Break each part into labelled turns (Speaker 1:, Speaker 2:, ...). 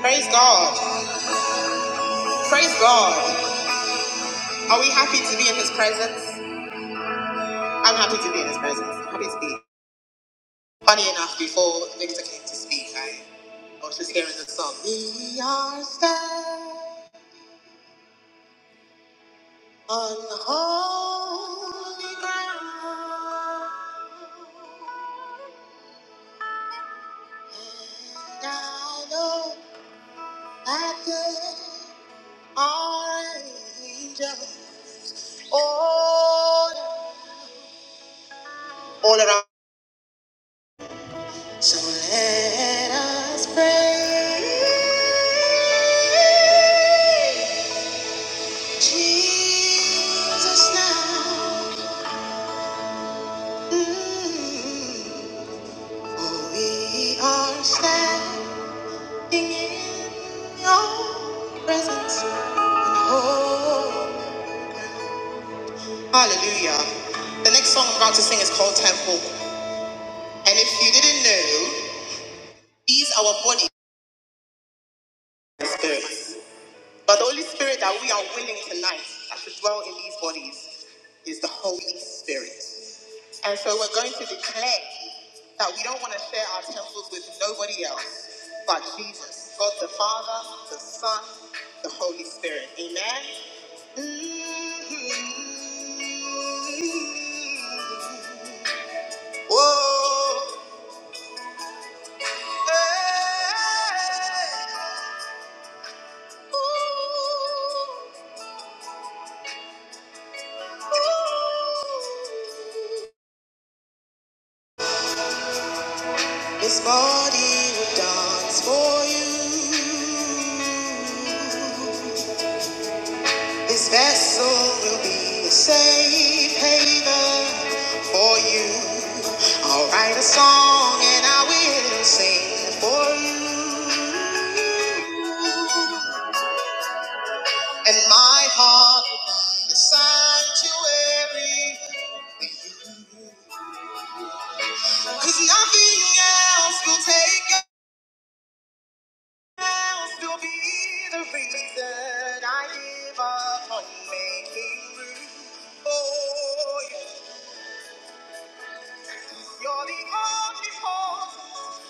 Speaker 1: Praise God. Praise God. Are we happy to be in his presence? I'm happy to be in his presence. I'm happy to be. Funny enough, before Victor came to speak, I, I was just hearing the song. We are standing on holy ground. And I know that there are angels all, all around. So let us pray. Jesus now. Mm. For we are standing in your presence. And hope. Hallelujah. The next song I'm about to sing is called Temple. And if you didn't know, these are our bodies and spirits. But the Holy Spirit that we are willing tonight that should dwell in these bodies is the Holy Spirit. And so we're going to declare that we don't want to share our temples with nobody else but Jesus, God the Father, the Son, the Holy Spirit. Amen. Mhm. Whoa. Hey. Ooh. Ooh. This body will dance for you. This vessel will be a safe haven for you. I'll write a song and I will sing for you. And my heart will be a sanctuary. Cause nothing else will take I'll still be the reason I give up on making room Oh, you. are the omnipotent,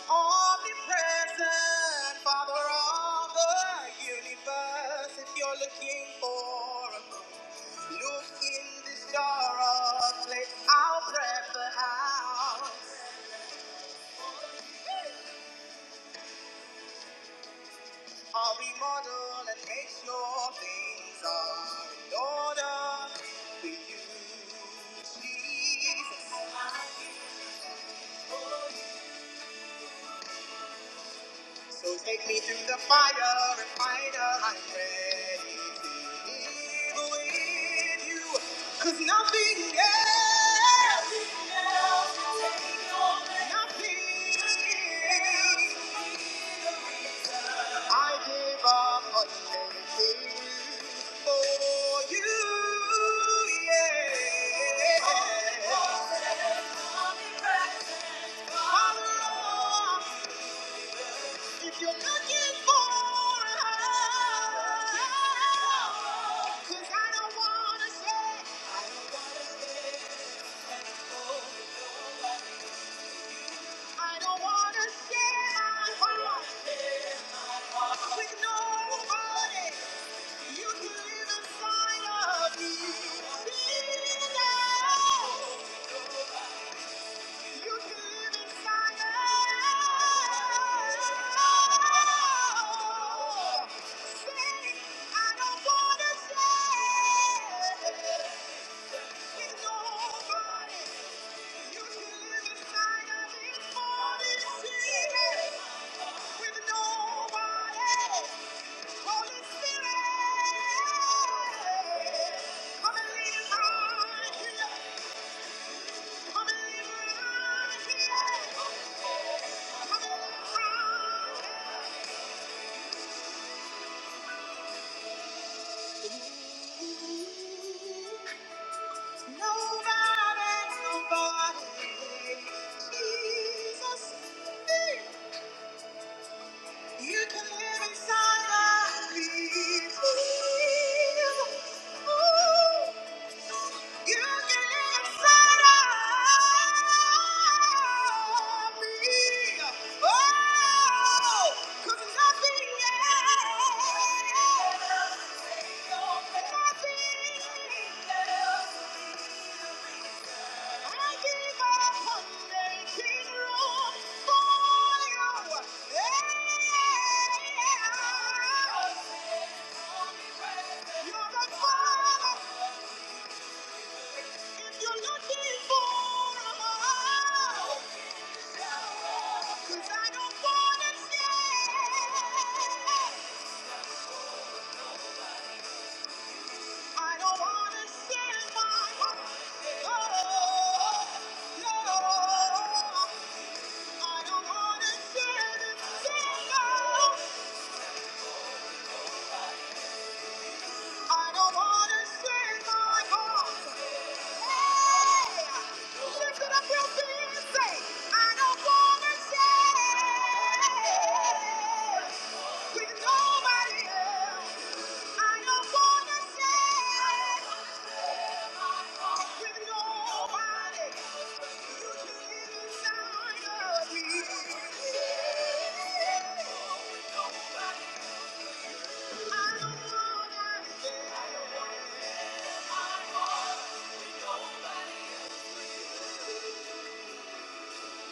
Speaker 1: omnipresent Father of the universe. If you're looking for a move, look in this jar of clay. I'll prep the house. I'll remodel and make sure things are in order for you, Jesus. So take me through the fire and fight I'm ready to live with you. Cause nothing else, nothing else, will take over. nothing I give up on everything for you. Yeah. Father, if you're looking for love, 'cause I don't wanna share, I don't wanna share my heart with nobody. You can live inside of me. Come and lead us on. Nobody, nobody, Jesus. You can live inside my people. You can live inside of me. Oh, 'cause nothing else, nothing else. Oh, no. I don't wanna share this I don't wanna share my heart. Hey, lift it up real feet and say, I don't wanna share with nobody else. I don't wanna share with nobody. You can get inside of me. I don't wanna share.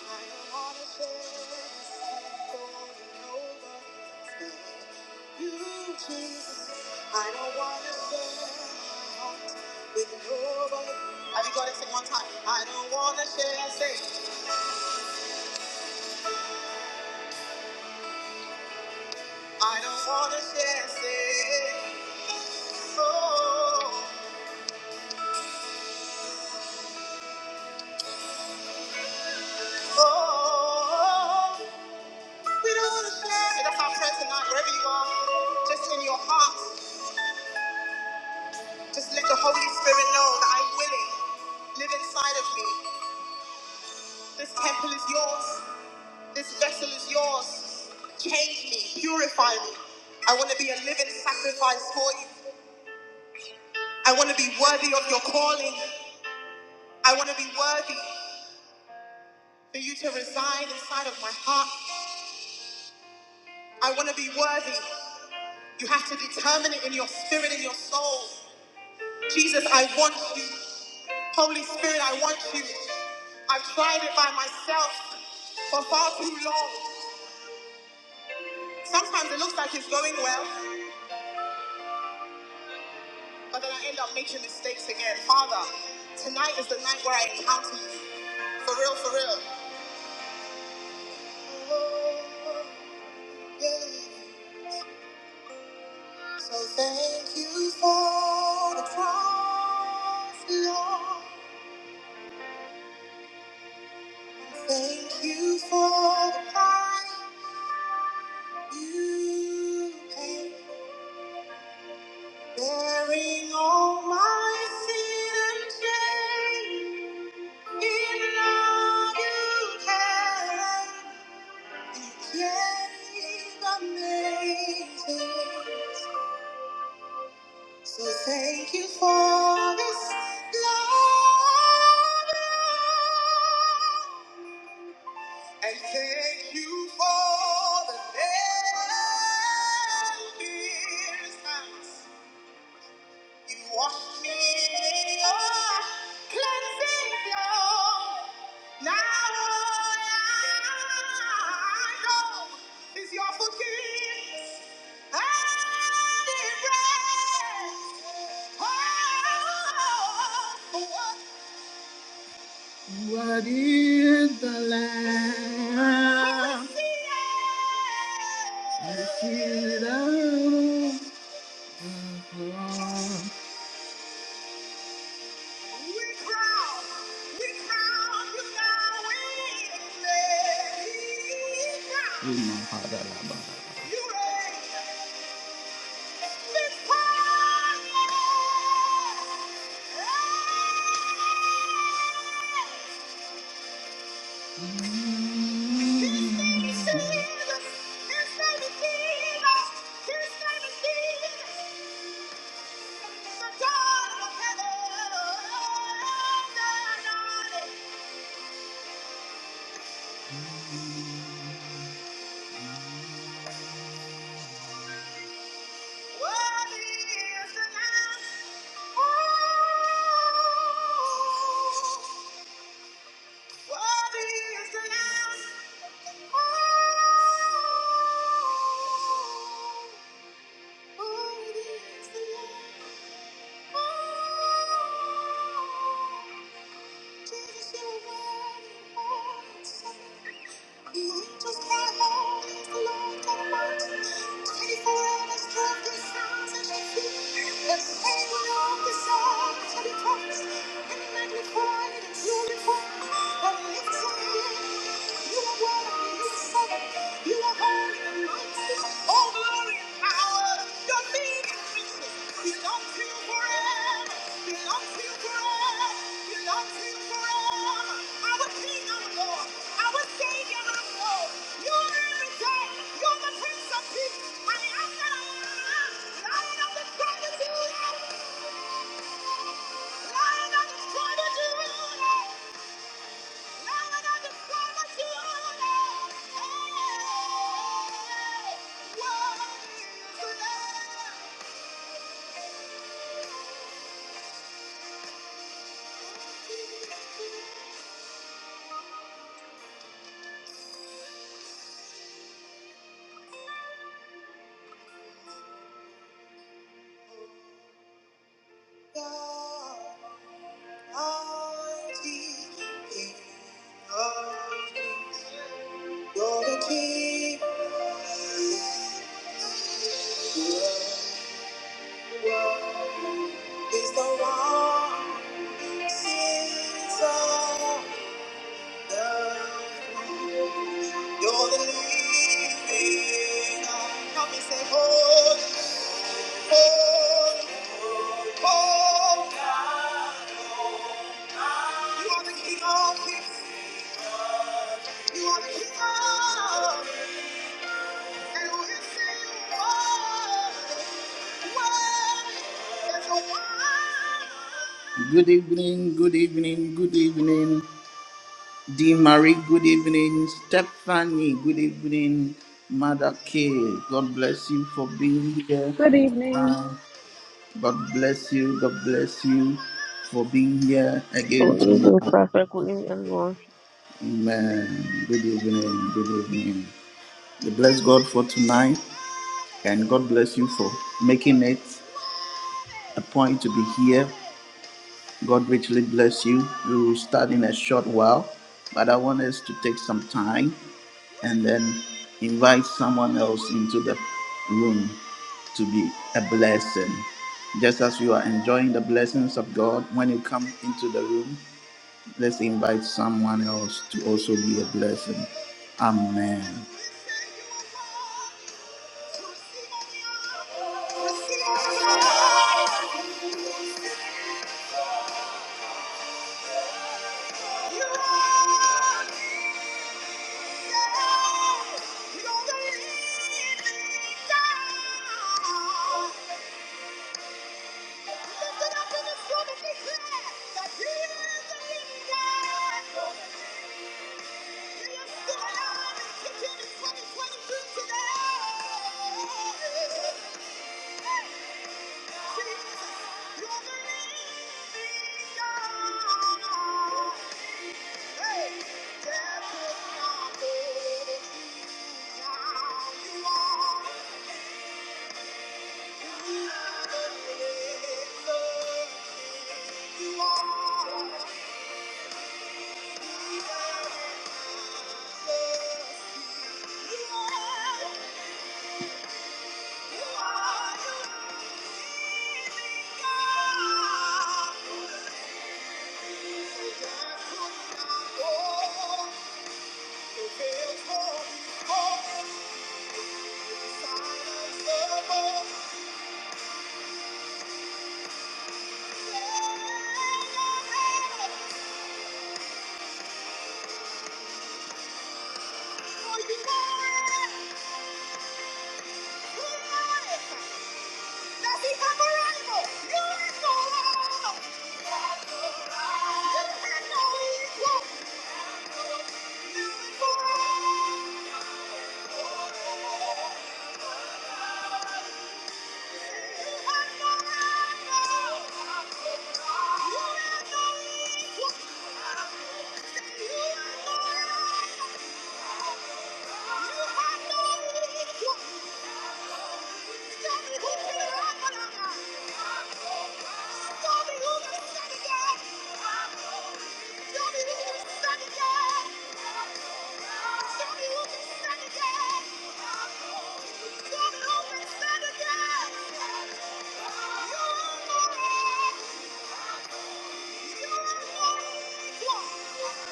Speaker 1: I don't wanna share my heart with nobody. Have you got it? Sing one time. I don't wanna share, say. I don't wanna share, say. Oh, oh, oh. We don't wanna share. That's our prayer tonight. Wherever you are, just in your heart, just let the Holy Spirit know that I'm willing. Live inside of me. This temple is yours. This vessel is yours. Change me, purify me. I want to be a living sacrifice for you. I want to be worthy of your calling. I want to be worthy for you to reside inside of my heart. I want to be worthy. You have to determine it in your spirit, in your soul. Jesus, I want you. Holy Spirit, I want you. I've tried it by myself for far too long. Sometimes it looks like it's going well. or that I end up making mistakes again. Father, tonight is the night where I encounter you. For real, for real. Oh, yeah. So thank you for the cross, Lord. Thank you for the price you paid, bearing all my sin and shame. Even now you care. Yet amazing. So thank you for this love. And thank you for the endless nights. You washed me in your cleansing flow. Now all I am is your forgiveness. What is the lamb? We see it all. We- Oh, You are holy and mighty. Lion of the tribe of Judah, Lion of the the the Hey! Good evening, good evening, good evening. Dee Marie, good evening. Stephanie, good evening. Mother K, God bless you for being here.
Speaker 2: Good evening.
Speaker 1: God bless you. God bless you for being here again
Speaker 3: For using
Speaker 1: tonight.
Speaker 3: perfectly and most
Speaker 1: Amen. Good evening. Good evening. We bless God for tonight and God bless you for making it a point to be here God richly bless you. We will start in a short while, but I want us to take some time and then invite someone else into the room to be a blessing. Just as you are enjoying the blessings of God, when you come into the room, let's invite someone else to also be a blessing. Amen. Hey! Death is not you now. You are. Oh, You are not. Yeah.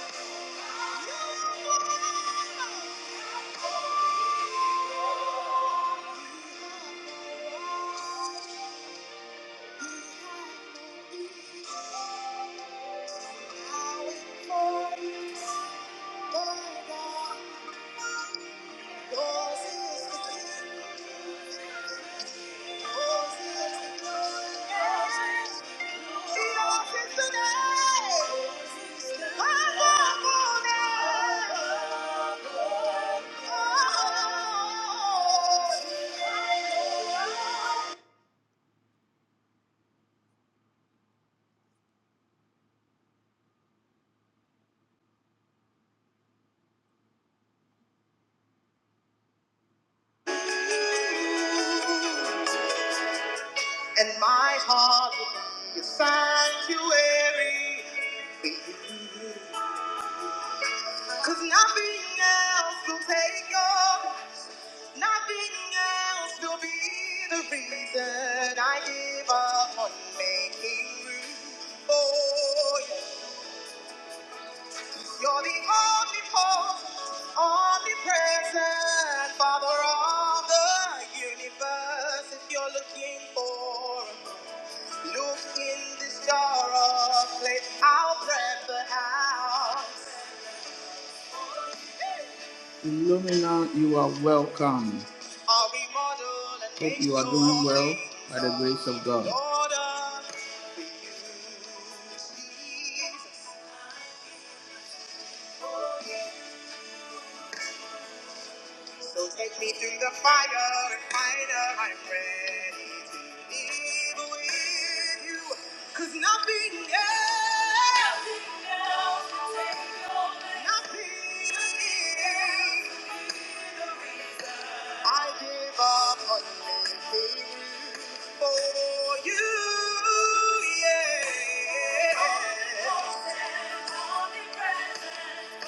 Speaker 1: Thank you. And my heart will be a sanctuary. Cause nothing else will take over. Nothing else will be the reason I give up on making room for you. You're the omnipotent, omnipresent Father of the universe. If you're looking for him, look in this jar of clay. I'll prep the house. Illumina, you are welcome. I'll be model and Hope make you are doing well by the grace of God. order. So take me through the fire and fire. I'm ready to live with you. Cause nothing else, nothing is. I give up on living for you. Yeah.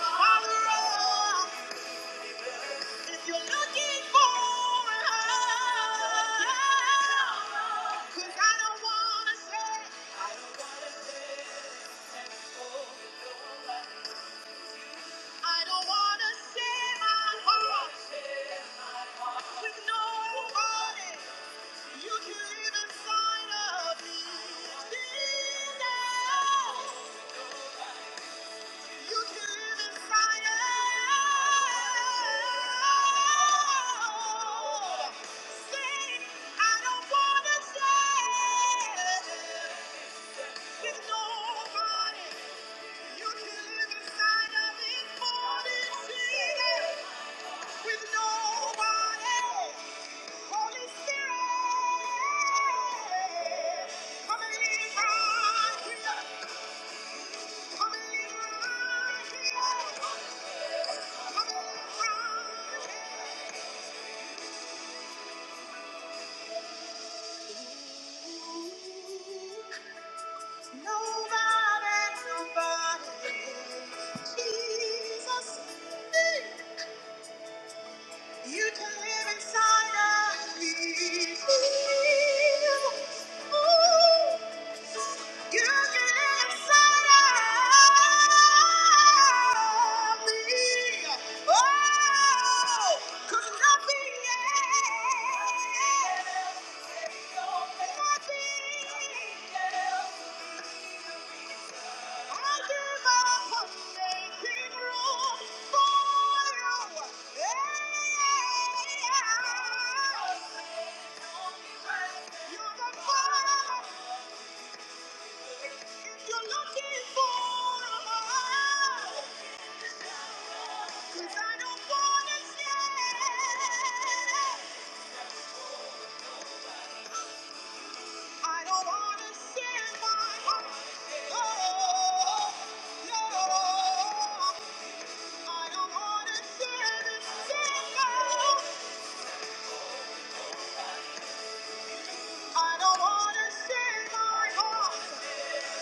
Speaker 1: Father, oh, if you're looking for love, Cause I don't wanna say, I don't wanna say, I don't wanna share my heart with nobody. You can live inside of me. You can live inside of me. Say, I don't wanna share with nobody. Nobody, nobody, Jesus. You can live inside of me. Ooh. You can live inside of me. Oh, 'cause nothing else, nothing else. I don't wanna share my heart. Oh, no, I don't wanna send it. I don't want to share my heart.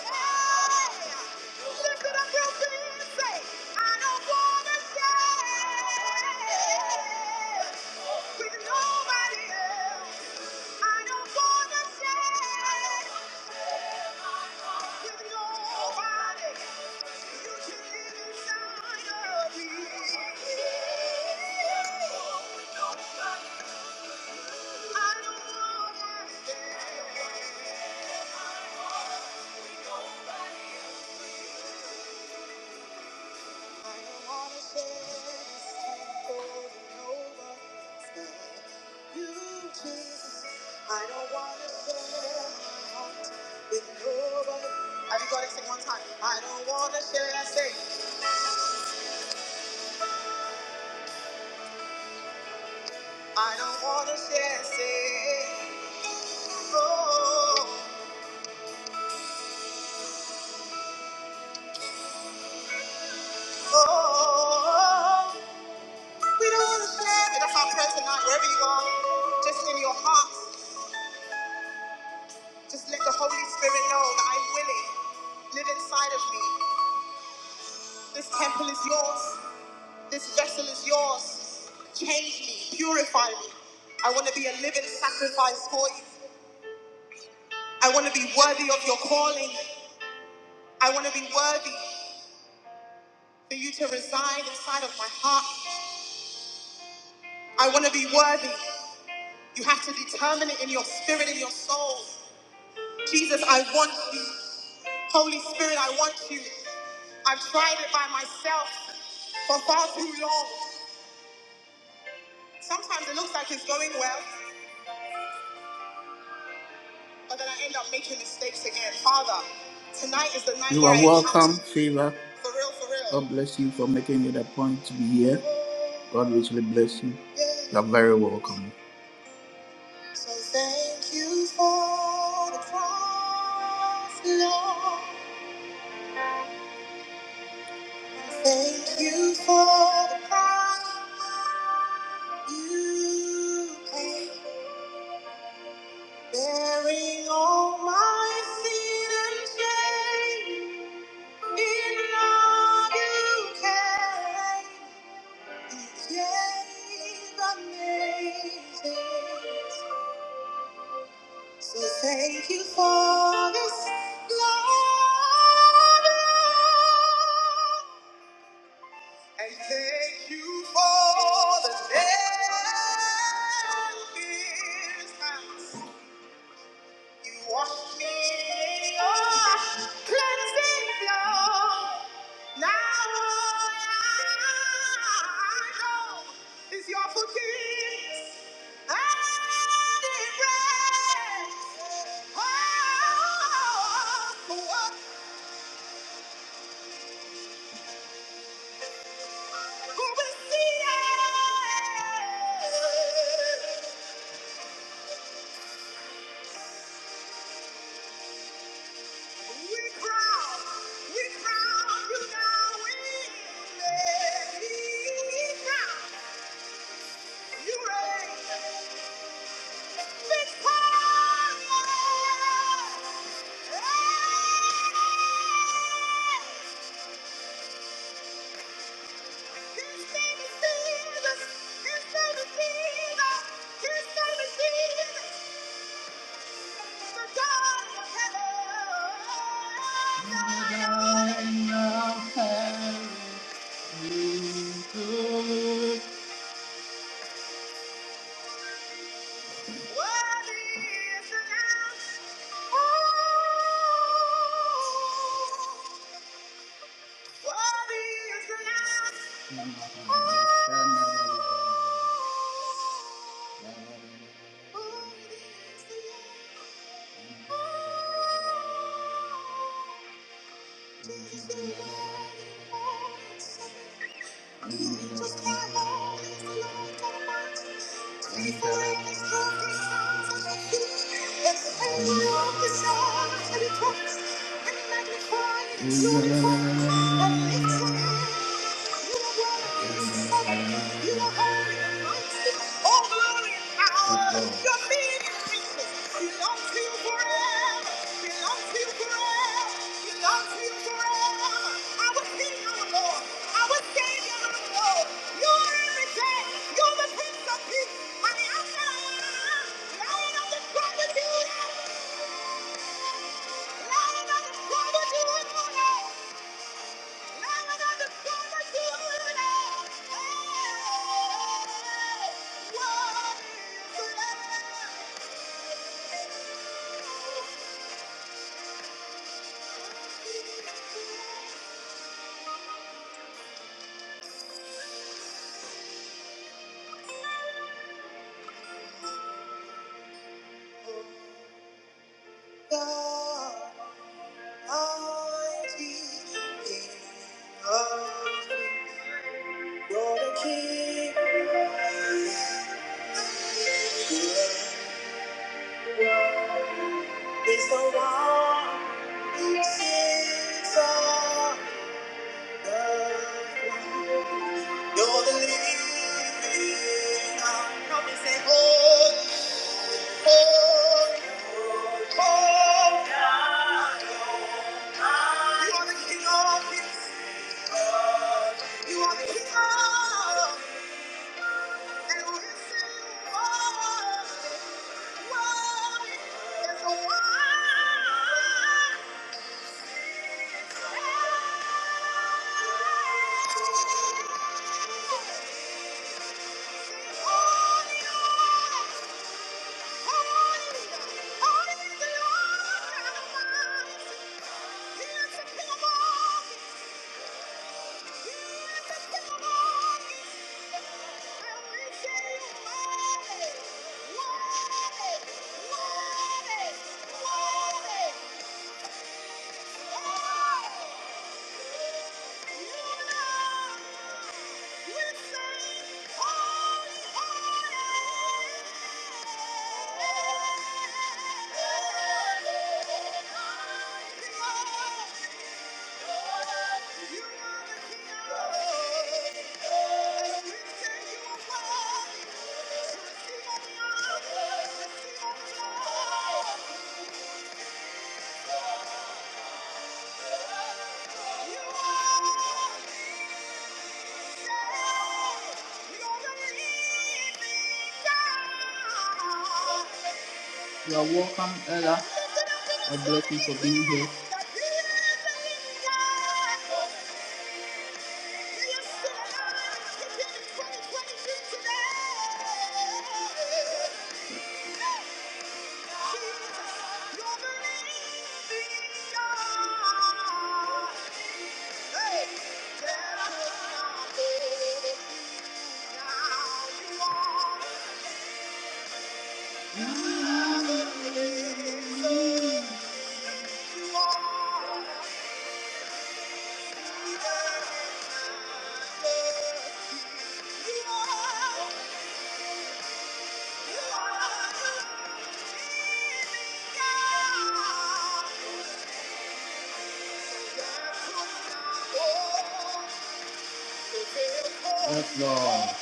Speaker 1: Hey, lift it up your feet and say, I don't want to share with nobody else. I don't want to share with nobody. You can live inside of me. I don't want to share. I don't wanna share my heart with nobody. Have you got it? Sing one time. I don't wanna share. I say. I don't wanna share. Say. Oh, oh, oh. oh. We don't wanna share. That's our prayer tonight. Wherever you are, just in your heart, just let the Holy Spirit know that I'm willing. Live inside of me. This temple is yours. This vessel is yours. Change me, purify me. I want to be a living sacrifice for you. I want to be worthy of your calling. I want to be worthy for you to reside inside of my heart. I want to be worthy. You have to determine it in your spirit, in your soul. Jesus, I want you. Holy Spirit, I want you. I've tried it by myself for far too long. Sometimes it looks like it's going well. You are welcome, Fever. God bless you for making it a point to be here. God richly bless you. You're very welcome. So thank you for the cross, Lord. Thank you for the price you paid, bearing all my sin and shame. In love you came, you gave amazing. So thank you for this love. Thank you for the day. Oh, Savior, now all I know is your forgiveness and embrace. Oh, what Thank you. Worthy is the Lamb. Thank you. Yes, Lord. Is the one who sits on. You're the living I hope for. Oh, Yeah. You are the Yeah. You are welcome, Ella. I bless you for being here. Yes, Lord.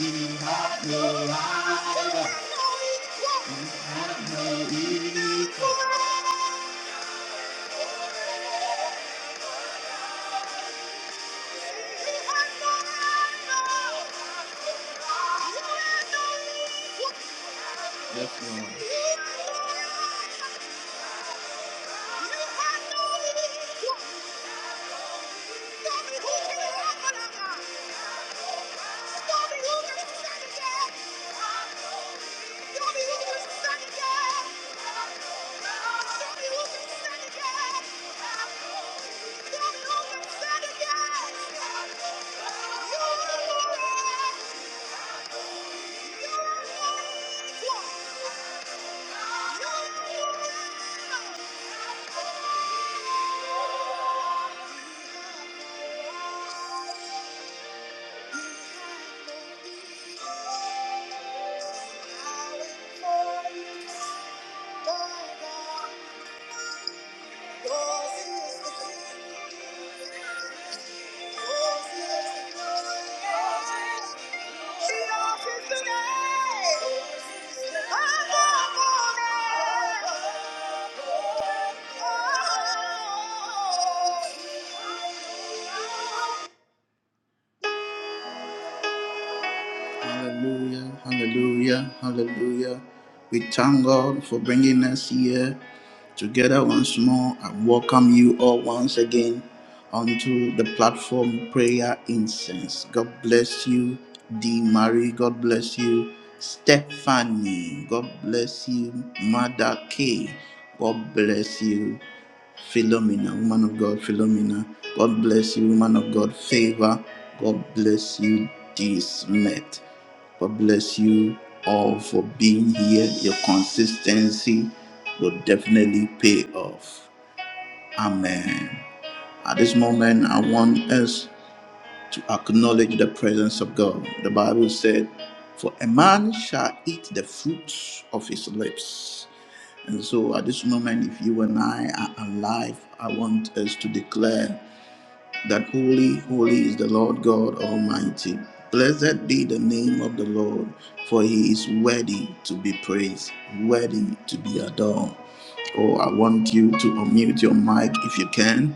Speaker 1: You have no life. Yes, Lord. Thank you. Oh, Hallelujah, hallelujah, hallelujah. We thank God for bringing us here together once more and welcome you all once again onto the platform Prayer Incense. God bless you, D. Marie. God bless you, Stephanie. God bless you, Mother K. God bless you, Philomena, woman of God, Philomena. God bless you, woman of God, favor. God bless you, D. Smith. God bless you all for being here. Your consistency will definitely pay off. Amen. At this moment, I want us to acknowledge the presence of God. The Bible said, For a man shall eat the fruits of his lips. And so at this moment, if you and I are alive, I want us to declare that holy, holy is the Lord God Almighty. Blessed be the name of the Lord, for he is worthy to be praised, worthy to be adored. Oh, I want you to unmute your mic if you can,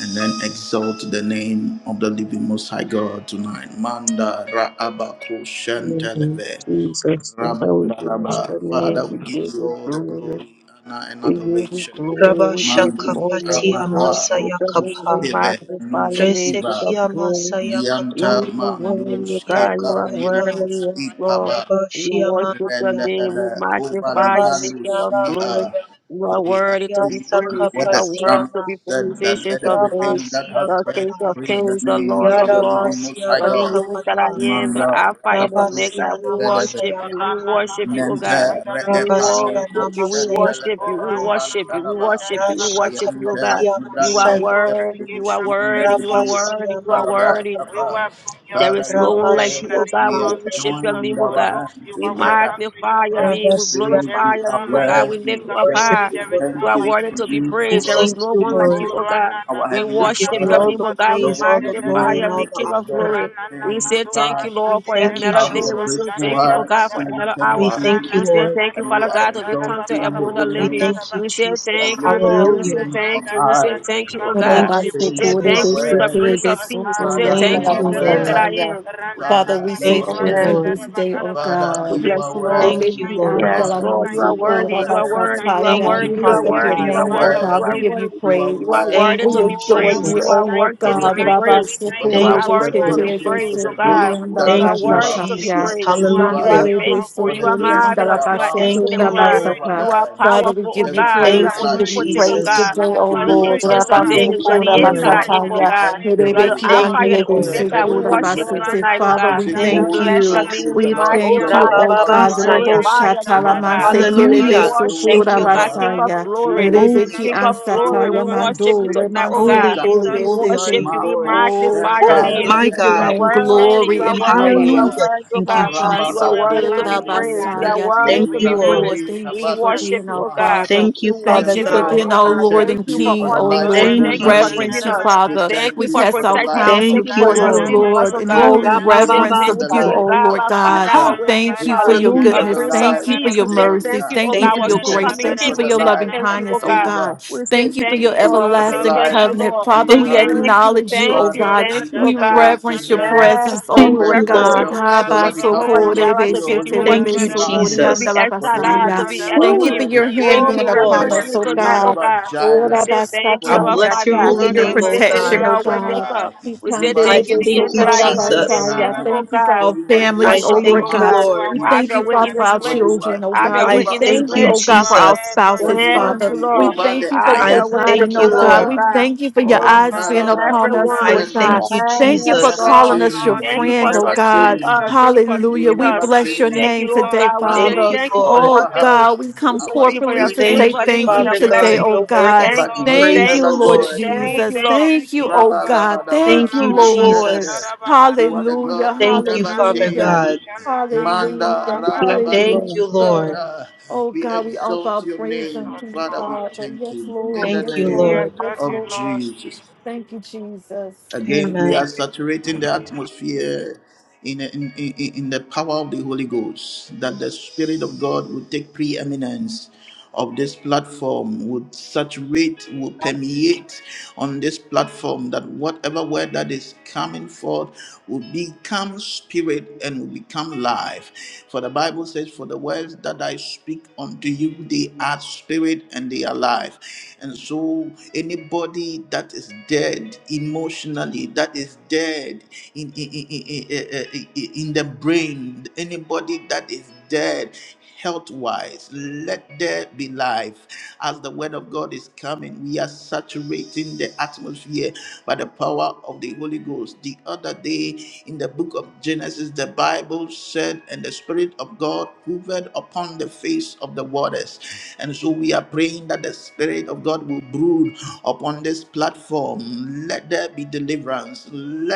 Speaker 1: and then exalt the name of the living Most High God tonight. Manda Raabako
Speaker 3: in the name
Speaker 1: Shanteleve.
Speaker 3: of Jesus, Father, we bless
Speaker 1: Rabandalaba.
Speaker 3: your
Speaker 1: Father,
Speaker 3: name. We
Speaker 1: we give
Speaker 3: give
Speaker 1: you
Speaker 3: you
Speaker 1: all the
Speaker 3: glory.
Speaker 1: glory, honor, and
Speaker 3: We give you
Speaker 1: adoration.
Speaker 3: glory.
Speaker 2: Rabba
Speaker 3: We give you
Speaker 1: Mandi
Speaker 3: honor.
Speaker 2: Shakapati
Speaker 3: We
Speaker 1: Kabaha,
Speaker 3: worship
Speaker 2: Amasaya
Speaker 3: and
Speaker 1: Rokus
Speaker 3: we
Speaker 2: Kapa
Speaker 1: Keve,
Speaker 3: magnify your
Speaker 1: Nus
Speaker 3: name, King
Speaker 1: Iva,
Speaker 3: of
Speaker 2: Resekia
Speaker 3: glory.
Speaker 2: Masaya
Speaker 1: Yanta
Speaker 2: Kapa
Speaker 3: You are worthy, O
Speaker 1: Mandus
Speaker 3: God. You
Speaker 1: Keva,
Speaker 3: are
Speaker 2: Yakapata
Speaker 3: worthy,
Speaker 1: Miribus
Speaker 3: yes, Lord.
Speaker 1: Ipava,
Speaker 2: Rabba
Speaker 3: We worship your
Speaker 2: Shiamaya
Speaker 3: name. We
Speaker 1: Rendalaba, Kova
Speaker 3: magnify
Speaker 2: Rabba
Speaker 3: your making
Speaker 1: Librandus
Speaker 3: of
Speaker 2: Siaba
Speaker 3: glory.
Speaker 1: Maha.
Speaker 2: Kaya
Speaker 3: You
Speaker 1: For
Speaker 3: are
Speaker 1: we
Speaker 3: worthy to be
Speaker 1: agree with
Speaker 3: praised.
Speaker 1: what
Speaker 3: You
Speaker 1: the
Speaker 3: are worthy
Speaker 1: psalmist
Speaker 3: to
Speaker 2: Yasakapasiyama
Speaker 3: be
Speaker 1: said
Speaker 3: praised.
Speaker 1: that
Speaker 3: Ancient
Speaker 1: let
Speaker 3: of days,
Speaker 1: everything that
Speaker 2: Yamasiya
Speaker 1: has
Speaker 3: the
Speaker 1: breath
Speaker 3: King
Speaker 2: Kapa
Speaker 3: of
Speaker 1: praise the
Speaker 3: kings, the
Speaker 1: name
Speaker 3: Lord
Speaker 1: of
Speaker 3: of
Speaker 1: the
Speaker 2: Yarabba
Speaker 3: lords,
Speaker 1: living Most High
Speaker 3: the
Speaker 2: Siaba
Speaker 3: the
Speaker 1: God.
Speaker 3: young that
Speaker 2: Kapata
Speaker 3: I am, the
Speaker 1: Manda
Speaker 3: Alpha and the
Speaker 2: Rabba
Speaker 3: Omega. We
Speaker 2: Siyana
Speaker 1: Rabadus
Speaker 3: worship
Speaker 2: Masaya
Speaker 4: Rana
Speaker 3: you. We
Speaker 2: Kapa
Speaker 3: worship
Speaker 4: Rananama
Speaker 3: you, oh
Speaker 1: Nente
Speaker 3: God.
Speaker 1: re
Speaker 4: Shandana
Speaker 3: We
Speaker 2: Rabba
Speaker 1: epani
Speaker 4: Bakanabara
Speaker 3: worship
Speaker 2: Siyana
Speaker 3: you. We
Speaker 2: Masaya
Speaker 1: kushendele
Speaker 3: worship
Speaker 4: O
Speaker 3: you. We
Speaker 2: Kapa
Speaker 4: Rana
Speaker 1: ruban
Speaker 3: worship
Speaker 4: Nama
Speaker 3: you. We
Speaker 1: talaba.
Speaker 3: worship
Speaker 4: Shandana
Speaker 3: you. We
Speaker 2: Rasha
Speaker 4: Bakana
Speaker 3: worship you, oh
Speaker 1: Yente
Speaker 3: God.
Speaker 2: Kapatiya
Speaker 3: You
Speaker 4: King
Speaker 3: are
Speaker 4: of
Speaker 1: brandele
Speaker 2: Masaya
Speaker 4: glory, we
Speaker 3: worthy.
Speaker 4: give
Speaker 3: You
Speaker 1: kebush
Speaker 4: it
Speaker 3: are
Speaker 4: up, praise
Speaker 3: worthy.
Speaker 1: mandiri
Speaker 3: You are
Speaker 2: Rabba
Speaker 4: Jesus.
Speaker 3: worthy. You are
Speaker 2: Siyama
Speaker 1: apandalabra
Speaker 3: worthy.
Speaker 4: We
Speaker 1: apa.
Speaker 2: Kapata
Speaker 4: welcome your
Speaker 3: There
Speaker 1: Father,
Speaker 3: is
Speaker 1: you
Speaker 3: no
Speaker 4: presence
Speaker 1: are
Speaker 3: one like
Speaker 4: in
Speaker 3: you,
Speaker 1: worthy.
Speaker 4: the
Speaker 3: oh
Speaker 2: Rabashia
Speaker 1: We
Speaker 3: God.
Speaker 4: name
Speaker 3: We
Speaker 1: have
Speaker 4: of
Speaker 2: Master,
Speaker 3: worship your
Speaker 4: Jesus,
Speaker 1: joined
Speaker 3: name, oh
Speaker 1: our
Speaker 4: Holy
Speaker 3: God.
Speaker 4: Ghost.
Speaker 1: hands
Speaker 4: You
Speaker 3: We
Speaker 4: are
Speaker 1: together
Speaker 4: welcome,
Speaker 3: magnify
Speaker 4: faithful
Speaker 3: your
Speaker 1: just
Speaker 4: God.
Speaker 3: name.
Speaker 1: to
Speaker 3: We
Speaker 1: say
Speaker 2: Rabashia
Speaker 4: There
Speaker 3: glorify
Speaker 4: is
Speaker 1: you
Speaker 3: your
Speaker 1: are
Speaker 3: name,
Speaker 4: none
Speaker 3: oh
Speaker 2: Master,
Speaker 4: like
Speaker 3: God.
Speaker 4: you,
Speaker 3: We
Speaker 1: worthy.
Speaker 3: lift
Speaker 4: King
Speaker 3: you
Speaker 4: of
Speaker 3: up
Speaker 1: Just to
Speaker 2: worship
Speaker 4: glory.
Speaker 3: high.
Speaker 2: you,
Speaker 1: say
Speaker 4: There is
Speaker 2: Lord.
Speaker 3: You
Speaker 1: thank
Speaker 4: none
Speaker 3: are
Speaker 1: you
Speaker 4: like
Speaker 3: worthy
Speaker 1: to
Speaker 4: you,
Speaker 3: to be
Speaker 1: you,
Speaker 4: Jesus.
Speaker 1: O
Speaker 2: We
Speaker 3: praised. There
Speaker 1: Lord
Speaker 3: is
Speaker 2: thank
Speaker 3: no
Speaker 2: you,
Speaker 3: one like
Speaker 1: Jesus.
Speaker 3: you,
Speaker 2: Lord.
Speaker 3: oh God.
Speaker 4: Rana
Speaker 1: Our
Speaker 4: nama
Speaker 3: We
Speaker 2: We
Speaker 1: Heavenly
Speaker 2: give
Speaker 4: shanda
Speaker 3: worship
Speaker 2: you
Speaker 3: your
Speaker 1: Father,
Speaker 2: all
Speaker 1: we
Speaker 3: name,
Speaker 2: the
Speaker 3: oh
Speaker 4: karabadu
Speaker 3: God. We
Speaker 2: praise,
Speaker 1: exalt
Speaker 2: all
Speaker 4: shanda
Speaker 1: your
Speaker 2: the
Speaker 4: da da
Speaker 3: magnify
Speaker 2: glory,
Speaker 1: name.
Speaker 2: and
Speaker 3: your
Speaker 4: da.
Speaker 2: all
Speaker 1: We
Speaker 3: name,
Speaker 2: the
Speaker 3: King of
Speaker 1: exalt
Speaker 2: honor,
Speaker 3: glory.
Speaker 2: Lord.
Speaker 4: Rana
Speaker 1: your
Speaker 3: We
Speaker 1: name
Speaker 4: nama
Speaker 3: say
Speaker 4: do
Speaker 3: thank you,
Speaker 1: tonight.
Speaker 3: Lord,
Speaker 2: We
Speaker 3: for
Speaker 4: rashande de
Speaker 1: We
Speaker 2: thank you,
Speaker 3: another
Speaker 4: de
Speaker 1: are
Speaker 4: do
Speaker 3: day.
Speaker 1: with a
Speaker 3: We say
Speaker 2: Jesus.
Speaker 1: grateful
Speaker 4: rashande
Speaker 3: thank you, oh
Speaker 1: heart
Speaker 3: God,
Speaker 4: akada
Speaker 3: for
Speaker 4: ba.
Speaker 1: saying
Speaker 3: another
Speaker 1: thank
Speaker 2: We
Speaker 3: hour.
Speaker 1: you.
Speaker 2: thank
Speaker 4: Rana
Speaker 2: you,
Speaker 3: We say
Speaker 2: Lord.
Speaker 3: thank
Speaker 4: nama
Speaker 3: you,
Speaker 4: do
Speaker 1: And we
Speaker 3: Father
Speaker 1: are
Speaker 3: God, to be
Speaker 4: rashada ba
Speaker 3: counted
Speaker 1: exalting your
Speaker 3: among
Speaker 4: karabu
Speaker 3: the
Speaker 1: holy
Speaker 2: We
Speaker 3: living.
Speaker 4: shanda
Speaker 1: name.
Speaker 4: da
Speaker 2: thank
Speaker 4: ba.
Speaker 2: you,
Speaker 3: We say
Speaker 1: We are
Speaker 4: Oh,
Speaker 2: Jesus.
Speaker 3: thank you,
Speaker 1: lifting
Speaker 4: Rana
Speaker 1: your
Speaker 3: Lord. We
Speaker 4: nama
Speaker 2: Hallelujah.
Speaker 3: say
Speaker 1: name
Speaker 3: thank
Speaker 1: on
Speaker 4: shanda
Speaker 3: you. We
Speaker 4: da
Speaker 3: say
Speaker 4: ba.
Speaker 1: high.
Speaker 3: thank
Speaker 4: King
Speaker 3: you,
Speaker 4: of
Speaker 3: oh
Speaker 1: We
Speaker 5: Father,
Speaker 3: God.
Speaker 1: are
Speaker 2: Thank
Speaker 5: we
Speaker 4: glory,
Speaker 2: you,
Speaker 3: We
Speaker 4: we
Speaker 3: said
Speaker 4: give
Speaker 1: saying
Speaker 4: you
Speaker 1: you
Speaker 4: the
Speaker 3: thank
Speaker 1: are
Speaker 2: Jesus.
Speaker 3: you,
Speaker 4: praise,
Speaker 3: the
Speaker 1: worthy.
Speaker 3: Prince of
Speaker 4: Jesus.
Speaker 3: Peace. We
Speaker 4: Haru
Speaker 3: said
Speaker 1: Father,
Speaker 3: thank
Speaker 1: you
Speaker 2: Thank
Speaker 3: you,
Speaker 4: shanda
Speaker 1: are
Speaker 2: you,
Speaker 4: da
Speaker 3: the end that
Speaker 4: da.
Speaker 2: Lord.
Speaker 3: I
Speaker 1: worthy.
Speaker 3: am.
Speaker 4: Rana
Speaker 1: Father,
Speaker 4: nama do
Speaker 1: you
Speaker 5: say
Speaker 1: are
Speaker 2: Thank you,
Speaker 5: thank you
Speaker 3: Amen.
Speaker 1: worthy.
Speaker 4: rashanda
Speaker 2: Lord.
Speaker 5: this
Speaker 4: da ba
Speaker 5: day, oh
Speaker 4: karaba.
Speaker 1: Father,
Speaker 3: We
Speaker 5: God.
Speaker 1: you
Speaker 3: bless
Speaker 1: are
Speaker 3: you,
Speaker 4: Faithful
Speaker 5: We
Speaker 3: Lord.
Speaker 4: God, we
Speaker 2: Thank
Speaker 5: thank
Speaker 1: worthy.
Speaker 2: you,
Speaker 5: you,
Speaker 4: thank you,
Speaker 2: Lord.
Speaker 3: Yes,
Speaker 4: Lord.
Speaker 5: Angela
Speaker 1: Father,
Speaker 4: We
Speaker 3: Lord, you
Speaker 4: thank
Speaker 3: are
Speaker 4: you,
Speaker 1: you are
Speaker 5: Mansoko,
Speaker 3: worthy. You
Speaker 4: Jesus.
Speaker 5: Rabba
Speaker 3: are
Speaker 4: We
Speaker 1: worthy.
Speaker 3: worthy.
Speaker 4: thank
Speaker 3: You
Speaker 4: you,
Speaker 3: are
Speaker 1: To
Speaker 2: Thank
Speaker 5: Sataya.
Speaker 2: you,
Speaker 1: be
Speaker 5: We
Speaker 3: worthy. You
Speaker 4: Jesus.
Speaker 3: are
Speaker 5: lift
Speaker 2: Father
Speaker 5: up
Speaker 1: praised,
Speaker 5: your
Speaker 3: worthy.
Speaker 4: Heavenly
Speaker 1: you
Speaker 3: You
Speaker 2: God.
Speaker 3: are
Speaker 1: are
Speaker 5: name, oh
Speaker 3: worthy.
Speaker 4: Father, we
Speaker 3: You
Speaker 5: God. We
Speaker 3: are
Speaker 1: worthy.
Speaker 4: give you
Speaker 5: give you
Speaker 4: the
Speaker 3: worthy.
Speaker 1: You
Speaker 4: praise.
Speaker 1: are
Speaker 3: You
Speaker 5: praise.
Speaker 3: are
Speaker 1: worthy
Speaker 2: Thank
Speaker 3: worthy
Speaker 1: to
Speaker 5: We
Speaker 3: to
Speaker 2: you,
Speaker 3: be
Speaker 4: Oh,
Speaker 1: be
Speaker 5: adore
Speaker 3: praised.
Speaker 4: Yahweh,
Speaker 1: praised
Speaker 5: you,
Speaker 3: You
Speaker 2: Jesus.
Speaker 4: we
Speaker 5: oh
Speaker 3: are
Speaker 4: thank
Speaker 5: Lord
Speaker 4: you,
Speaker 3: worthy
Speaker 1: for
Speaker 3: to
Speaker 4: we
Speaker 1: your
Speaker 5: God.
Speaker 3: be
Speaker 4: thank you,
Speaker 5: Rabba
Speaker 4: we
Speaker 3: praised.
Speaker 1: protection,
Speaker 4: thank
Speaker 1: for your
Speaker 3: You
Speaker 5: Soko,
Speaker 4: you,
Speaker 3: are
Speaker 2: Thank
Speaker 5: Rebe
Speaker 2: you,
Speaker 4: Abba
Speaker 3: worthy to
Speaker 4: Father,
Speaker 2: Lord.
Speaker 3: be
Speaker 5: Shekele,
Speaker 4: we
Speaker 1: preservation,
Speaker 5: Rebe
Speaker 1: for
Speaker 4: thank
Speaker 3: praised. Oh
Speaker 1: the
Speaker 4: you,
Speaker 5: Soko,
Speaker 3: God,
Speaker 4: Lord.
Speaker 1: grace
Speaker 3: we
Speaker 5: Rianda
Speaker 3: you
Speaker 1: that
Speaker 3: are
Speaker 2: Thank you,
Speaker 1: you
Speaker 4: Oh,
Speaker 3: worthy
Speaker 1: have
Speaker 3: to be
Speaker 4: Jesus,
Speaker 1: given
Speaker 2: Jesus.
Speaker 3: praised.
Speaker 4: you
Speaker 1: unto
Speaker 4: are
Speaker 3: You
Speaker 2: Hallelujah.
Speaker 3: are
Speaker 1: us,
Speaker 4: worthy
Speaker 5: Mandele,
Speaker 4: of
Speaker 5: Rebe
Speaker 4: our
Speaker 3: faithful.
Speaker 1: for
Speaker 3: You
Speaker 4: praise,
Speaker 1: the
Speaker 3: are
Speaker 5: Soko,
Speaker 4: King
Speaker 1: grace
Speaker 4: of
Speaker 5: Rianda
Speaker 1: that
Speaker 3: marvelous. You
Speaker 5: Rabba
Speaker 4: glory.
Speaker 3: are
Speaker 5: Soko,
Speaker 1: abounds
Speaker 3: excellent,
Speaker 2: Thank
Speaker 4: You
Speaker 2: you,
Speaker 3: oh
Speaker 4: are
Speaker 3: God.
Speaker 1: over
Speaker 2: Lord.
Speaker 4: worthy
Speaker 1: our
Speaker 4: of
Speaker 3: You are
Speaker 4: our
Speaker 1: lives.
Speaker 5: Father,
Speaker 4: praise,
Speaker 5: we
Speaker 3: powerful,
Speaker 5: give
Speaker 3: oh
Speaker 1: There
Speaker 5: you
Speaker 4: Jesus.
Speaker 1: is
Speaker 3: God.
Speaker 4: You
Speaker 3: You
Speaker 1: none
Speaker 3: are
Speaker 2: Thank
Speaker 5: praise.
Speaker 4: are
Speaker 5: We
Speaker 2: you,
Speaker 1: like
Speaker 5: give you
Speaker 4: worthy,
Speaker 3: omnipotent,
Speaker 1: you.
Speaker 3: oh
Speaker 5: praise
Speaker 1: There is
Speaker 3: God.
Speaker 2: Jesus.
Speaker 4: Jesus.
Speaker 5: today,
Speaker 1: none
Speaker 4: You
Speaker 5: O
Speaker 3: You
Speaker 1: to
Speaker 3: are
Speaker 4: are
Speaker 3: the
Speaker 1: be
Speaker 5: Lord.
Speaker 4: worthy,
Speaker 3: ancient
Speaker 1: like
Speaker 4: oh
Speaker 3: of
Speaker 4: God.
Speaker 1: you.
Speaker 3: days.
Speaker 4: We
Speaker 3: You
Speaker 2: Thank
Speaker 3: are
Speaker 2: you,
Speaker 5: Rabasukura
Speaker 3: the
Speaker 4: welcome
Speaker 1: We
Speaker 3: end
Speaker 4: your
Speaker 3: that
Speaker 2: Lord.
Speaker 3: I
Speaker 1: join
Speaker 4: presence
Speaker 3: am, oh
Speaker 4: in
Speaker 1: the
Speaker 5: basataya.
Speaker 3: God.
Speaker 4: our midst
Speaker 3: You
Speaker 4: in
Speaker 3: are
Speaker 4: the
Speaker 3: the
Speaker 1: angels
Speaker 4: name
Speaker 2: Thank
Speaker 4: of
Speaker 3: Alpha. You are
Speaker 2: you,
Speaker 3: the
Speaker 1: in
Speaker 4: Jesus.
Speaker 1: the
Speaker 2: Lord.
Speaker 3: Omega. We
Speaker 1: heavenly
Speaker 5: Rebekiandelebesikura
Speaker 3: worship
Speaker 4: Oh,
Speaker 3: you
Speaker 1: realm
Speaker 5: basete.
Speaker 3: tonight, oh
Speaker 4: Ranana
Speaker 1: and
Speaker 5: Father,
Speaker 3: God.
Speaker 1: we
Speaker 5: we
Speaker 1: say,
Speaker 3: We
Speaker 5: thank
Speaker 2: Thank
Speaker 4: Mashanda
Speaker 1: Holy,
Speaker 2: you,
Speaker 3: bless
Speaker 5: you.
Speaker 3: your
Speaker 1: holy
Speaker 2: Jesus.
Speaker 3: name.
Speaker 4: Karabarabo
Speaker 1: is
Speaker 3: We
Speaker 1: the
Speaker 5: We
Speaker 1: Lord
Speaker 2: Oh,
Speaker 5: thank
Speaker 4: Shandariaba.
Speaker 5: you,
Speaker 3: magnify
Speaker 1: God
Speaker 3: your
Speaker 5: O
Speaker 3: name. We
Speaker 5: God.
Speaker 1: Almighty.
Speaker 5: Robo
Speaker 2: rabababasaya.
Speaker 4: Randerebo
Speaker 3: glorify your name, O
Speaker 4: Shanda
Speaker 1: Mande
Speaker 3: God.
Speaker 4: Dada
Speaker 3: We
Speaker 2: Hallelujah.
Speaker 4: Rakaraba.
Speaker 1: Rebenos
Speaker 3: worship
Speaker 2: Thank
Speaker 5: shatalamansekelebesukura
Speaker 3: you, O
Speaker 2: you,
Speaker 3: God,
Speaker 2: Lord.
Speaker 1: Shaba,
Speaker 3: King of
Speaker 4: Ikado
Speaker 5: basaya.
Speaker 1: who
Speaker 3: glory.
Speaker 4: Shanda
Speaker 2: Holy,
Speaker 1: redeems
Speaker 5: Rebeki
Speaker 3: King
Speaker 1: our
Speaker 3: of
Speaker 4: Nanamano
Speaker 3: glory.
Speaker 1: soul
Speaker 5: ansataya
Speaker 3: We
Speaker 4: Rakaraba.
Speaker 1: from
Speaker 3: worship you
Speaker 5: mando
Speaker 1: sin
Speaker 3: tonight, O
Speaker 4: Oh,
Speaker 1: and
Speaker 3: God.
Speaker 2: holy, holy,
Speaker 4: Jesus,
Speaker 3: We
Speaker 1: darkness.
Speaker 2: holy are
Speaker 3: worship
Speaker 5: remansiandelebesete.
Speaker 2: you,
Speaker 3: you.
Speaker 4: we
Speaker 3: We
Speaker 2: Lord.
Speaker 1: Mako
Speaker 4: thank you,
Speaker 5: Oh
Speaker 3: magnify
Speaker 4: King
Speaker 3: your
Speaker 1: Shente
Speaker 4: of
Speaker 2: Oh,
Speaker 5: God, we
Speaker 3: name.
Speaker 2: my
Speaker 4: glory.
Speaker 5: give your
Speaker 3: You are
Speaker 2: God.
Speaker 5: name
Speaker 1: Rebenu
Speaker 4: We
Speaker 3: worthy.
Speaker 4: thank
Speaker 3: You
Speaker 4: you,
Speaker 5: glory
Speaker 1: Mandi
Speaker 3: are
Speaker 5: and
Speaker 4: King of
Speaker 3: worthy. You are
Speaker 5: praise.
Speaker 4: glory.
Speaker 1: Mahabada.
Speaker 2: Hallelujah.
Speaker 3: worthy, O
Speaker 2: Thank
Speaker 3: God.
Speaker 2: you,
Speaker 4: We
Speaker 5: Abba,
Speaker 2: Jesus.
Speaker 3: You
Speaker 4: thank you,
Speaker 3: are
Speaker 5: so
Speaker 3: worthy
Speaker 5: good,
Speaker 3: to be
Speaker 1: Rababandiko
Speaker 4: everlasting
Speaker 5: Abba,
Speaker 3: praised. You
Speaker 4: Father.
Speaker 1: Lebre
Speaker 3: are
Speaker 5: Saya.
Speaker 3: worthy
Speaker 2: Thank
Speaker 5: Thank
Speaker 4: We
Speaker 3: to
Speaker 2: you,
Speaker 5: you,
Speaker 3: be
Speaker 4: thank
Speaker 2: Lord.
Speaker 3: praised.
Speaker 5: Lord.
Speaker 4: you,
Speaker 1: Libanti
Speaker 5: Thank
Speaker 3: We
Speaker 5: you for
Speaker 4: Jesus.
Speaker 1: Kabanus
Speaker 3: worship
Speaker 5: being
Speaker 3: you,
Speaker 5: our
Speaker 3: O God.
Speaker 1: Maha.
Speaker 5: Father.
Speaker 2: Thank
Speaker 3: We
Speaker 2: you,
Speaker 5: Thank
Speaker 1: Yes,
Speaker 2: Father
Speaker 3: worship
Speaker 5: you for
Speaker 3: your name,
Speaker 2: God.
Speaker 5: being
Speaker 1: Lord,
Speaker 3: O
Speaker 5: our
Speaker 1: we
Speaker 3: God.
Speaker 5: Lord
Speaker 3: Thank
Speaker 5: and
Speaker 1: thank
Speaker 3: you for
Speaker 1: you for
Speaker 5: King,
Speaker 3: all
Speaker 1: the
Speaker 5: oh
Speaker 3: things. We
Speaker 1: life of
Speaker 5: Lord.
Speaker 3: say
Speaker 5: We
Speaker 1: Queen
Speaker 2: Thank
Speaker 3: thank you
Speaker 2: you,
Speaker 3: for
Speaker 1: Marie.
Speaker 5: reverence
Speaker 3: keeping
Speaker 5: you,
Speaker 3: us.
Speaker 2: Jesus.
Speaker 1: We
Speaker 5: Father.
Speaker 3: Thank
Speaker 1: thank
Speaker 5: We
Speaker 3: you for
Speaker 1: you for
Speaker 5: cast
Speaker 1: the
Speaker 5: our
Speaker 3: protecting
Speaker 1: life
Speaker 3: us.
Speaker 5: crowns
Speaker 1: of
Speaker 3: Thank you
Speaker 2: Thank
Speaker 3: for
Speaker 2: you,
Speaker 5: before you,
Speaker 2: Lord.
Speaker 3: sustaining
Speaker 1: Stephanie.
Speaker 3: us,
Speaker 5: Lord,
Speaker 3: O
Speaker 5: in
Speaker 1: We
Speaker 3: God.
Speaker 2: Oh,
Speaker 5: holy
Speaker 1: thank
Speaker 3: We say
Speaker 1: you
Speaker 5: reverence
Speaker 3: thank
Speaker 1: for
Speaker 5: of
Speaker 1: the
Speaker 3: you,
Speaker 5: you,
Speaker 3: oh
Speaker 2: rabababasaya.
Speaker 1: life
Speaker 5: oh
Speaker 3: God,
Speaker 1: of
Speaker 5: Lord
Speaker 3: our Father,
Speaker 5: God.
Speaker 3: our
Speaker 2: Ha.
Speaker 1: Tisha.
Speaker 5: Thank
Speaker 1: We
Speaker 5: you for
Speaker 3: waymaker,
Speaker 1: thank
Speaker 5: your
Speaker 1: you
Speaker 3: our
Speaker 2: Hallelujah.
Speaker 1: for the
Speaker 5: goodness.
Speaker 3: Prince of
Speaker 5: Thank
Speaker 1: life
Speaker 5: you for
Speaker 3: Peace.
Speaker 1: of
Speaker 5: your
Speaker 3: We say thank
Speaker 5: mercies.
Speaker 3: you,
Speaker 1: Philomena.
Speaker 3: oh
Speaker 5: Thank you
Speaker 3: God,
Speaker 2: Thank
Speaker 5: for
Speaker 3: our
Speaker 2: you,
Speaker 1: We
Speaker 5: your
Speaker 3: soon
Speaker 5: grace.
Speaker 1: thank
Speaker 3: coming
Speaker 1: you
Speaker 5: Thank you
Speaker 2: Jesus.
Speaker 3: King.
Speaker 1: for
Speaker 5: for
Speaker 3: We
Speaker 1: the
Speaker 5: your
Speaker 3: say
Speaker 5: loving
Speaker 1: life
Speaker 3: thank
Speaker 1: of
Speaker 3: you,
Speaker 5: kindness,
Speaker 3: oh
Speaker 5: oh
Speaker 3: God.
Speaker 5: God.
Speaker 1: Favor.
Speaker 3: We say
Speaker 1: We
Speaker 5: Thank you for
Speaker 3: thank
Speaker 1: thank
Speaker 5: your
Speaker 3: you,
Speaker 1: you
Speaker 3: Lord. We
Speaker 1: for the
Speaker 3: say
Speaker 5: everlasting
Speaker 3: thank
Speaker 1: life
Speaker 3: you,
Speaker 1: of
Speaker 5: covenant.
Speaker 3: Lord.
Speaker 5: Father,
Speaker 1: Queen
Speaker 2: Thank,
Speaker 5: we
Speaker 3: Thank
Speaker 1: Marie.
Speaker 3: you,
Speaker 5: acknowledge you,
Speaker 3: thank
Speaker 5: oh
Speaker 3: you,
Speaker 1: Father,
Speaker 5: God.
Speaker 3: thank
Speaker 1: we
Speaker 3: you, oh
Speaker 5: We
Speaker 4: Ikadada
Speaker 3: God.
Speaker 1: exalt your
Speaker 5: reverence your
Speaker 1: name.
Speaker 3: Yes,
Speaker 5: presence, oh
Speaker 1: We
Speaker 3: Lord, we
Speaker 2: thank
Speaker 5: Lord
Speaker 2: you,
Speaker 1: render
Speaker 3: reference you
Speaker 2: Lord.
Speaker 5: God.
Speaker 1: thanks,
Speaker 3: tonight
Speaker 4: Ora
Speaker 5: Thank
Speaker 1: the
Speaker 3: to
Speaker 5: you
Speaker 4: da
Speaker 3: be
Speaker 1: Lord, you
Speaker 4: ba
Speaker 3: Jehovah
Speaker 1: praise unto
Speaker 3: Jireh,
Speaker 4: karabadu
Speaker 3: to
Speaker 1: your
Speaker 3: be
Speaker 1: holy
Speaker 3: Jehovah
Speaker 1: name
Speaker 2: Thank you,
Speaker 3: Nissi,
Speaker 4: sandarabada,
Speaker 1: tonight.
Speaker 3: to be
Speaker 2: Jesus.
Speaker 3: El
Speaker 1: For
Speaker 3: Shaddai, to be
Speaker 1: you are
Speaker 4: ekadabadu
Speaker 2: Ooh,
Speaker 5: for
Speaker 3: Elohim.
Speaker 1: worthy.
Speaker 5: your hand
Speaker 2: thank
Speaker 3: Oh, we
Speaker 5: being
Speaker 2: you,
Speaker 4: sandaraba,
Speaker 1: For
Speaker 5: upon
Speaker 1: you
Speaker 2: Lord.
Speaker 3: reference
Speaker 1: are
Speaker 5: us,
Speaker 3: you
Speaker 5: oh
Speaker 3: tonight, oh
Speaker 5: God.
Speaker 1: Jehovah
Speaker 3: God. We
Speaker 1: Jireh.
Speaker 3: say thank
Speaker 1: For
Speaker 3: you,
Speaker 2: I
Speaker 1: you
Speaker 3: our
Speaker 1: are
Speaker 2: bless your
Speaker 5: Thank
Speaker 3: Father.
Speaker 5: you for
Speaker 2: holy
Speaker 5: your
Speaker 1: Jehovah
Speaker 3: We
Speaker 2: name,
Speaker 4: ekadaba
Speaker 2: O
Speaker 3: say thank you,
Speaker 2: God.
Speaker 5: protection,
Speaker 1: El
Speaker 5: oh
Speaker 3: our
Speaker 5: God.
Speaker 4: sandarabada,
Speaker 3: waymaker.
Speaker 1: Shaddai.
Speaker 5: Thank
Speaker 3: We say
Speaker 1: You are
Speaker 2: I
Speaker 3: thank you, the
Speaker 2: thank
Speaker 3: end that
Speaker 2: you,
Speaker 1: Jehovah
Speaker 3: I am.
Speaker 4: ekadaba
Speaker 3: We say
Speaker 2: Jesus.
Speaker 3: thank you,
Speaker 1: Adonai.
Speaker 4: sandaraba.
Speaker 3: oh
Speaker 5: you for
Speaker 3: God.
Speaker 1: For
Speaker 5: our
Speaker 1: you are
Speaker 3: We
Speaker 5: families,
Speaker 2: I
Speaker 5: oh
Speaker 3: worship
Speaker 1: Jehovah
Speaker 4: Holy
Speaker 3: you,
Speaker 5: Lord
Speaker 3: oh
Speaker 2: thank
Speaker 4: Ghost,
Speaker 2: you,
Speaker 5: God.
Speaker 3: God.
Speaker 4: you are
Speaker 5: We
Speaker 2: Lord.
Speaker 3: Have
Speaker 5: thank
Speaker 1: Makadesh.
Speaker 3: your
Speaker 5: you,
Speaker 4: welcome
Speaker 3: way
Speaker 4: in
Speaker 5: Father,
Speaker 3: in
Speaker 4: the
Speaker 5: for
Speaker 3: this
Speaker 5: our
Speaker 4: name
Speaker 1: For
Speaker 4: of
Speaker 3: place.
Speaker 1: you are
Speaker 5: children, oh
Speaker 4: Jesus.
Speaker 3: Have
Speaker 5: God.
Speaker 3: your
Speaker 5: We
Speaker 2: I
Speaker 3: way in
Speaker 1: Jehovah
Speaker 3: this
Speaker 2: thank
Speaker 5: thank you,
Speaker 2: you,
Speaker 5: oh
Speaker 3: place.
Speaker 4: You
Speaker 5: God,
Speaker 1: Elohim.
Speaker 5: for
Speaker 4: are
Speaker 5: our
Speaker 2: Jesus.
Speaker 4: welcome,
Speaker 1: For
Speaker 5: spouses,
Speaker 1: you are
Speaker 3: Thank
Speaker 5: Father.
Speaker 3: you,
Speaker 4: Jesus, in
Speaker 5: We
Speaker 3: Lord.
Speaker 4: the
Speaker 1: Jehovah the
Speaker 5: thank
Speaker 4: name
Speaker 5: you
Speaker 4: of
Speaker 1: I
Speaker 5: for
Speaker 3: Have
Speaker 2: I
Speaker 3: your
Speaker 4: Jesus.
Speaker 3: way
Speaker 1: am
Speaker 5: providing,
Speaker 2: thank
Speaker 5: oh
Speaker 1: that
Speaker 3: upon
Speaker 2: you,
Speaker 1: I
Speaker 3: us,
Speaker 5: God.
Speaker 2: Lord.
Speaker 3: oh
Speaker 5: We
Speaker 3: God.
Speaker 1: am.
Speaker 5: thank you for your
Speaker 3: Oh, we
Speaker 4: Oh,
Speaker 5: eyes being
Speaker 3: present
Speaker 1: Mandarabra
Speaker 5: upon us,
Speaker 3: everyone.
Speaker 2: I
Speaker 4: Karabashandaraba.
Speaker 5: Lord
Speaker 1: Kushente.
Speaker 5: God.
Speaker 2: thank you,
Speaker 1: You
Speaker 5: Thank you
Speaker 3: Yes,
Speaker 5: for
Speaker 4: We
Speaker 2: Jesus.
Speaker 1: never
Speaker 4: thank
Speaker 3: Lord.
Speaker 5: calling
Speaker 4: you,
Speaker 5: us your
Speaker 4: Lord.
Speaker 1: change.
Speaker 4: We
Speaker 3: Thank you
Speaker 1: You
Speaker 3: for
Speaker 5: friend,
Speaker 4: thank
Speaker 5: oh
Speaker 1: never
Speaker 4: you,
Speaker 3: sustaining
Speaker 5: God.
Speaker 3: us.
Speaker 4: Jesus.
Speaker 1: change.
Speaker 3: Thank you for
Speaker 1: You
Speaker 5: Hallelujah.
Speaker 3: keeping
Speaker 5: We
Speaker 1: never
Speaker 3: us.
Speaker 4: We
Speaker 5: bless your
Speaker 1: change.
Speaker 3: Thank
Speaker 4: thank
Speaker 3: you,
Speaker 5: name
Speaker 4: you,
Speaker 3: oh
Speaker 5: today,
Speaker 4: Lord.
Speaker 3: God. We
Speaker 4: We
Speaker 3: say
Speaker 2: Thank
Speaker 1: Mando
Speaker 5: Father.
Speaker 2: you,
Speaker 4: thank
Speaker 3: thank
Speaker 4: you,
Speaker 3: you for
Speaker 2: Lord.
Speaker 3: all
Speaker 5: Oh
Speaker 4: Jesus.
Speaker 3: things.
Speaker 1: Aha.
Speaker 5: God, we
Speaker 3: We
Speaker 5: come
Speaker 3: say
Speaker 1: Our
Speaker 3: thank you for
Speaker 4: We
Speaker 3: your
Speaker 5: corporately to
Speaker 1: situations
Speaker 5: say
Speaker 4: thank
Speaker 2: Thank
Speaker 3: favor.
Speaker 2: you,
Speaker 4: you,
Speaker 3: Thank you
Speaker 5: thank
Speaker 3: for
Speaker 1: can
Speaker 5: you
Speaker 3: your
Speaker 2: Father
Speaker 4: Jesus.
Speaker 5: today,
Speaker 1: change,
Speaker 2: God.
Speaker 3: blessing.
Speaker 5: oh
Speaker 4: We
Speaker 2: You're
Speaker 4: thank
Speaker 2: worthy
Speaker 5: God.
Speaker 4: you,
Speaker 2: to
Speaker 3: Thank
Speaker 1: but
Speaker 2: be
Speaker 3: you,
Speaker 1: you
Speaker 4: Lord.
Speaker 5: Thank
Speaker 3: thank
Speaker 2: praised,
Speaker 5: you,
Speaker 1: never
Speaker 2: O
Speaker 5: Lord
Speaker 3: you,
Speaker 2: Lord.
Speaker 4: We
Speaker 3: thank
Speaker 1: change.
Speaker 3: you,
Speaker 5: Jesus.
Speaker 4: thank
Speaker 3: Lord.
Speaker 4: you,
Speaker 5: Thank you, oh
Speaker 4: Jesus.
Speaker 5: God.
Speaker 1: Rabadabadaba,
Speaker 5: Thank
Speaker 2: Thank
Speaker 5: you,
Speaker 4: Orana
Speaker 2: you,
Speaker 5: Lord.
Speaker 4: nabashana
Speaker 1: Kushete.
Speaker 2: Jesus.
Speaker 1: You
Speaker 4: rabakaraba.
Speaker 1: are the
Speaker 5: Hallelujah.
Speaker 1: God who
Speaker 2: Thank you,
Speaker 1: never
Speaker 4: Rande
Speaker 2: Father
Speaker 1: changes.
Speaker 5: Hallelujah.
Speaker 2: God.
Speaker 4: devoshana
Speaker 1: Manda
Speaker 4: namadora
Speaker 5: Hallelujah.
Speaker 3: Bless
Speaker 4: karabu.
Speaker 3: you,
Speaker 1: Raabadu
Speaker 2: Thank
Speaker 3: Lord.
Speaker 2: you, Lord.
Speaker 5: Hallelujah.
Speaker 1: Ata.
Speaker 5: Oh
Speaker 1: We
Speaker 5: God, we offer
Speaker 1: exalt
Speaker 5: our
Speaker 1: your
Speaker 4: We
Speaker 5: praise
Speaker 1: name.
Speaker 4: exalt
Speaker 5: unto you,
Speaker 4: you,
Speaker 1: Father, we
Speaker 4: Lord.
Speaker 5: Father.
Speaker 1: thank
Speaker 5: Yes,
Speaker 1: you. In
Speaker 5: Lord.
Speaker 1: the
Speaker 2: Thank
Speaker 5: Yes,
Speaker 2: you,
Speaker 4: We
Speaker 1: name
Speaker 5: Lord.
Speaker 2: Lord.
Speaker 4: exalt
Speaker 5: Yes,
Speaker 1: of
Speaker 4: you, Lord
Speaker 5: Lord.
Speaker 4: Jesus.
Speaker 1: Jesus.
Speaker 5: Thank you, Jesus.
Speaker 1: Again, we
Speaker 2: Amen.
Speaker 1: are saturating the atmosphere in, in, in, in the power of the Holy Ghost, that the Spirit of God will take preeminence of this platform would saturate, would permeate on this platform, that whatever word that is coming forth will become spirit and will become life. For the Bible says, For the words that I speak unto you, they are spirit and they are life. And so, anybody that is dead emotionally, that is dead in, in, in, in in- in- in the brain, anybody that is dead health wise. Let there be life. As the word of God is coming, we are saturating the atmosphere by the power of the Holy Ghost. The other day in the book of Genesis, the Bible said, and the Spirit of God hovered upon the face of the waters. And so we are praying that the Spirit of God will brood upon this platform. Let there be deliverance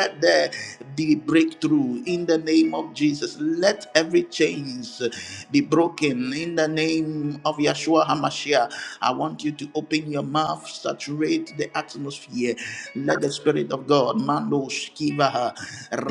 Speaker 1: let there be breakthrough in the name of Jesus. Let every chains be broken in the name of Yeshua HaMashiach. I want you to open your mouth, saturate the atmosphere. Let the Spirit of God, Mando Shkivaha,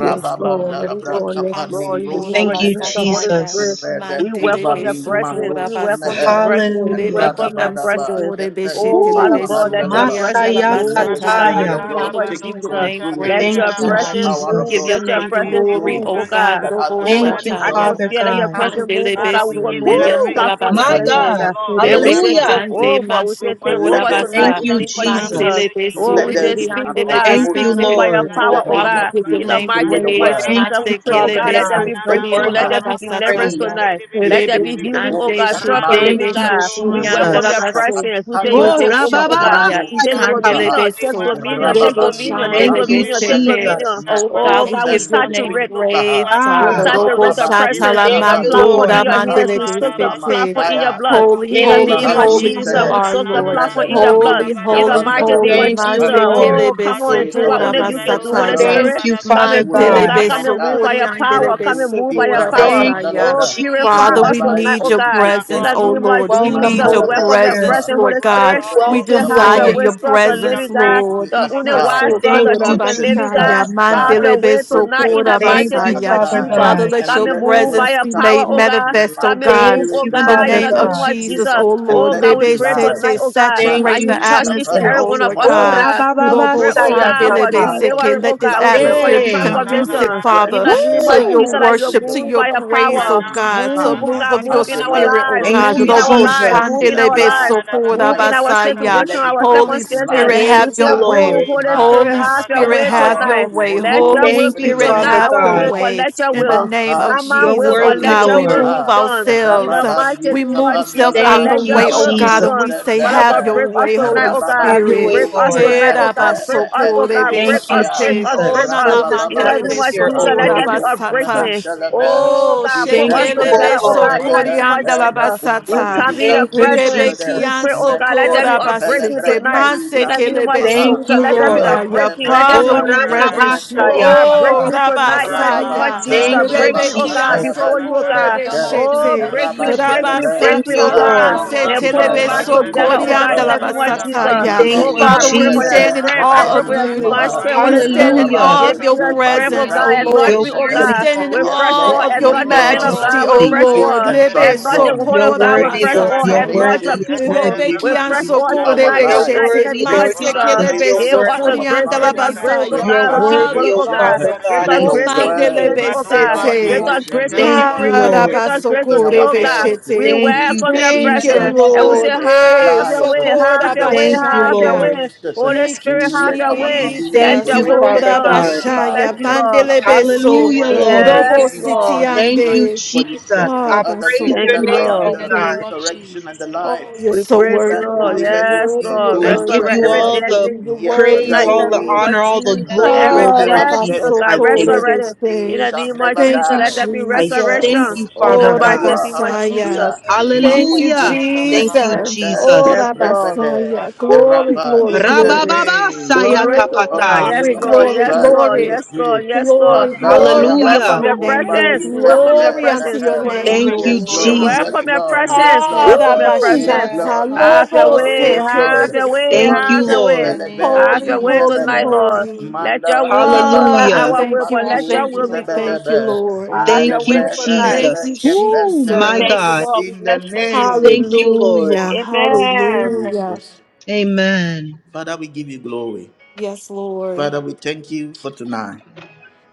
Speaker 3: Yes, Lord.
Speaker 5: Lord,
Speaker 3: Yes, Lord.
Speaker 5: Libeki
Speaker 3: Yes, Lord. In the name
Speaker 5: Ansukura
Speaker 3: of
Speaker 2: Thank you,
Speaker 3: Jesus,
Speaker 1: Kapanilibos,
Speaker 3: Holy
Speaker 5: Basataya,
Speaker 3: Spirit,
Speaker 2: Jesus.
Speaker 1: Rada
Speaker 3: we
Speaker 5: Mandele
Speaker 3: welcome your
Speaker 1: Ubadi
Speaker 3: presence.
Speaker 5: Besukura
Speaker 1: Mandos
Speaker 3: We welcome
Speaker 1: Mehe
Speaker 3: your
Speaker 5: Basata,
Speaker 3: presence. We
Speaker 2: Hallelujah.
Speaker 1: Rada
Speaker 3: welcome
Speaker 5: Rebeki
Speaker 3: your
Speaker 1: Badaba
Speaker 3: presence.
Speaker 5: Ansukure
Speaker 3: Oh,
Speaker 1: Kepenus
Speaker 5: Beshitele
Speaker 3: Father
Speaker 2: Woo!
Speaker 3: God, let your
Speaker 1: Mahandalaba.
Speaker 3: presence
Speaker 5: Besukuriandala
Speaker 2: Masaya
Speaker 1: Let
Speaker 3: move.
Speaker 1: the
Speaker 3: Oh,
Speaker 5: Basata.
Speaker 3: God,
Speaker 1: Spirit
Speaker 3: in
Speaker 2: Kataya.
Speaker 1: of
Speaker 3: the
Speaker 1: God
Speaker 3: name
Speaker 5: Father,
Speaker 3: of
Speaker 5: we
Speaker 1: take
Speaker 5: give your
Speaker 3: Jesus,
Speaker 5: name
Speaker 1: control.
Speaker 3: let
Speaker 5: praise,
Speaker 3: your
Speaker 5: O
Speaker 2: Thank you,
Speaker 1: Let the
Speaker 5: God.
Speaker 3: presence
Speaker 5: We
Speaker 1: power of
Speaker 3: move.
Speaker 5: give
Speaker 1: God
Speaker 5: your
Speaker 3: Let
Speaker 2: Jesus.
Speaker 3: your
Speaker 1: take
Speaker 5: name
Speaker 3: presence
Speaker 5: glory,
Speaker 1: control.
Speaker 3: move.
Speaker 5: O
Speaker 3: Oh,
Speaker 5: God.
Speaker 3: God.
Speaker 1: That as
Speaker 5: Robo
Speaker 1: the
Speaker 3: Oh, on
Speaker 1: word
Speaker 2: Thank
Speaker 3: the
Speaker 2: you,
Speaker 1: of God
Speaker 5: Shataya,
Speaker 2: Father
Speaker 1: is
Speaker 3: atmosphere, let your
Speaker 2: God.
Speaker 1: coming,
Speaker 3: presence move.
Speaker 5: Impandele
Speaker 3: Oh,
Speaker 4: Father,
Speaker 3: God, we
Speaker 4: we give you
Speaker 3: commit
Speaker 4: the
Speaker 1: let
Speaker 3: the
Speaker 4: praise.
Speaker 2: Woo!
Speaker 1: it
Speaker 5: Besukuriandala
Speaker 4: We
Speaker 3: platform into
Speaker 2: My
Speaker 4: welcome
Speaker 3: your
Speaker 5: Basata,
Speaker 1: permeate.
Speaker 3: hands.
Speaker 2: God.
Speaker 4: you,
Speaker 3: uh,
Speaker 4: Lord. We
Speaker 3: And we
Speaker 1: Let it
Speaker 3: say,
Speaker 5: Rebeki
Speaker 4: welcome
Speaker 3: take
Speaker 4: you,
Speaker 2: Hallelujah.
Speaker 5: Ande
Speaker 1: penetrate.
Speaker 3: over.
Speaker 4: Jesus.
Speaker 3: We
Speaker 4: We
Speaker 3: say, take
Speaker 5: Mansukura
Speaker 1: Let
Speaker 4: welcome
Speaker 3: over
Speaker 4: you,
Speaker 1: there be
Speaker 3: tonight
Speaker 2: Thank
Speaker 3: in the
Speaker 4: Jesus.
Speaker 2: you,
Speaker 3: name
Speaker 4: We
Speaker 3: of
Speaker 1: integration.
Speaker 4: welcome
Speaker 3: Jesus.
Speaker 2: Jesus.
Speaker 4: you,
Speaker 5: Mandelebe
Speaker 3: Oh,
Speaker 5: so
Speaker 4: Jesus.
Speaker 1: Let
Speaker 3: we say,
Speaker 1: there be
Speaker 5: beauty
Speaker 3: speak,
Speaker 5: and
Speaker 1: an
Speaker 3: oh,
Speaker 4: O
Speaker 3: God.
Speaker 5: delebe
Speaker 2: Thank
Speaker 3: Speak,
Speaker 2: you,
Speaker 1: osmosis
Speaker 3: move
Speaker 5: pretty.
Speaker 3: by
Speaker 4: Ranaraba
Speaker 3: your
Speaker 2: Lord.
Speaker 1: in
Speaker 5: Oh
Speaker 1: the
Speaker 3: power, oh,
Speaker 5: God,
Speaker 4: Shandado
Speaker 1: name
Speaker 5: we
Speaker 3: God.
Speaker 1: of
Speaker 5: give your
Speaker 3: In
Speaker 4: Rakado
Speaker 3: the
Speaker 1: Jesus
Speaker 5: name
Speaker 3: mighty
Speaker 1: through the
Speaker 3: name
Speaker 4: Shandiri
Speaker 3: of
Speaker 5: praise.
Speaker 1: word.
Speaker 2: Thank
Speaker 3: Jesus, we
Speaker 2: you,
Speaker 5: Master
Speaker 4: Yarabaraba
Speaker 3: pray, oh
Speaker 1: And
Speaker 2: Father
Speaker 3: God,
Speaker 1: let
Speaker 5: Kelebe
Speaker 3: let
Speaker 1: it
Speaker 3: there
Speaker 5: so
Speaker 3: be
Speaker 2: God. So
Speaker 4: Ranana
Speaker 1: affect
Speaker 5: beauty
Speaker 1: our
Speaker 3: breakthrough,
Speaker 5: and
Speaker 2: worthy
Speaker 3: let
Speaker 4: Manu
Speaker 3: there
Speaker 1: heart.
Speaker 3: be
Speaker 2: of
Speaker 1: Let
Speaker 4: Rakaraba
Speaker 3: deliverance
Speaker 2: praise.
Speaker 5: dalabasataya.
Speaker 3: tonight,
Speaker 1: it
Speaker 4: Shandiri Bidi
Speaker 3: let
Speaker 1: pierce
Speaker 4: Bidi
Speaker 3: there
Speaker 5: Rebeti
Speaker 3: be
Speaker 4: Bidi
Speaker 1: through
Speaker 4: Bidi
Speaker 1: the
Speaker 3: healing,
Speaker 5: and
Speaker 3: oh
Speaker 5: de
Speaker 1: bones
Speaker 3: God,
Speaker 1: and
Speaker 3: spirit of the
Speaker 1: marrow.
Speaker 2: Thank
Speaker 3: living
Speaker 4: Ranana
Speaker 5: shekelebe
Speaker 2: you,
Speaker 1: Let
Speaker 5: so
Speaker 3: God.
Speaker 4: Manu
Speaker 3: We
Speaker 5: beauty and
Speaker 3: welcome
Speaker 1: it
Speaker 3: your
Speaker 2: Jesus.
Speaker 1: cut
Speaker 4: Rashandaraba
Speaker 5: dalabaso.
Speaker 3: presence. We
Speaker 4: We
Speaker 3: say you
Speaker 2: Oh,
Speaker 1: asunder
Speaker 5: Robo
Speaker 3: take
Speaker 4: welcome
Speaker 3: over,
Speaker 4: you,
Speaker 3: oh God.
Speaker 2: rabababa.
Speaker 5: shataya.
Speaker 1: Mado
Speaker 3: Take
Speaker 4: Jesus.
Speaker 3: dominion,
Speaker 1: Sivaha,
Speaker 5: Ikandelebe
Speaker 4: We
Speaker 3: take
Speaker 5: so.
Speaker 4: welcome
Speaker 3: dominion,
Speaker 4: you,
Speaker 3: take
Speaker 5: Robo
Speaker 1: Rababandi
Speaker 3: dominion,
Speaker 4: Jesus.
Speaker 3: take
Speaker 2: Thank
Speaker 1: Mahanu
Speaker 5: shandelebe
Speaker 2: you,
Speaker 4: We
Speaker 3: dominion, take
Speaker 5: sete.
Speaker 1: Sente,
Speaker 3: dominion.
Speaker 2: Jesus.
Speaker 5: Oh
Speaker 4: welcome
Speaker 1: Meku
Speaker 5: God,
Speaker 3: Oh
Speaker 4: you,
Speaker 5: we
Speaker 3: God, we
Speaker 5: give
Speaker 1: Sende,
Speaker 5: your
Speaker 4: Jesus.
Speaker 5: name
Speaker 4: Holy
Speaker 3: saturate
Speaker 4: Ghost, we
Speaker 1: Brinkivaha,
Speaker 5: praise,
Speaker 4: welcome
Speaker 3: we
Speaker 4: you,
Speaker 2: Ah,
Speaker 5: Father.
Speaker 4: Lord.
Speaker 5: Robo
Speaker 3: saturate
Speaker 1: Rababa
Speaker 3: the
Speaker 4: We
Speaker 3: presence,
Speaker 5: shatala
Speaker 4: welcome
Speaker 2: thank
Speaker 3: the
Speaker 4: you,
Speaker 2: you,
Speaker 1: Ikabalus
Speaker 3: platform
Speaker 2: Lord.
Speaker 3: in
Speaker 5: mandora
Speaker 4: Jesus.
Speaker 3: your
Speaker 1: Naha,
Speaker 3: hands.
Speaker 4: Oh,
Speaker 3: We
Speaker 5: mandelebe
Speaker 3: soak the
Speaker 4: Radaba
Speaker 5: sete.
Speaker 3: platform in
Speaker 1: Imamastaya,
Speaker 3: your
Speaker 4: Shanaraba
Speaker 3: blood.
Speaker 4: Karaba.
Speaker 5: Holy,
Speaker 3: In the
Speaker 5: holy,
Speaker 2: Thank
Speaker 1: Nuskivaha
Speaker 3: name
Speaker 2: you,
Speaker 3: of
Speaker 5: holy
Speaker 3: Jesus,
Speaker 4: Randerebo
Speaker 5: you
Speaker 1: Nusede,
Speaker 3: we
Speaker 5: are,
Speaker 2: Jesus.
Speaker 3: soak the
Speaker 5: Lord.
Speaker 4: Shananamandu
Speaker 3: platform in
Speaker 1: Rebebe
Speaker 3: your blood.
Speaker 5: Holy,
Speaker 3: In the
Speaker 5: holy,
Speaker 1: Nuskabanda
Speaker 4: Rakarabaraba.
Speaker 3: mighty name
Speaker 5: holy.
Speaker 3: of
Speaker 2: Thank
Speaker 3: Jesus,
Speaker 2: you,
Speaker 1: Labra
Speaker 4: Ikado
Speaker 2: Lord.
Speaker 3: oh,
Speaker 5: Masekelebe
Speaker 3: come on and
Speaker 1: Spirit
Speaker 3: do
Speaker 1: of
Speaker 3: what
Speaker 1: the
Speaker 5: sokora
Speaker 3: only you
Speaker 1: living
Speaker 3: can
Speaker 4: Rashanadabado
Speaker 1: Most
Speaker 3: do,
Speaker 1: High
Speaker 3: Holy
Speaker 5: basataya.
Speaker 1: God,
Speaker 2: Thank
Speaker 3: Spirit.
Speaker 2: you,
Speaker 4: Rakarabaraba.
Speaker 3: Come
Speaker 2: Father
Speaker 3: and do, oh
Speaker 1: dwell
Speaker 2: God.
Speaker 3: God,
Speaker 5: Mandelebe
Speaker 3: come
Speaker 1: among
Speaker 3: and move by
Speaker 1: us.
Speaker 5: sokori
Speaker 4: Yebedebedebe.
Speaker 3: your power.
Speaker 5: andelebe
Speaker 3: Come
Speaker 1: Mando
Speaker 3: and move by your
Speaker 5: sokora
Speaker 1: Shipa
Speaker 3: power.
Speaker 2: Thank you,
Speaker 5: basaya.
Speaker 3: Oh,
Speaker 1: Havandalabra, we
Speaker 3: purify
Speaker 5: Father,
Speaker 2: Jesus.
Speaker 3: us
Speaker 5: we
Speaker 1: invite
Speaker 3: tonight,
Speaker 5: need
Speaker 3: oh
Speaker 1: you
Speaker 5: your
Speaker 1: to
Speaker 4: You
Speaker 3: God.
Speaker 1: take
Speaker 4: are
Speaker 3: In
Speaker 5: presence,
Speaker 3: the
Speaker 4: God
Speaker 5: oh
Speaker 4: all
Speaker 1: control.
Speaker 3: name
Speaker 4: by
Speaker 3: of
Speaker 5: Lord. We
Speaker 4: yourself,
Speaker 2: Welcome,
Speaker 3: Jesus,
Speaker 5: need your
Speaker 3: we
Speaker 2: Holy
Speaker 4: Lord.
Speaker 1: Mandalabra
Speaker 3: welcome your
Speaker 2: Spirit.
Speaker 5: presence,
Speaker 1: Kappa,
Speaker 3: presence,
Speaker 4: You
Speaker 5: Lord
Speaker 3: Holy
Speaker 1: as
Speaker 4: are
Speaker 1: the
Speaker 5: God.
Speaker 3: Spirit.
Speaker 4: God
Speaker 1: word
Speaker 3: We
Speaker 5: We
Speaker 1: is
Speaker 4: all
Speaker 3: say,
Speaker 4: by
Speaker 2: Welcome,
Speaker 1: coming
Speaker 3: have
Speaker 5: desire
Speaker 3: your
Speaker 4: yourself.
Speaker 2: Lord.
Speaker 1: forth,
Speaker 4: You
Speaker 5: your
Speaker 3: whisper
Speaker 4: don't
Speaker 3: of the
Speaker 4: need
Speaker 1: eh,
Speaker 4: a
Speaker 5: presence,
Speaker 3: living
Speaker 4: man
Speaker 1: put
Speaker 3: God,
Speaker 4: to
Speaker 1: me
Speaker 5: Lord.
Speaker 4: be
Speaker 3: the
Speaker 4: the
Speaker 3: only
Speaker 4: boy
Speaker 3: wise
Speaker 4: you
Speaker 1: aside,
Speaker 3: God,
Speaker 4: are,
Speaker 2: Thank
Speaker 3: the
Speaker 5: Ikasokora
Speaker 2: you,
Speaker 3: truth
Speaker 4: Lord.
Speaker 1: put
Speaker 3: and
Speaker 1: the
Speaker 3: living
Speaker 1: speaker
Speaker 3: God.
Speaker 5: basaya.
Speaker 2: Jesus.
Speaker 3: Have your
Speaker 1: aside.
Speaker 5: Mandelebe
Speaker 3: way
Speaker 1: Keep
Speaker 3: tonight in
Speaker 1: every
Speaker 5: sokora
Speaker 3: the
Speaker 2: Thank
Speaker 3: mighty
Speaker 1: speaker
Speaker 2: you,
Speaker 3: name
Speaker 5: basaya.
Speaker 3: of
Speaker 2: Father
Speaker 1: aside
Speaker 3: Jesus.
Speaker 5: Father,
Speaker 2: God.
Speaker 5: let
Speaker 3: Come
Speaker 1: and
Speaker 5: your
Speaker 3: and
Speaker 1: let the
Speaker 3: move
Speaker 4: Jesus.
Speaker 3: by
Speaker 1: word
Speaker 5: presence
Speaker 3: your
Speaker 5: be
Speaker 1: come
Speaker 3: power,
Speaker 5: made
Speaker 3: oh
Speaker 1: forth
Speaker 3: God.
Speaker 5: manifest, oh
Speaker 1: like
Speaker 3: Come and
Speaker 5: God.
Speaker 3: move,
Speaker 2: Thank
Speaker 1: spirit.
Speaker 3: oh
Speaker 2: you,
Speaker 5: In the
Speaker 3: God,
Speaker 1: Let
Speaker 3: in
Speaker 2: Father
Speaker 1: it
Speaker 3: the
Speaker 5: name
Speaker 1: be
Speaker 5: of
Speaker 3: name
Speaker 2: God.
Speaker 3: of
Speaker 1: truth
Speaker 5: Jesus,
Speaker 3: Jesus.
Speaker 5: oh
Speaker 1: and
Speaker 3: Oh
Speaker 5: Lord,
Speaker 1: let
Speaker 3: God,
Speaker 1: it
Speaker 3: we
Speaker 1: be
Speaker 5: Lebe
Speaker 3: pray
Speaker 5: se
Speaker 3: tonight,
Speaker 5: te,
Speaker 1: life.
Speaker 3: oh God,
Speaker 1: My
Speaker 2: Thank
Speaker 3: like
Speaker 5: saturate
Speaker 3: you
Speaker 2: you,
Speaker 5: the
Speaker 1: Andy,
Speaker 3: touch each and
Speaker 5: atmosphere,
Speaker 3: every
Speaker 2: Jesus.
Speaker 5: oh
Speaker 1: Tapanus,
Speaker 3: one of
Speaker 5: Lord
Speaker 3: us, oh
Speaker 2: Oh,
Speaker 1: Maha,
Speaker 5: God.
Speaker 3: God. We
Speaker 1: as
Speaker 2: rabababa
Speaker 3: pray,
Speaker 5: Robo
Speaker 1: your
Speaker 3: oh
Speaker 1: word
Speaker 5: sande
Speaker 3: God,
Speaker 1: brought
Speaker 3: for
Speaker 5: lebe
Speaker 2: sayakapa.
Speaker 1: life
Speaker 5: se
Speaker 3: deliverance,
Speaker 1: unto
Speaker 3: oh
Speaker 5: Let this
Speaker 3: God. We pray for
Speaker 1: Lazarus,
Speaker 5: atmosphere
Speaker 3: your
Speaker 4: Oh,
Speaker 5: be
Speaker 4: yeah,
Speaker 1: as
Speaker 2: Hey,
Speaker 4: da, da,
Speaker 1: your
Speaker 5: conducive,
Speaker 4: ba,
Speaker 3: transformation.
Speaker 4: da,
Speaker 1: word
Speaker 4: boo,
Speaker 3: In
Speaker 5: Father,
Speaker 3: the
Speaker 4: da,
Speaker 1: brought
Speaker 4: di,
Speaker 3: name
Speaker 4: di, bi,
Speaker 5: to
Speaker 3: of
Speaker 4: di,
Speaker 1: life
Speaker 4: bi,
Speaker 2: woo!
Speaker 5: your
Speaker 4: di.
Speaker 3: Jesus, like you
Speaker 1: unto
Speaker 5: worship,
Speaker 1: the
Speaker 5: to
Speaker 3: move
Speaker 5: your
Speaker 1: woman
Speaker 3: by
Speaker 1: of
Speaker 3: your
Speaker 4: Ah,
Speaker 5: praise, oh
Speaker 3: power.
Speaker 4: na, na,
Speaker 1: Nain's
Speaker 4: na,
Speaker 5: God, to a
Speaker 3: Move,
Speaker 4: cha,
Speaker 1: son,
Speaker 3: oh
Speaker 4: da,
Speaker 5: move
Speaker 3: God,
Speaker 5: of
Speaker 1: as
Speaker 4: da,
Speaker 5: your
Speaker 3: move in
Speaker 1: your
Speaker 3: our
Speaker 1: word
Speaker 5: spirit, oh
Speaker 3: lives.
Speaker 1: brought
Speaker 4: da,
Speaker 2: Thank
Speaker 5: God.
Speaker 3: Move
Speaker 4: da,
Speaker 2: you,
Speaker 3: in
Speaker 4: da, da.
Speaker 3: our
Speaker 5: Robo
Speaker 1: life
Speaker 3: lives. Move
Speaker 2: Jesus.
Speaker 5: shande
Speaker 1: unto
Speaker 3: in
Speaker 1: the
Speaker 3: our
Speaker 5: lebe
Speaker 4: Yeah,
Speaker 3: lives.
Speaker 5: so
Speaker 1: blind
Speaker 4: da, da,
Speaker 3: Move
Speaker 4: da,
Speaker 3: in
Speaker 4: ba,
Speaker 1: Bartimaeus.
Speaker 3: our
Speaker 4: da, da,
Speaker 5: basaya.
Speaker 3: situation,
Speaker 4: da,
Speaker 1: Let it
Speaker 3: our
Speaker 1: bring
Speaker 5: Holy
Speaker 3: circumstances.
Speaker 1: light
Speaker 5: Spirit,
Speaker 3: We
Speaker 2: Thank
Speaker 1: unto
Speaker 5: have
Speaker 3: say,
Speaker 5: your
Speaker 2: you,
Speaker 1: us
Speaker 5: way.
Speaker 3: move,
Speaker 2: Lord.
Speaker 4: Eh,
Speaker 3: Holy
Speaker 4: da, da,
Speaker 1: tonight
Speaker 3: Spirit,
Speaker 4: da,
Speaker 5: Holy
Speaker 3: have
Speaker 1: by
Speaker 3: your
Speaker 1: the
Speaker 5: Spirit,
Speaker 4: da,
Speaker 3: way
Speaker 4: da,
Speaker 5: have
Speaker 1: power
Speaker 4: da,
Speaker 5: your
Speaker 3: tonight.
Speaker 1: of the
Speaker 5: way.
Speaker 1: Holy
Speaker 3: Let your
Speaker 5: Holy
Speaker 1: Ghost
Speaker 3: will
Speaker 2: Thank
Speaker 1: and
Speaker 3: be
Speaker 2: you,
Speaker 1: in the
Speaker 5: Spirit,
Speaker 3: done, not
Speaker 2: Father
Speaker 1: name
Speaker 5: have
Speaker 1: of
Speaker 3: our
Speaker 5: your
Speaker 3: will,
Speaker 2: God.
Speaker 4: Oh,
Speaker 1: Jesus.
Speaker 3: but
Speaker 5: way
Speaker 3: let your
Speaker 5: in the
Speaker 3: will,
Speaker 5: name of
Speaker 3: not
Speaker 1: Makai
Speaker 3: my
Speaker 2: You're
Speaker 1: ip
Speaker 5: Jesus.
Speaker 3: will,
Speaker 5: Oh
Speaker 3: but
Speaker 2: worthy,
Speaker 3: let
Speaker 1: alus
Speaker 5: God,
Speaker 3: your
Speaker 5: we
Speaker 3: will
Speaker 2: Lord.
Speaker 3: be
Speaker 5: move
Speaker 1: maha
Speaker 3: done. In
Speaker 5: ourselves.
Speaker 3: the mighty
Speaker 5: We
Speaker 1: rababandi
Speaker 3: name of
Speaker 5: move
Speaker 1: kavanda
Speaker 5: self
Speaker 3: Jesus,
Speaker 5: out the
Speaker 3: let
Speaker 2: Thank
Speaker 1: labra
Speaker 2: you,
Speaker 3: your
Speaker 5: way, oh
Speaker 3: will
Speaker 1: abaya
Speaker 3: be
Speaker 1: kum
Speaker 5: God,
Speaker 2: Jesus.
Speaker 5: and
Speaker 3: done.
Speaker 5: we
Speaker 1: den
Speaker 5: say,
Speaker 3: Father
Speaker 5: Have
Speaker 3: God,
Speaker 1: lelebe
Speaker 5: your
Speaker 3: break us
Speaker 5: way,
Speaker 3: tonight,
Speaker 5: Holy
Speaker 3: oh God.
Speaker 2: Have your
Speaker 5: Spirit.
Speaker 3: Break
Speaker 2: way,
Speaker 4: Thank
Speaker 1: Rababandibro,
Speaker 4: you,
Speaker 3: us
Speaker 4: Jesus.
Speaker 2: Lord.
Speaker 5: Hey,
Speaker 3: tonight, oh
Speaker 5: Rabba,
Speaker 3: God.
Speaker 1: Mahante,
Speaker 3: Break us,
Speaker 5: Soko,
Speaker 3: oh God.
Speaker 1: Maento,
Speaker 5: Rebe,
Speaker 3: Break
Speaker 2: Thank you,
Speaker 3: us,
Speaker 1: Kapaya,
Speaker 3: break
Speaker 5: Shete.
Speaker 3: us,
Speaker 5: Oh,
Speaker 3: break
Speaker 2: Jesus.
Speaker 3: us.
Speaker 5: Nana,
Speaker 2: Fill this
Speaker 3: In the
Speaker 1: Rabababa,
Speaker 5: Mandele,
Speaker 3: name
Speaker 5: Be,
Speaker 3: of
Speaker 2: atmosphere, O
Speaker 3: Jesus,
Speaker 5: Soko,
Speaker 3: let
Speaker 2: Lord.
Speaker 3: there be
Speaker 5: Rabba,
Speaker 1: Mahandibro,
Speaker 3: a
Speaker 5: Sata.
Speaker 3: breaking.
Speaker 1: Mahante,
Speaker 4: Thank you,
Speaker 1: Lebre,
Speaker 3: Oh
Speaker 4: Jesus.
Speaker 5: Oh,
Speaker 3: God, put
Speaker 2: Thank
Speaker 3: us
Speaker 2: you,
Speaker 1: Intente,
Speaker 5: Shekele,
Speaker 2: O
Speaker 5: Be,
Speaker 3: together, oh
Speaker 2: Lord.
Speaker 3: God. In
Speaker 4: Thank
Speaker 5: Soko,
Speaker 3: the
Speaker 4: you,
Speaker 3: name of
Speaker 5: Rianda,
Speaker 4: Jesus.
Speaker 1: Rebebente,
Speaker 5: Rabba,
Speaker 3: Jesus, we
Speaker 1: Macumbali,
Speaker 5: Sata.
Speaker 3: come in your
Speaker 2: Thank you,
Speaker 1: Ibrandus,
Speaker 3: presence.
Speaker 5: Rebebe,
Speaker 3: We
Speaker 5: Kian,
Speaker 2: Jesus.
Speaker 3: pray, oh God, let
Speaker 5: Soko,
Speaker 3: there be
Speaker 1: Mente,
Speaker 3: a
Speaker 5: Rabba,
Speaker 3: breaking
Speaker 5: Sete.
Speaker 1: Capelebre,
Speaker 3: tonight.
Speaker 5: Manse,
Speaker 3: In the
Speaker 1: Elubrandi,
Speaker 3: name
Speaker 5: Kele,
Speaker 3: of
Speaker 5: Be,
Speaker 1: Maha,
Speaker 2: Thank
Speaker 3: Jesus,
Speaker 5: Soko,
Speaker 2: you,
Speaker 3: let
Speaker 4: Ah,
Speaker 3: there
Speaker 4: da,
Speaker 3: be a
Speaker 2: Lord.
Speaker 4: ba,
Speaker 5: Rianda. Yeah,
Speaker 4: boo,
Speaker 1: Yente,
Speaker 3: breaking.
Speaker 4: sa,
Speaker 3: Let
Speaker 4: da,
Speaker 3: there be
Speaker 5: Father,
Speaker 4: da,
Speaker 2: Oh,
Speaker 3: a
Speaker 5: we
Speaker 4: ba, da,
Speaker 1: Melubrante,
Speaker 4: ba,
Speaker 3: breaking.
Speaker 4: do,
Speaker 5: reverence
Speaker 4: sa,
Speaker 5: you.
Speaker 3: Oh
Speaker 1: Capendus,
Speaker 4: da, da.
Speaker 3: God, break
Speaker 5: Oh,
Speaker 2: rababasayakata.
Speaker 1: Maba,
Speaker 3: me
Speaker 5: Rabba,
Speaker 3: tonight in
Speaker 4: Ra,
Speaker 3: the name
Speaker 4: na,
Speaker 6: In
Speaker 3: of
Speaker 6: the
Speaker 4: na,
Speaker 5: Saya.
Speaker 4: na,
Speaker 6: name
Speaker 3: Jesus.
Speaker 1: Rababanta,
Speaker 6: of
Speaker 2: Thank
Speaker 4: do,
Speaker 2: you,
Speaker 3: Break me,
Speaker 6: Jesus.
Speaker 3: oh
Speaker 5: Rebeki
Speaker 3: God,
Speaker 4: da,
Speaker 2: Jesus.
Speaker 1: Rabakapaya,
Speaker 4: da,
Speaker 5: anso
Speaker 3: before
Speaker 4: ba,
Speaker 3: you, oh
Speaker 1: Balus,
Speaker 4: ka,
Speaker 5: kore
Speaker 4: ra,
Speaker 3: God.
Speaker 6: In the
Speaker 4: ba, do,
Speaker 1: Mente,
Speaker 6: mighty
Speaker 4: sa,
Speaker 3: Oh,
Speaker 6: name
Speaker 4: da.
Speaker 5: beshete.
Speaker 6: of
Speaker 3: break me,
Speaker 6: Jesus.
Speaker 3: break me,
Speaker 1: Rabandelebe,
Speaker 3: break
Speaker 2: Thank
Speaker 3: me, oh
Speaker 2: you,
Speaker 5: Rabasata la
Speaker 4: Ika,
Speaker 6: You
Speaker 3: God.
Speaker 2: Lord.
Speaker 4: do,
Speaker 6: are
Speaker 1: Ipandus,
Speaker 4: ra,
Speaker 3: And
Speaker 5: mansete
Speaker 6: worthy,
Speaker 4: sa,
Speaker 3: put
Speaker 6: you
Speaker 3: me
Speaker 6: are
Speaker 4: da,
Speaker 3: back
Speaker 4: da,
Speaker 6: worthy,
Speaker 4: da,
Speaker 5: lebeso
Speaker 6: you are
Speaker 4: da,
Speaker 3: together,
Speaker 1: Ibarabandi,
Speaker 4: do,
Speaker 3: oh
Speaker 6: worthy,
Speaker 3: God,
Speaker 4: ra,
Speaker 5: korianda
Speaker 6: you
Speaker 3: in the
Speaker 5: la
Speaker 6: are
Speaker 4: sa,
Speaker 3: name
Speaker 4: da,
Speaker 3: of
Speaker 6: worthy
Speaker 4: da,
Speaker 6: of
Speaker 3: Jesus.
Speaker 1: Nemandi
Speaker 6: praise. You are
Speaker 3: Oh
Speaker 2: Thank you,
Speaker 6: worthy,
Speaker 3: God, I
Speaker 5: Father,
Speaker 3: pray
Speaker 5: we
Speaker 3: for your
Speaker 1: bruzelelebe
Speaker 5: stand in
Speaker 2: Jesus.
Speaker 3: strength.
Speaker 6: you
Speaker 3: I
Speaker 5: awe
Speaker 3: pray
Speaker 6: are
Speaker 5: of
Speaker 3: for your
Speaker 1: kepenusma
Speaker 6: worthy,
Speaker 5: you.
Speaker 3: divine
Speaker 6: you are
Speaker 3: strength,
Speaker 5: We
Speaker 3: Holy
Speaker 6: worthy, you
Speaker 5: stand
Speaker 6: are
Speaker 3: Spirit.
Speaker 5: in
Speaker 2: Hallelujah.
Speaker 6: worthy.
Speaker 5: awe
Speaker 1: rababande
Speaker 3: Give
Speaker 5: of
Speaker 3: me
Speaker 5: your
Speaker 3: your
Speaker 1: kubalu
Speaker 3: strength, oh
Speaker 6: In
Speaker 5: presence,
Speaker 6: the
Speaker 3: God,
Speaker 5: O
Speaker 3: and
Speaker 6: name
Speaker 1: brandus
Speaker 3: not
Speaker 6: of
Speaker 2: You're
Speaker 5: Lord.
Speaker 3: me, oh
Speaker 1: nete.
Speaker 5: We
Speaker 2: worthy,
Speaker 3: God,
Speaker 6: Jesus.
Speaker 5: stand
Speaker 2: God.
Speaker 5: in
Speaker 3: with
Speaker 1: Yes,
Speaker 3: fresh oil,
Speaker 5: awe
Speaker 1: Lord.
Speaker 5: of
Speaker 3: and
Speaker 5: your
Speaker 1: Yes,
Speaker 6: We
Speaker 3: not the
Speaker 6: give you
Speaker 3: men of
Speaker 2: You're
Speaker 1: Lord.
Speaker 6: glory,
Speaker 3: God
Speaker 5: majesty,
Speaker 6: we
Speaker 3: with
Speaker 5: O
Speaker 2: worthy.
Speaker 6: give
Speaker 3: fresh
Speaker 6: you
Speaker 1: Speak
Speaker 5: Lord.
Speaker 3: oil,
Speaker 1: and
Speaker 6: praise.
Speaker 3: and not the
Speaker 5: Rebeso
Speaker 1: transform.
Speaker 3: woman of
Speaker 2: You're
Speaker 5: kora
Speaker 3: God with
Speaker 1: Bring
Speaker 2: worthy,
Speaker 3: fresh
Speaker 2: Lord.
Speaker 3: oil,
Speaker 2: You're
Speaker 5: basata
Speaker 3: and
Speaker 2: worthy.
Speaker 3: not the
Speaker 1: transformation
Speaker 2: You're
Speaker 3: people
Speaker 2: worthy.
Speaker 1: even
Speaker 5: Rebeki
Speaker 3: with
Speaker 1: to,
Speaker 3: fresh
Speaker 5: anso
Speaker 1: into
Speaker 3: oil
Speaker 1: our
Speaker 5: kore
Speaker 3: tonight,
Speaker 2: You're
Speaker 1: life.
Speaker 4: Amen.
Speaker 3: tonight, in the
Speaker 5: beshete.
Speaker 2: worthy,
Speaker 3: name
Speaker 1: Bring
Speaker 3: of
Speaker 2: Lord
Speaker 5: Manse
Speaker 3: Jesus.
Speaker 2: Jesus. You're
Speaker 1: transformation
Speaker 3: Give
Speaker 5: kelebeso
Speaker 3: us
Speaker 1: in
Speaker 2: worthy.
Speaker 3: the
Speaker 1: our
Speaker 3: grace,
Speaker 5: korianda
Speaker 6: In the
Speaker 5: la
Speaker 3: great
Speaker 1: families.
Speaker 3: us
Speaker 6: name of
Speaker 3: grace, oh
Speaker 5: basaya.
Speaker 1: Bring
Speaker 3: God,
Speaker 6: Jesus.
Speaker 2: You're
Speaker 3: to keep
Speaker 2: worthy,
Speaker 3: going,
Speaker 5: Father,
Speaker 2: O
Speaker 3: oh
Speaker 1: transformation
Speaker 3: God.
Speaker 1: uh,
Speaker 2: Father
Speaker 5: Father.
Speaker 3: Great
Speaker 2: God.
Speaker 1: through
Speaker 3: us
Speaker 2: I
Speaker 5: O
Speaker 1: your
Speaker 3: grace to
Speaker 2: thank
Speaker 3: keep
Speaker 5: mandele
Speaker 2: you.
Speaker 1: word
Speaker 3: standing, oh
Speaker 1: in
Speaker 6: In
Speaker 3: God.
Speaker 6: the
Speaker 1: our
Speaker 6: name
Speaker 5: besete.
Speaker 3: Great
Speaker 6: of
Speaker 3: us
Speaker 1: emotion.
Speaker 3: grace
Speaker 1: Bring
Speaker 3: to
Speaker 2: Thank
Speaker 6: Jesus.
Speaker 3: keep
Speaker 2: you,
Speaker 5: Ha
Speaker 3: preaching.
Speaker 2: Lord.
Speaker 3: Great us
Speaker 1: transformation
Speaker 3: grace to
Speaker 1: in
Speaker 3: keep,
Speaker 1: our
Speaker 5: rabasokore
Speaker 3: oh God.
Speaker 1: health.
Speaker 3: We
Speaker 5: beshete.
Speaker 2: Thank you,
Speaker 3: welcome
Speaker 1: Let
Speaker 3: your
Speaker 1: it
Speaker 6: In
Speaker 5: Thank
Speaker 6: the
Speaker 5: you,
Speaker 1: become
Speaker 3: presence.
Speaker 6: name of
Speaker 2: Jesus.
Speaker 3: And we say,
Speaker 1: spirit
Speaker 5: Lord.
Speaker 6: Jesus.
Speaker 1: and
Speaker 5: Eh,
Speaker 3: have your
Speaker 1: life uh,
Speaker 3: way, have
Speaker 5: sokora
Speaker 1: in the
Speaker 3: your way,
Speaker 4: Thank
Speaker 2: Thank
Speaker 4: you,
Speaker 1: name
Speaker 2: you,
Speaker 1: of
Speaker 3: have your
Speaker 5: bashaya.
Speaker 4: Jesus.
Speaker 2: Lord.
Speaker 3: way.
Speaker 1: Jesus. Uh,
Speaker 3: Holy
Speaker 5: Thank you,
Speaker 3: Spirit,
Speaker 6: In
Speaker 3: have
Speaker 1: Let
Speaker 6: the
Speaker 3: your
Speaker 1: our
Speaker 6: name
Speaker 3: way.
Speaker 6: of
Speaker 1: belief
Speaker 3: Let
Speaker 2: Thank
Speaker 6: Jesus.
Speaker 5: Jesus.
Speaker 3: your
Speaker 2: you,
Speaker 6: We
Speaker 3: will be
Speaker 2: Father
Speaker 5: Kora
Speaker 3: done.
Speaker 6: magnify
Speaker 1: rekindle
Speaker 2: God.
Speaker 6: your
Speaker 3: We
Speaker 6: name.
Speaker 3: bless
Speaker 5: bashaya.
Speaker 1: life uh,
Speaker 3: you, Lord.
Speaker 5: Mandele
Speaker 1: according
Speaker 6: We
Speaker 1: to
Speaker 6: give
Speaker 1: your
Speaker 5: beso.
Speaker 6: you
Speaker 2: Hallelujah,
Speaker 1: word
Speaker 6: glory,
Speaker 1: in
Speaker 2: Lord.
Speaker 6: we
Speaker 1: the
Speaker 5: Robo
Speaker 3: Yes,
Speaker 6: give you
Speaker 1: name
Speaker 4: In
Speaker 1: of
Speaker 4: the
Speaker 3: Lord.
Speaker 6: honor.
Speaker 4: name of
Speaker 2: Thank
Speaker 1: Jesus.
Speaker 2: you,
Speaker 5: sitiande.
Speaker 1: For
Speaker 4: Jesus.
Speaker 1: you
Speaker 2: Jesus.
Speaker 1: said the
Speaker 5: Ha
Speaker 2: I
Speaker 1: other day
Speaker 2: praise
Speaker 3: Thank
Speaker 2: your
Speaker 1: that
Speaker 3: you,
Speaker 5: basokore
Speaker 2: name,
Speaker 4: In
Speaker 1: I am
Speaker 4: the
Speaker 3: Lord.
Speaker 6: In
Speaker 2: O
Speaker 6: the
Speaker 1: the
Speaker 4: name of
Speaker 6: name
Speaker 2: God.
Speaker 5: beshete.
Speaker 6: of
Speaker 1: resurrection and the
Speaker 6: Jesus.
Speaker 5: Oh, you're
Speaker 3: We
Speaker 1: life
Speaker 5: so
Speaker 3: praise you,
Speaker 5: worthy,
Speaker 1: that
Speaker 3: Lord.
Speaker 5: God. You're
Speaker 1: believeth in
Speaker 3: Yes,
Speaker 5: worthy,
Speaker 1: me,
Speaker 5: you're
Speaker 3: Lord.
Speaker 1: though
Speaker 2: I
Speaker 1: you
Speaker 5: worthy,
Speaker 3: Restaurant
Speaker 2: give
Speaker 1: were
Speaker 5: you're
Speaker 2: you
Speaker 3: every
Speaker 2: all
Speaker 1: dead,
Speaker 3: dead
Speaker 2: the
Speaker 5: worthy,
Speaker 3: thing.
Speaker 5: you're
Speaker 1: yet
Speaker 3: So
Speaker 5: worthy,
Speaker 1: shall
Speaker 3: Tonight,
Speaker 2: praise,
Speaker 3: in
Speaker 2: all
Speaker 3: the
Speaker 2: the
Speaker 5: Lord.
Speaker 3: name
Speaker 1: you live.
Speaker 3: of
Speaker 2: honor, all the
Speaker 6: In
Speaker 1: And
Speaker 6: the
Speaker 3: Jesus,
Speaker 6: name
Speaker 2: glory,
Speaker 3: every
Speaker 6: of
Speaker 2: O Lord
Speaker 1: whosoever
Speaker 3: dead thing,
Speaker 1: liveth
Speaker 3: oh
Speaker 6: Jesus.
Speaker 2: Jesus.
Speaker 1: and
Speaker 2: I
Speaker 3: God,
Speaker 2: thank
Speaker 1: believeth
Speaker 3: resurrect
Speaker 2: you.
Speaker 1: in
Speaker 3: it.
Speaker 1: me
Speaker 3: In
Speaker 5: Arabasotorebese.
Speaker 3: the
Speaker 1: shall
Speaker 3: name of
Speaker 1: never
Speaker 5: Thank
Speaker 3: Jesus,
Speaker 5: you,
Speaker 3: let
Speaker 1: die.
Speaker 3: there be
Speaker 2: I
Speaker 1: In the
Speaker 2: thank
Speaker 3: restoration.
Speaker 1: name
Speaker 5: Jesus.
Speaker 2: you,
Speaker 3: In
Speaker 1: of
Speaker 3: the
Speaker 2: Father
Speaker 5: Ora
Speaker 4: Jesus.
Speaker 3: mighty
Speaker 2: God.
Speaker 1: Yeshua
Speaker 3: name of
Speaker 6: Oh,
Speaker 5: basaya.
Speaker 6: we
Speaker 1: HaMashiach,
Speaker 3: Jesus.
Speaker 6: worship
Speaker 4: The
Speaker 6: you.
Speaker 5: Thank you,
Speaker 2: Hallelujah.
Speaker 1: Ma'okos
Speaker 2: Thank you,
Speaker 5: Jesus.
Speaker 1: Me'ebende
Speaker 3: Yes,
Speaker 2: Jesus.
Speaker 5: Ora
Speaker 3: Lord.
Speaker 1: Brevede
Speaker 5: basaya. Glory,
Speaker 2: Woo!
Speaker 1: Rapa,
Speaker 5: glory,
Speaker 1: in the
Speaker 5: glory.
Speaker 2: Rabababa saya
Speaker 6: In
Speaker 1: name
Speaker 3: Glory to
Speaker 6: the name
Speaker 1: of
Speaker 3: God.
Speaker 6: of
Speaker 2: kapata.
Speaker 3: Yes,
Speaker 5: Glory,
Speaker 3: Lord.
Speaker 1: Jesus
Speaker 5: glory,
Speaker 6: Jesus.
Speaker 3: Yes,
Speaker 1: Christ,
Speaker 3: Lord.
Speaker 1: we
Speaker 5: glory.
Speaker 1: are
Speaker 3: Yes, Lord.
Speaker 1: free.
Speaker 3: Yes, Lord.
Speaker 5: Glory,
Speaker 1: Manda
Speaker 3: We
Speaker 5: glory
Speaker 4: He's
Speaker 5: unto
Speaker 2: Hallelujah.
Speaker 3: welcome
Speaker 5: your
Speaker 3: your
Speaker 4: not
Speaker 1: Raabako
Speaker 5: name, Lord.
Speaker 4: threatening
Speaker 3: presence.
Speaker 4: me
Speaker 3: We
Speaker 4: to
Speaker 3: welcome
Speaker 4: lie.
Speaker 1: Balivente
Speaker 3: your
Speaker 5: Glory unto
Speaker 3: presence,
Speaker 5: your
Speaker 3: sweet
Speaker 1: Mehe.
Speaker 4: They're
Speaker 3: Holy
Speaker 6: Amen.
Speaker 5: name,
Speaker 3: Spirit.
Speaker 4: moving
Speaker 2: Thank
Speaker 4: they
Speaker 2: you,
Speaker 1: Yes,
Speaker 4: saw
Speaker 5: Lord.
Speaker 3: We
Speaker 4: the
Speaker 1: Lord,
Speaker 4: house.
Speaker 2: Jesus.
Speaker 1: yes,
Speaker 3: welcome your
Speaker 4: Yes,
Speaker 1: Lord, yes,
Speaker 3: presence. We
Speaker 1: Lord,
Speaker 3: welcome
Speaker 4: going
Speaker 3: your
Speaker 4: to
Speaker 2: Woo!
Speaker 4: Muslim.
Speaker 1: yes,
Speaker 3: presence.
Speaker 6: Yes,
Speaker 5: Arabashata.
Speaker 1: Lord,
Speaker 6: Lord.
Speaker 3: Have
Speaker 1: yes,
Speaker 3: your
Speaker 5: Lobo
Speaker 4: Don't do
Speaker 1: Lord,
Speaker 3: way.
Speaker 4: it.
Speaker 5: se
Speaker 1: yes,
Speaker 3: Have
Speaker 1: Lord.
Speaker 3: your way.
Speaker 2: Thank you,
Speaker 3: Have your
Speaker 1: Mate
Speaker 6: In
Speaker 3: way.
Speaker 6: the
Speaker 2: Lord.
Speaker 6: name of
Speaker 3: Have
Speaker 5: Holy,
Speaker 1: Belebenus
Speaker 3: your way
Speaker 6: Jesus.
Speaker 5: holy,
Speaker 3: tonight,
Speaker 1: Mebede.
Speaker 3: Lord.
Speaker 5: holy.
Speaker 3: Let your
Speaker 1: Manda
Speaker 3: will be done, not
Speaker 5: Ah, we
Speaker 2: Hallelujah.
Speaker 1: Rababandi
Speaker 3: our
Speaker 6: We
Speaker 3: will,
Speaker 5: thank you,
Speaker 3: but
Speaker 5: we
Speaker 3: let
Speaker 1: Matu
Speaker 6: worship
Speaker 3: your
Speaker 5: thank
Speaker 6: you,
Speaker 5: you,
Speaker 3: will
Speaker 5: we
Speaker 3: be
Speaker 6: Lord.
Speaker 3: done.
Speaker 5: thank you,
Speaker 1: Sebedebe.
Speaker 5: Lord.
Speaker 3: Have your
Speaker 2: Thank
Speaker 3: way
Speaker 2: you,
Speaker 1: Melevre
Speaker 3: tonight.
Speaker 5: Thank
Speaker 1: Eleve
Speaker 5: you,
Speaker 2: Jesus. Woo!
Speaker 3: We
Speaker 2: My
Speaker 1: Kepentelebe.
Speaker 3: thank you,
Speaker 2: God.
Speaker 3: Lord. We
Speaker 5: Jesus.
Speaker 1: In the
Speaker 3: bless your name.
Speaker 2: Thank
Speaker 1: name
Speaker 2: you, Lord.
Speaker 5: Hallelujah,
Speaker 1: of
Speaker 3: Amen.
Speaker 5: hallelujah.
Speaker 1: Jesus.
Speaker 2: Amen.
Speaker 1: Father, we give you glory.
Speaker 5: Yes, Lord.
Speaker 1: Father, we thank you for tonight.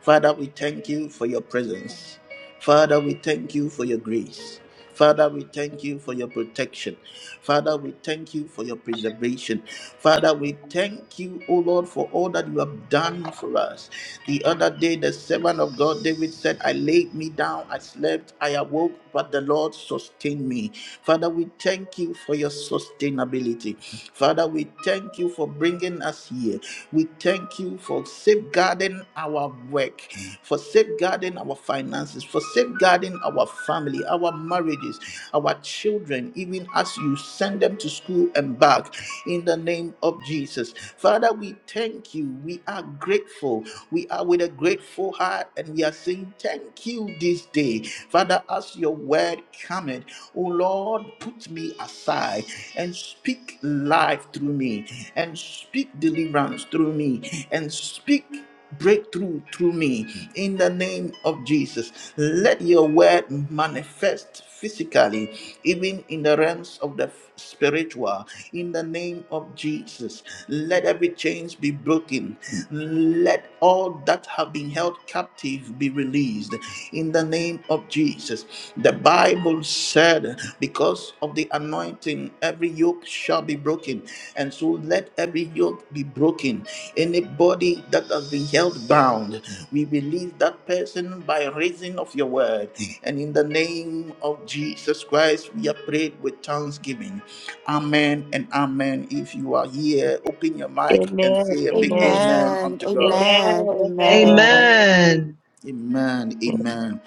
Speaker 1: Father, we thank you for your presence. Father, we thank you for your grace. Father, we thank you for your protection. Father, we thank you for your preservation. Father, we thank you, O Lord, for all that you have done for us. The other day, the servant of God, David said, I laid me down, I slept, I awoke, but the Lord sustained me. Father, we thank you for your sustainability. Father, we thank you for bringing us here. We thank you for safeguarding our work, for safeguarding our our finances, for safeguarding our family, our marriages, our children, even as you send them to school and back in the name of Jesus. Father, we thank you. We are grateful. We are with a grateful heart and we are saying thank you this day. Father, as your word cometh, oh Lord, put me aside and speak life through me and speak deliverance through me and speak breakthrough through me in the name of Jesus. Let your word manifest physically, even in the realms of the spiritual, in the name of Jesus. Let every chains be broken. Let all all that have been held captive be released in the name of Jesus. The Bible said, Because of the anointing, every yoke shall be broken. And so let every yoke be broken. Anybody that has been held bound, we release that person by reason of your word. And in the name of Jesus Christ, we are prayed with thanksgiving. Amen and amen. If you are here, open your mic and
Speaker 3: Amen.
Speaker 1: say a
Speaker 3: Amen.
Speaker 1: big
Speaker 3: Amen.
Speaker 1: amen
Speaker 5: Amen,
Speaker 1: unto God.
Speaker 5: amen,
Speaker 3: Amen.
Speaker 5: amen.
Speaker 3: Amen.
Speaker 2: Amen.
Speaker 1: Amen. Amen.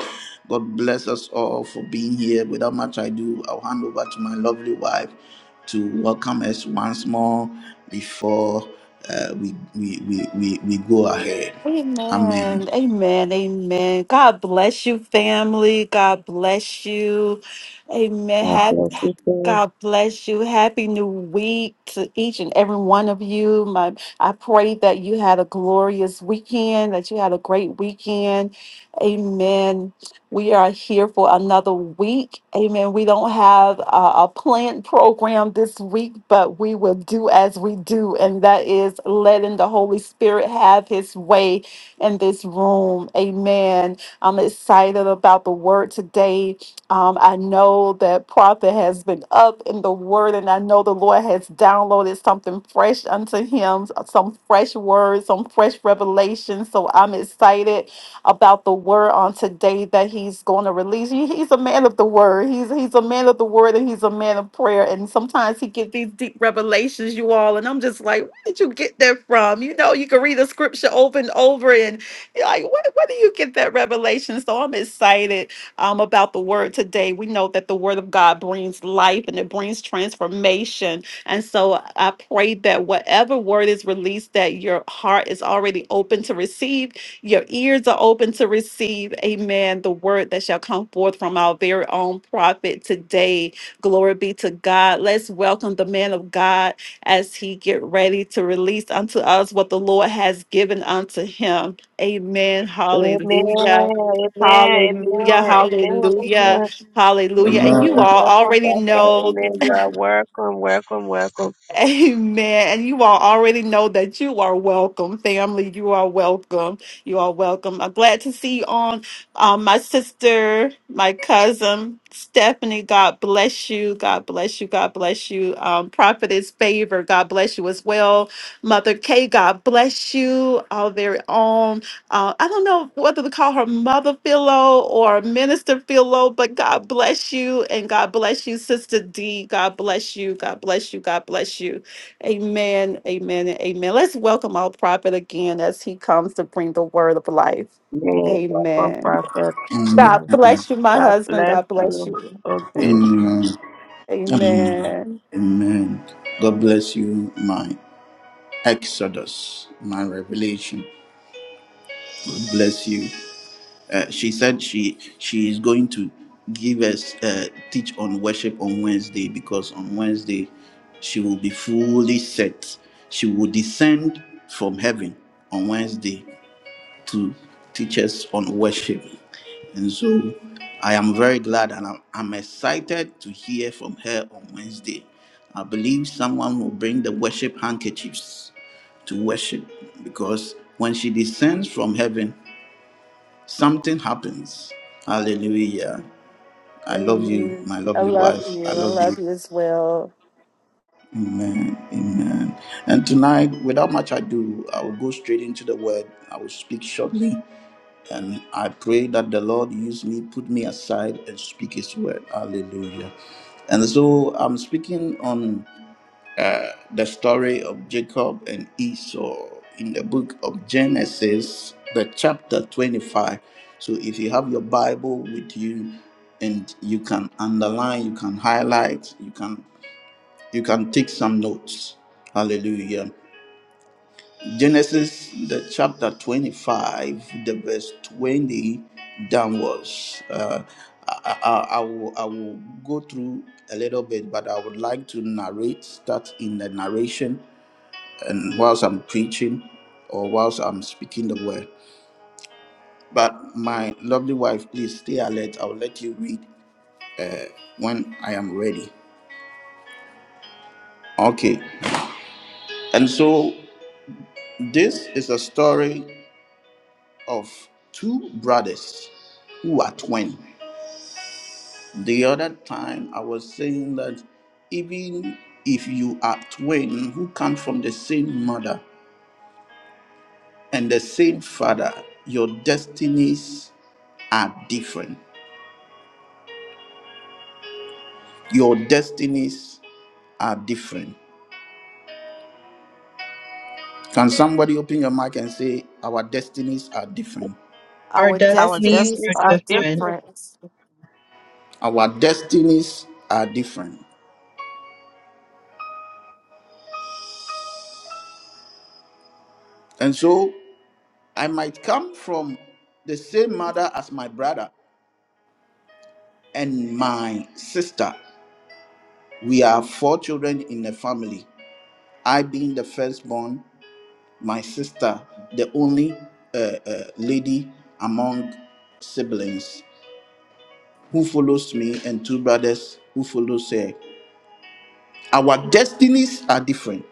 Speaker 1: God bless us all for being here. Without much ado, I'll hand over to my lovely wife to welcome us once more before uh, we, we, we, we, we go ahead. Amen.
Speaker 5: Amen. Amen. Amen. God bless you, family. God bless you. Amen.
Speaker 3: God
Speaker 5: Happy,
Speaker 3: bless you, sir.
Speaker 5: God bless you. Happy new week to each and every one of you. My, I pray that you had a glorious weekend, that you had a great weekend. Amen. We are here for another week. Amen. We don't have a, a planned program this week, but we will do as we do, and that is letting the Holy Spirit have his way in this room. Amen. I'm excited about the word today. Um, I know that prophet has been up in the word, and I know the Lord has downloaded something fresh unto him, some fresh words, some fresh revelation. So I'm excited about the word on today that he's going to release. He- He's a man of the word. He's he's a man of the word and he's a man of prayer. And sometimes he gets these deep revelations, you all. And I'm just like, where did you get that from? You know, you can read the scripture over and over, and you're like, where, where do you get that revelation? So I'm excited um, about the word today. We know that the word of God brings life and it brings transformation. And so I pray that whatever word is released, that your heart is already open to receive your ears are open to receive, amen, the word that shall come forth from our very own prophet today. Glory be to God. Let's welcome the man of God as he get ready to release unto us what the Lord has given unto him. Amen.
Speaker 3: Amen,
Speaker 5: Hallelujah.
Speaker 3: amen,
Speaker 5: Hallelujah,
Speaker 3: amen, amen,
Speaker 5: hallelujah,
Speaker 3: amen,
Speaker 5: hallelujah. And
Speaker 3: amen.
Speaker 1: Amen.
Speaker 5: you all
Speaker 3: Welcome,
Speaker 5: already
Speaker 3: Prophet.
Speaker 5: know
Speaker 3: Amen. You are welcome, welcome, welcome.
Speaker 5: Amen. And you all already know that you are welcome, family. You are welcome. You are welcome. I'm glad to see you on um, my sister, my cousin, Stephanie. God bless you. God bless you. God bless you. Um, Prophetess Favor. God bless you as well. Mother K. God bless you. Our very own. Uh, I don't know whether to call her Mother Philo or Minister Philo, but God bless you and God bless you, Sister D. God bless you. God bless you. God bless you. Amen. Amen. And amen. Let's welcome our prophet again as he comes to bring the word of life.
Speaker 3: Amen. Welcome,
Speaker 5: Amen.
Speaker 3: Prophet.
Speaker 1: Amen.
Speaker 5: God
Speaker 3: Amen.
Speaker 5: bless you, my
Speaker 3: God
Speaker 5: husband.
Speaker 3: bless
Speaker 5: God bless
Speaker 3: you.
Speaker 5: you.
Speaker 3: Okay.
Speaker 1: Amen. Amen.
Speaker 5: Amen.
Speaker 1: Amen. God bless you, my Exodus, my revelation. God bless you. Uh, she said she she is going to give us uh, teach on worship on Wednesday because on Wednesday she will be fully set. She will descend from heaven on Wednesday to teach us on worship. And so I am very glad and I'm, I'm excited to hear from her on Wednesday. I believe someone will bring the worship handkerchiefs to worship because when she descends from heaven, something happens. Hallelujah. I love you,
Speaker 5: Amen.
Speaker 1: my
Speaker 5: I
Speaker 1: lovely
Speaker 5: love
Speaker 1: wife. I
Speaker 5: you. I
Speaker 1: love
Speaker 5: love
Speaker 1: you.
Speaker 5: you as well.
Speaker 1: Amen. Amen. And tonight, without much ado, I will go straight into the word. I will speak shortly. And I pray that the Lord use me, put me aside, and speak His word. Hallelujah. And so I'm speaking on uh, the story of Jacob and Esau in the book of Genesis, the chapter 25. So if you have your Bible with you and you can underline, you can highlight, you can you can take some notes. Hallelujah. Genesis, the chapter 25, the verse 20 downwards. Uh, I, I, I, will, I will go through a little bit, but I would like to narrate, start in the narration, and whilst I'm preaching or whilst I'm speaking the word. But my lovely wife, please stay alert. I'll let you read when I am ready. Okay. And so this is a story of two brothers who are twins. The other time I was saying that even if you are twin who come from the same mother and the same father, your destinies are different. Your destinies are different. Can somebody open your mic and say, Our destinies are different?
Speaker 2: Our
Speaker 5: Our
Speaker 3: Our
Speaker 2: destinies
Speaker 5: destinies
Speaker 2: are
Speaker 3: destinies
Speaker 5: are
Speaker 3: are
Speaker 2: different.
Speaker 3: different.
Speaker 5: different.
Speaker 1: Our destinies are different. And so I might come from the same mother as my brother and my sister, We are four children in the family. I being the firstborn, my sister, the only uh, uh, lady among siblings who follows me, and two brothers who follows her. Our destinies are different.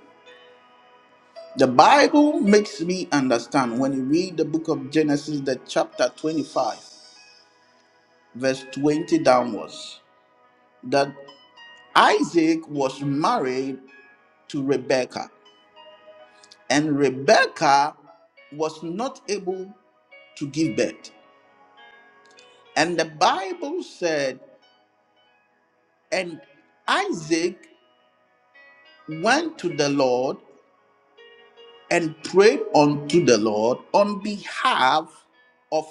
Speaker 1: The Bible makes me understand when you read the book of Genesis, the chapter 25, verse 20 downwards, that Isaac was married to Rebekah. And Rebekah was not able to give birth. And the Bible said, And Isaac went to the Lord and prayed unto the Lord on behalf of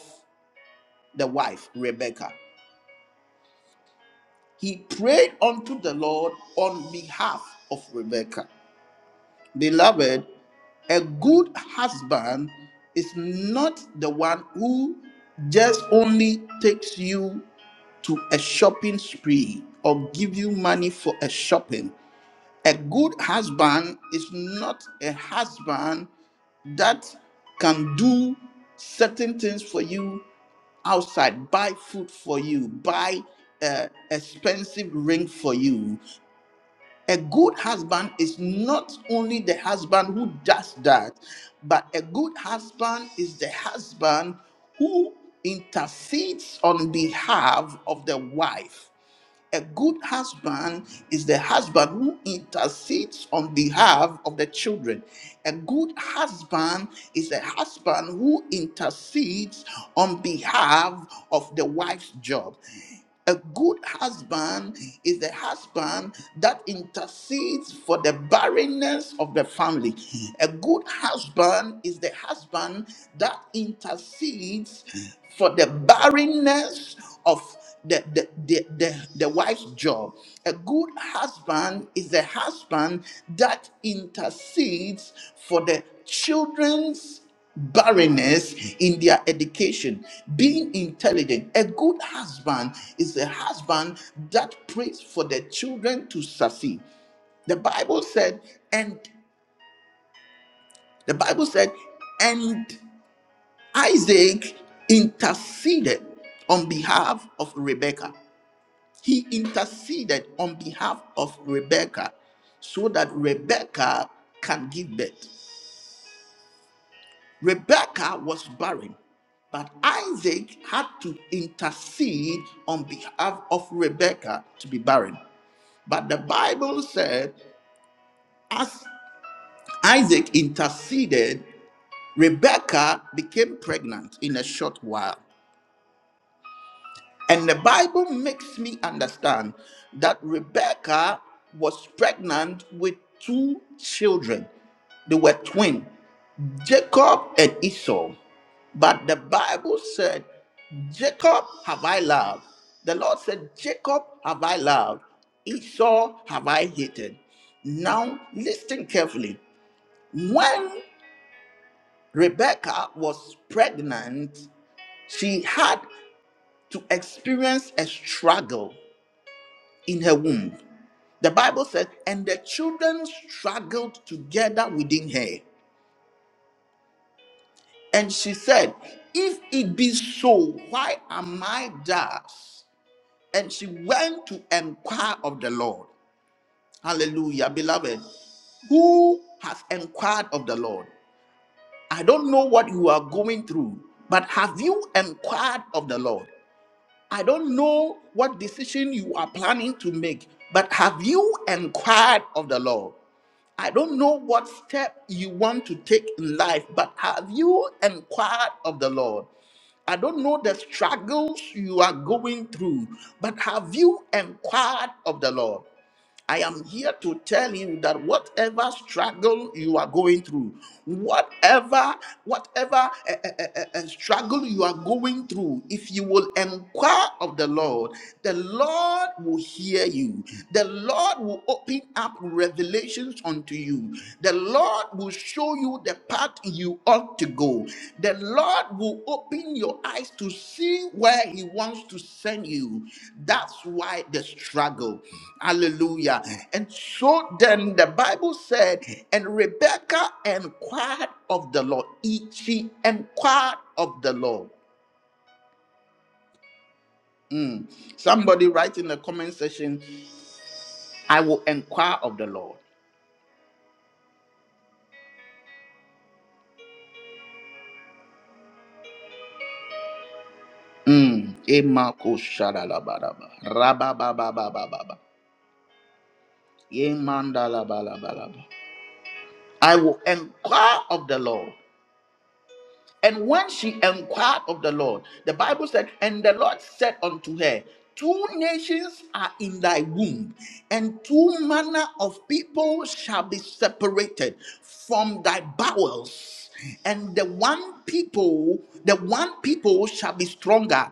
Speaker 1: the wife, Rebekah. He prayed unto the Lord on behalf of Rebekah. Beloved, a good husband is not the one who just only takes you to a shopping spree or give you money for a shopping. A good husband is not a husband that can do certain things for you outside, buy food for you, buy an expensive ring for you. A good husband is not only the husband who does that, but a good husband is the husband who intercedes on behalf of the wife a good husband is the husband who intercedes on behalf of the children. A good husband is a husband who intercedes on behalf of the wife's job. A good husband is the husband that intercedes for the barrenness of the family. A good husband is the husband that intercedes for the barrenness of the, the, the, the, the wife's job. A good husband is the husband that intercedes for the children's barrenness in their education, being intelligent. A good husband is a husband that prays for the children to succeed. The Bible said, and the Bible said, and Isaac interceded on behalf of Rebekah. He interceded on behalf of Rebekah so that Rebekah can give birth. Rebecca was barren, but Isaac had to intercede on behalf of Rebecca to be barren. But the Bible said, as Isaac interceded, Rebecca became pregnant in a short while. And the Bible makes me understand that Rebecca was pregnant with two children. They were twin. Jacob and Esau. But the Bible said, Jacob have I loved. The Lord said, Jacob have I loved. Esau have I hated. Now listen carefully. When Rebecca was pregnant, she had to experience a struggle in her womb. The Bible said, and the children struggled together within her. And she said, If it be so, why am I thus? And she went to inquire of the Lord. Hallelujah, beloved. Who has inquired of the Lord? I don't know what you are going through, but have you inquired of the Lord? I don't know what decision you are planning to make, but have you inquired of the Lord? I don't know what step you want to take in life, but have you inquired of the Lord? I don't know the struggles you are going through, but have you inquired of the Lord? I am here to tell you that whatever struggle you are going through, whatever whatever eh, eh, eh, eh, eh, struggle you are going through, if you will inquire of the Lord, the Lord will hear you. The Lord will open up revelations unto you. The Lord will show show you the path you ought to go. The Lord will open your eyes to see where He wants to send you. That's why the struggle. Hallelujah. And so then the Bible said, and Rebecca inquired of the Lord. She inquired of the Lord. Mm. Somebody write in the comment section, I will inquire of the Lord. Mm. Emako shadalabaraba. Rababababababa. Ye mandala bala bala ba. I will inquire of the Lord. And when she inquired of the Lord, the Bible said, And the Lord said unto her, Two nations are in thy womb, and two manner of people shall be separated from thy bowels. And the one people, the one people shall be stronger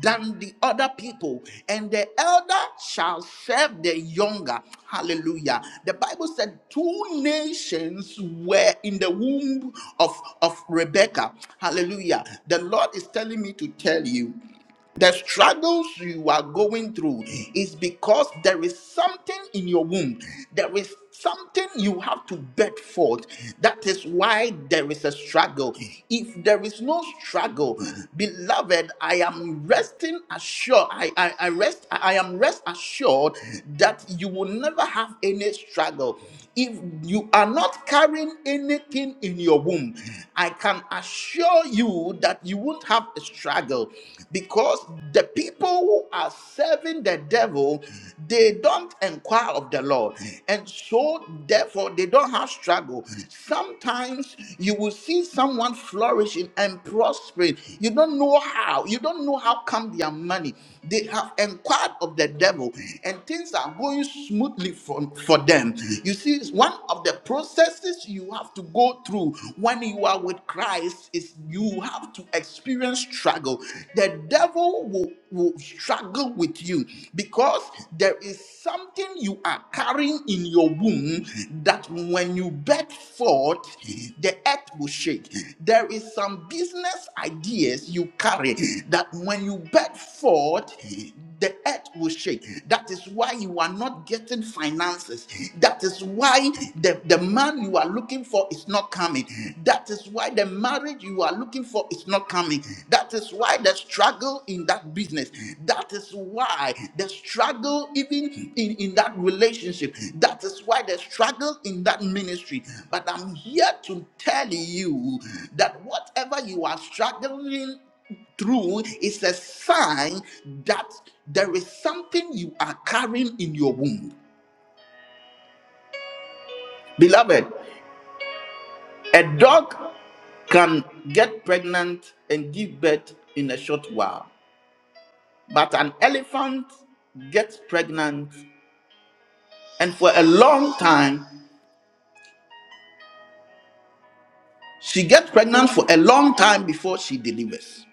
Speaker 1: than the other people, and the elder shall serve the younger. Hallelujah. The Bible said two nations were in the womb of, of Rebecca. Hallelujah. The Lord is telling me to tell you. The struggles you are going through is because there is something in your womb. There is something you have to bet forth. That is why there is a struggle. If there is no struggle, beloved, I am resting assured. I, I, I rest I am rest assured that you will never have any struggle. If you are not carrying anything in your womb, I can can assure you that you won't have a struggle because the people who are serving the devil they don't inquire of the lord and so therefore they don't have struggle sometimes you will see someone flourishing and prospering you don't know how you don't know how come their money they have inquired of the devil and things are going smoothly for, for them you see is one of the processes you have to go through when you are with Christ is you have to experience struggle. The devil will, will struggle with you because there is something you are carrying in your womb that when you birth forth, the earth will shake. There is some business ideas you carry that when you birth forth, the earth will shake. That is why you are not getting finances. That is why the, the man you are looking for is not coming. That is why the marriage you are looking for is not coming. That is why the struggle in that business. That is why the struggle even in, in that relationship. That is why the struggle in that ministry. But I'm here to tell you that whatever you are struggling through is a sign that there is something you are carrying in your womb. Beloved, a dog can get pregnant and give birth in a short while, but an elephant gets pregnant and for a long time, she gets pregnant for a long time before she delivers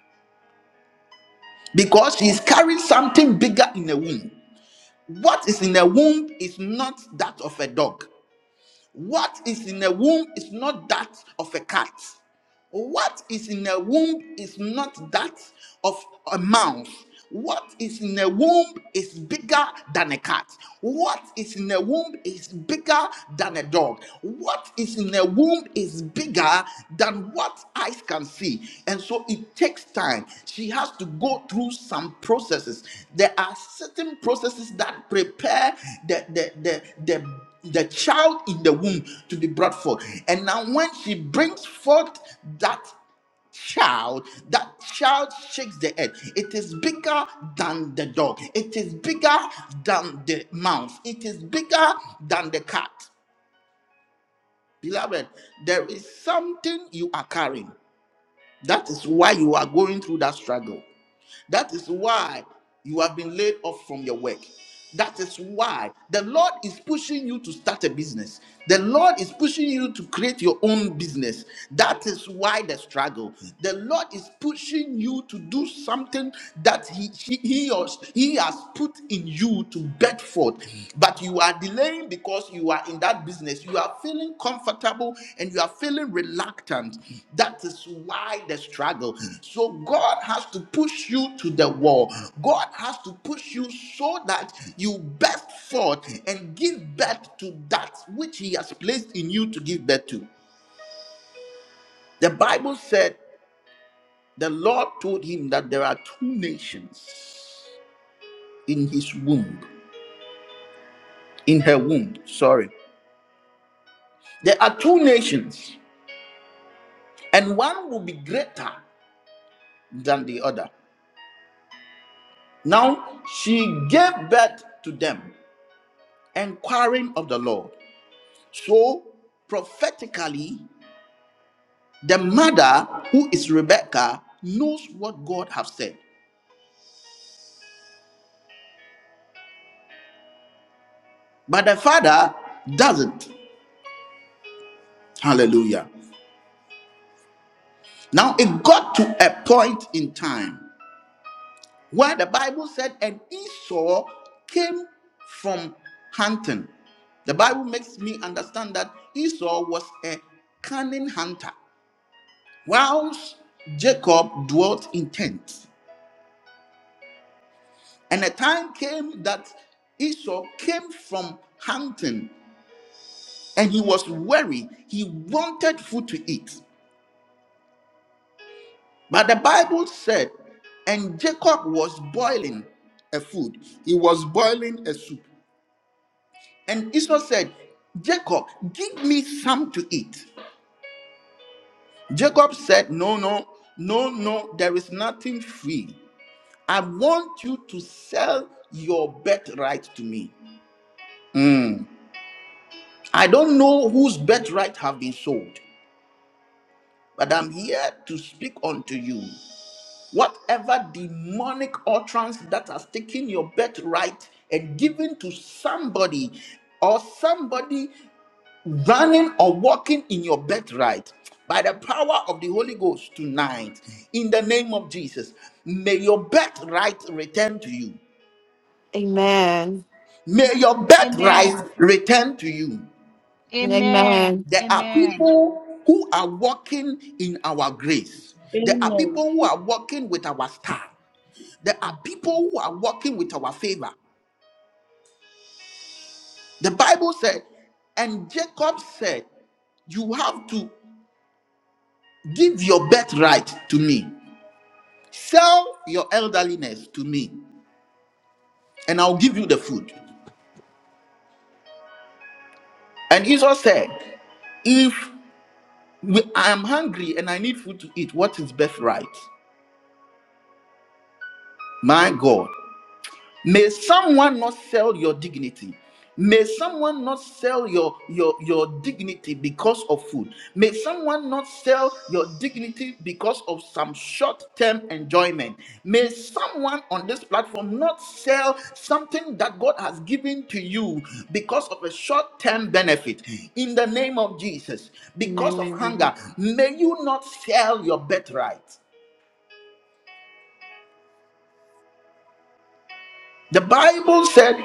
Speaker 1: because she is carrying something bigger in the womb. What is in the womb is not that of a dog. What is in a womb is not that of a cat. What is in a womb is not that of a mouse. What is in a womb is bigger than a cat. What is in a womb is bigger than a dog. What is in a womb is bigger than what eyes can see. And so it takes time. She has to go through some processes. There are certain processes that prepare the, the, the, the the child in the womb to be brought forth. And now, when she brings forth that child, that child shakes the earth. It is bigger than the dog, it is bigger than the mouse, it is bigger than the cat. Beloved, there is something you are carrying. That is why you are going through that struggle. That is why you have been laid off from your work. That is why the Lord is pushing you to start a business. The Lord is pushing you to create your own business. That is why the struggle. The Lord is pushing you to do something that He, he, he, or, he has put in you to bed forth but you are delaying because you are in that business you are feeling comfortable and you are feeling reluctant that is why the struggle so god has to push you to the wall god has to push you so that you burst forth and give birth to that which he has placed in you to give birth to the bible said the lord told him that there are two nations in his womb in her womb sorry there are two nations and one will be greater than the other. Now she gave birth to them, inquiring of the Lord. So, prophetically, the mother, who is Rebecca, knows what God has said, but the father doesn't. Hallelujah. Now, it got to a point in time where the Bible said, and Esau came from hunting. The Bible makes me understand that Esau was a cunning hunter, whilst Jacob dwelt in tents. And a time came that Esau came from hunting and he was weary. He wanted food to eat. But the Bible said, and Jacob was boiling a food, he was boiling a soup. And Esau said, Jacob, give me some to eat. Jacob said, No, no, no, no, there is nothing free. I want you to sell your birthright to me. Mm. I don't know whose birthright have been sold, but I'm here to speak unto you. Whatever demonic utterance that has taken your birthright and given to somebody or somebody running or walking in your birthright by the power of the Holy Ghost tonight, in the name of Jesus, may your birthright return to you.
Speaker 5: Amen.
Speaker 1: May your birthright
Speaker 6: Amen.
Speaker 1: return to you.
Speaker 5: Amen.
Speaker 6: Amen.
Speaker 1: There are
Speaker 6: Amen.
Speaker 1: people who are walking in our grace. There are
Speaker 7: Amen.
Speaker 1: people who are walking with our star. There are people who are walking with our favor. The Bible said, and Jacob said, You have to give your birthright to me. Sell your elderliness to me, and I'll give you the food. And Esau said, If we- I am hungry and I need food to eat, what is birthright? My God. May someone not sell your dignity. May someone not sell your, your, your dignity because of food. May someone not sell your dignity because of some short term enjoyment. May someone on this platform not sell something that God has given to you because of a short term benefit. In the name of Jesus, because of
Speaker 5: Amen.
Speaker 1: hunger, may you not sell your birthright. The Bible said,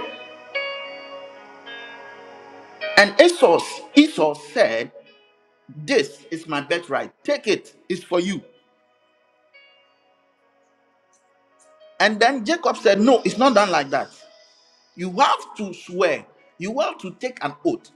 Speaker 1: and Esau, Esau said, This is my birthright. Take it. It's for you. And then Jacob said, No, it's not done like that. You have to swear. You have to take an oath,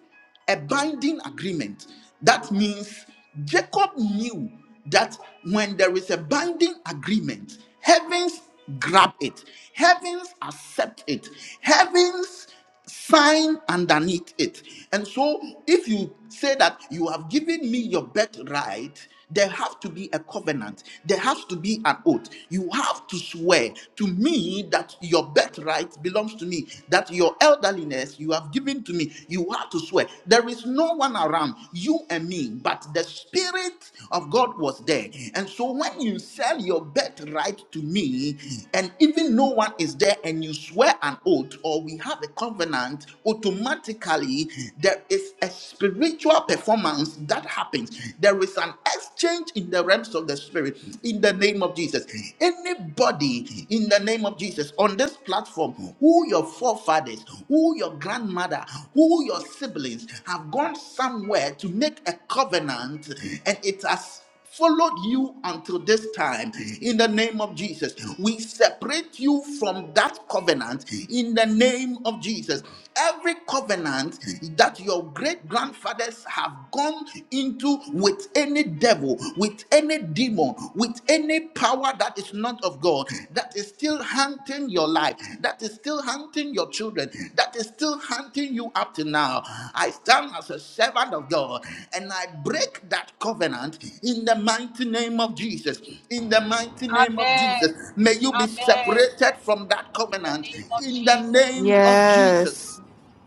Speaker 1: a binding agreement. That means Jacob knew that when there is a binding agreement, heavens grab it, heavens accept it, heavens. sign underneath it. And so, if you say that you have given me your birthright, there have to be a covenant, there has to be an oath. You have to swear to me that your birthright belongs to me, that your elderliness you have given to me. You have to swear. There is no one around, you and me, but the Spirit of God was there. And so when you sell your birthright to me, and even no one is there, and you swear an oath or we have a covenant, automatically there is a spiritual performance that happens. There is an exchange in the realms of the spirit in the name of Jesus. Anybody in the name of Jesus on this platform who your forefathers, who your grandmother, who your siblings have gone somewhere to make a covenant and it has followed you until this time in the name of Jesus. We separate you from that covenant in the name of Jesus. Every covenant that your great grandfathers have gone into with any devil, with any demon, with any power that is not of God, that is is still hunting your life, that is still hunting your children, that is still hunting you up to now. I stand as a servant of God and I break that covenant in the mighty name of Jesus. In the mighty
Speaker 6: Amen.
Speaker 1: name of Jesus, may you be
Speaker 6: Amen.
Speaker 1: separated from that
Speaker 6: In the
Speaker 1: covenant
Speaker 6: name of
Speaker 1: in the
Speaker 6: Jesus.
Speaker 1: name of Jesus.
Speaker 5: Yes.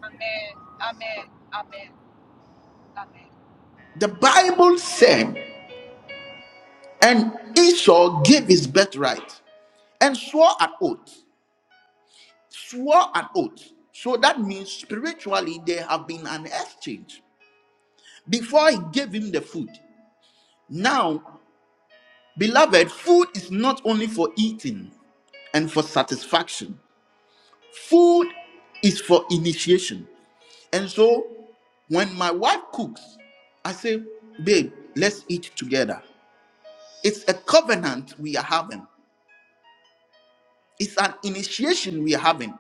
Speaker 6: Amen. Amen. Amen. Amen.
Speaker 1: The Bible said, and Esau gave his birthright and swore an oath. swore an oath. So that means spiritually there have been an exchange. Before he gave him the food. Now, beloved, food is not only for eating and for satisfaction, food is for initiation. And so when my wife cooks, I say, babe, let's eat together. It's a covenant we are having. It's an initiation we're having.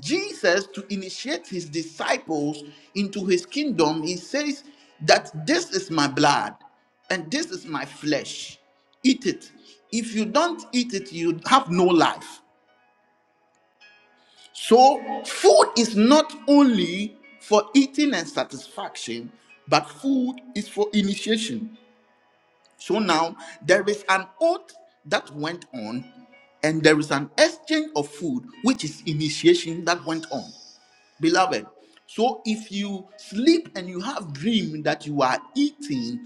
Speaker 1: Jesus, to initiate his disciples into his kingdom, he says that this is my blood and this is my flesh. Eat it. If you don't eat it, you have no life. So, food is not only for eating and satisfaction, but food is for initiation. So now there is an oath that went on, and there is an exchange of food, which is initiation that went on. Beloved, so if you sleep and you have dream that you are eating,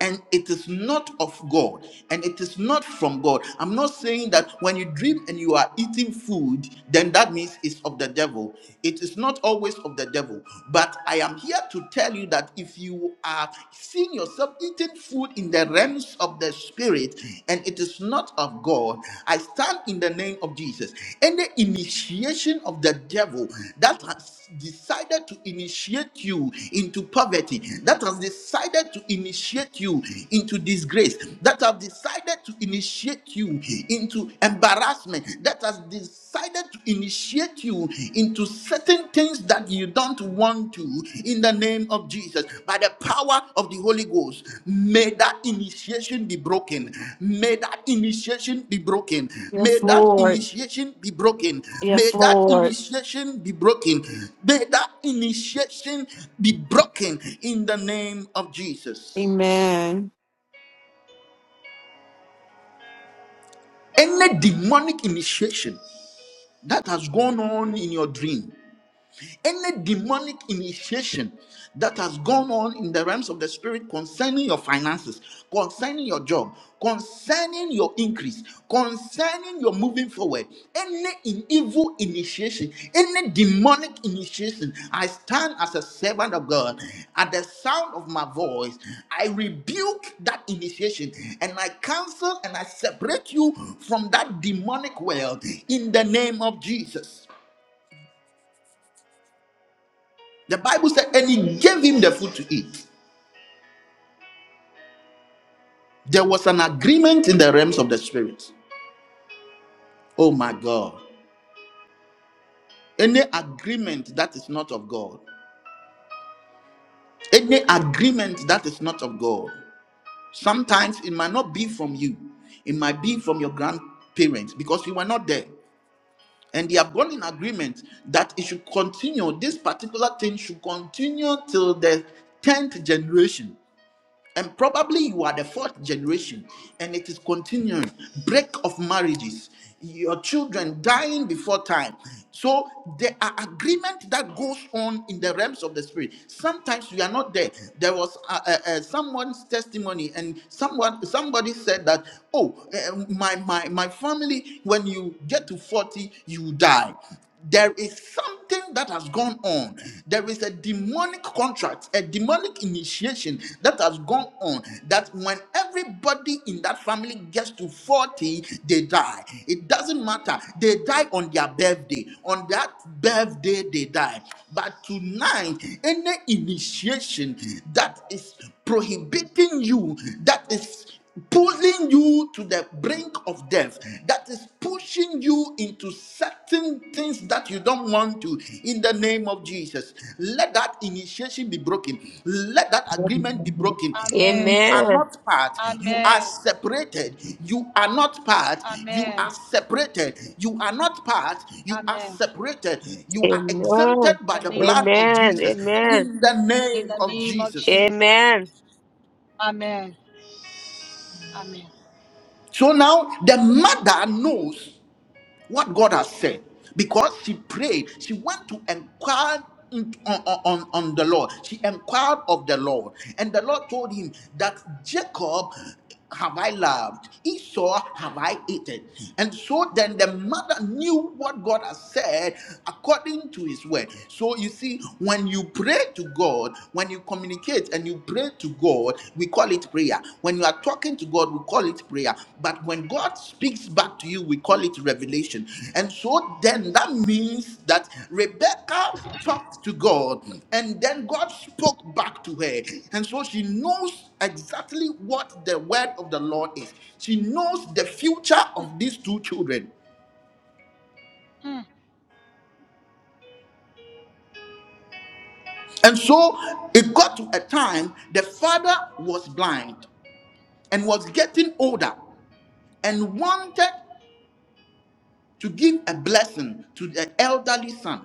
Speaker 1: and it is not of God and it is not from God. I'm not saying that when you dream and you are eating food, then that means it's of the devil. It is not always of the devil. But I am here to tell you that if you are seeing yourself eating food in the realms of the spirit and it is not of God, I stand in the name of Jesus. Any initiation of the devil that has decided to initiate you into poverty, that has decided to initiate initiate you into disgrace, that have decided to initiate you into embarrassment, that has decided to initiate you into certain things that you don't want to, in the name of Jesus, by the power of the Holy Ghost, may that initiation be broken. May that initiation be broken. May
Speaker 5: Yes,
Speaker 1: that
Speaker 5: Lord.
Speaker 1: initiation be broken. May
Speaker 5: Yes,
Speaker 1: that
Speaker 5: Lord.
Speaker 1: initiation be broken. May that initiation be broken in the name of Jesus.
Speaker 5: Amen.
Speaker 1: Any demonic initiation that has gone on in your dream, any demonic initiation that has gone on in the realms of the spirit concerning your finances, concerning your job, concerning your increase, concerning your moving forward, any in- evil initiation, any demonic initiation, I stand as a servant of God. At the sound of my voice, I rebuke that initiation and I cancel and I separate you from that demonic world in the name of Jesus. The Bible said, and he gave him the food to eat. There was an agreement in the realms of the spirit. Oh my God. Any agreement that is not of God, any agreement that is not of God, sometimes it might not be from you, it might be from your grandparents because you were not there. And they have gone in agreement that it should continue, this particular thing should continue till the 10th generation. And probably you are the fourth generation and it is continuing. Break of marriages, your children dying before time. So there are agreement that goes on in the realms of the spirit. Sometimes we are not there. There was uh, uh, uh, someone's testimony and someone somebody said that, oh, uh, my, my, my family, when you get to 40, you die there is something that has gone on. There is a demonic contract, a demonic initiation that has gone on. That when everybody in that family gets to 40, they die. It doesn't matter. They die on their birthday. On that birthday, they die. But tonight, any initiation that is prohibiting you, that is pulling you to the brink of death that is pushing you into certain things that you don't want to in the name of jesus let that initiation be broken let that agreement be broken
Speaker 6: Amen.
Speaker 1: you are
Speaker 3: Amen.
Speaker 1: not part you are
Speaker 6: Amen.
Speaker 1: separated you are not part you are
Speaker 6: Amen.
Speaker 1: separated you are not part you are
Speaker 6: Amen.
Speaker 1: separated you are exempted
Speaker 3: Amen.
Speaker 6: In
Speaker 1: by
Speaker 6: the
Speaker 1: the
Speaker 6: name
Speaker 1: blood
Speaker 6: of
Speaker 1: of
Speaker 3: Amen. Amen.
Speaker 1: jesus
Speaker 6: Jesus.
Speaker 1: in the
Speaker 6: In
Speaker 1: name
Speaker 6: the
Speaker 1: of
Speaker 6: name of
Speaker 3: Amen.
Speaker 1: jesus
Speaker 6: Jesus.
Speaker 3: Amen.
Speaker 6: Amen. Amen.
Speaker 1: so now the mother knows what God has said. Because she prayed, she went to inquire in- on, on, on the Lord. She inquired of the Lord. And the Lord told him that Jacob have I loved, Esau have I eaten. And so then the mother knew what God has said according to his word. So you see, when you pray to God, when you communicate, and you pray to God, we call it prayer. When you are talking to God, we call it prayer. But when God speaks back to you, we call it revelation. And so then that means that Rebecca talked to God and then God spoke back to her. And so she knows exactly what the word of the Lord is, she knows the future
Speaker 6: Mm,
Speaker 1: of these two children.
Speaker 6: mm,
Speaker 1: And so it got to a time the father was blind and was getting older and wanted to give a blessing to the elderly son.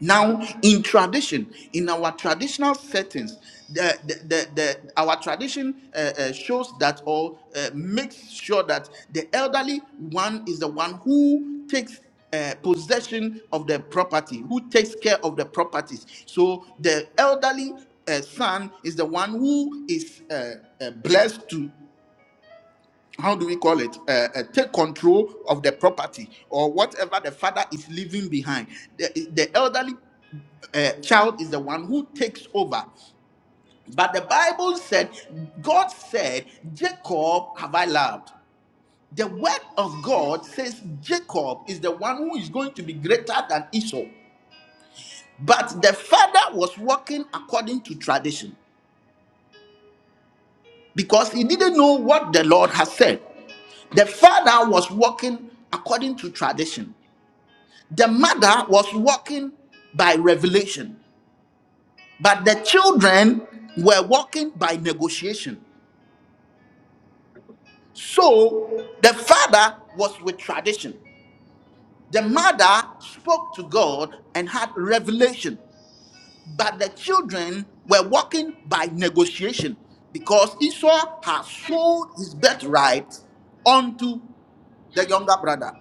Speaker 1: Now, in tradition, in our traditional settings, the, the, the, the- our tradition uh, uh, shows that or uh, makes sure that the elderly one is the one who takes uh, possession of the property, who takes care of the properties. So the elderly uh, son is the one who is uh, uh, blessed to how do we call it uh, uh, take control of the property or whatever the father is leaving behind the, the elderly uh, child is the one who takes over but the bible said god said jacob have i loved the word of god says jacob is the one who is going to be greater than esau but the father was walking according to tradition because he
Speaker 6: mm.
Speaker 1: didn't know what the lord has said the father was walking according to tradition The mother was walking by revelation, but the children were walking by negotiation. So the father was with tradition. The mother spoke to God and had revelation, but the children were walking by negotiation because Esau had sold his birthright unto the younger brother.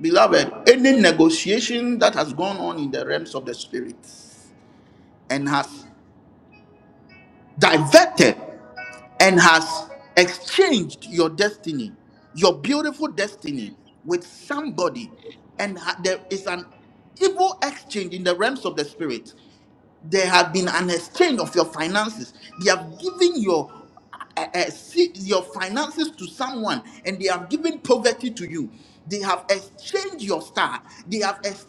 Speaker 1: Beloved, any negotiation that has gone on in the realms of the spirit and has diverted and has exchanged your destiny, your beautiful destiny, with somebody, and ha- there is an evil exchange in the realms of the spirit there have been an exchange of your finances. They have given your uh, uh, se- your finances to someone, and they have given poverty to you. They have exchanged your star. They have exchanged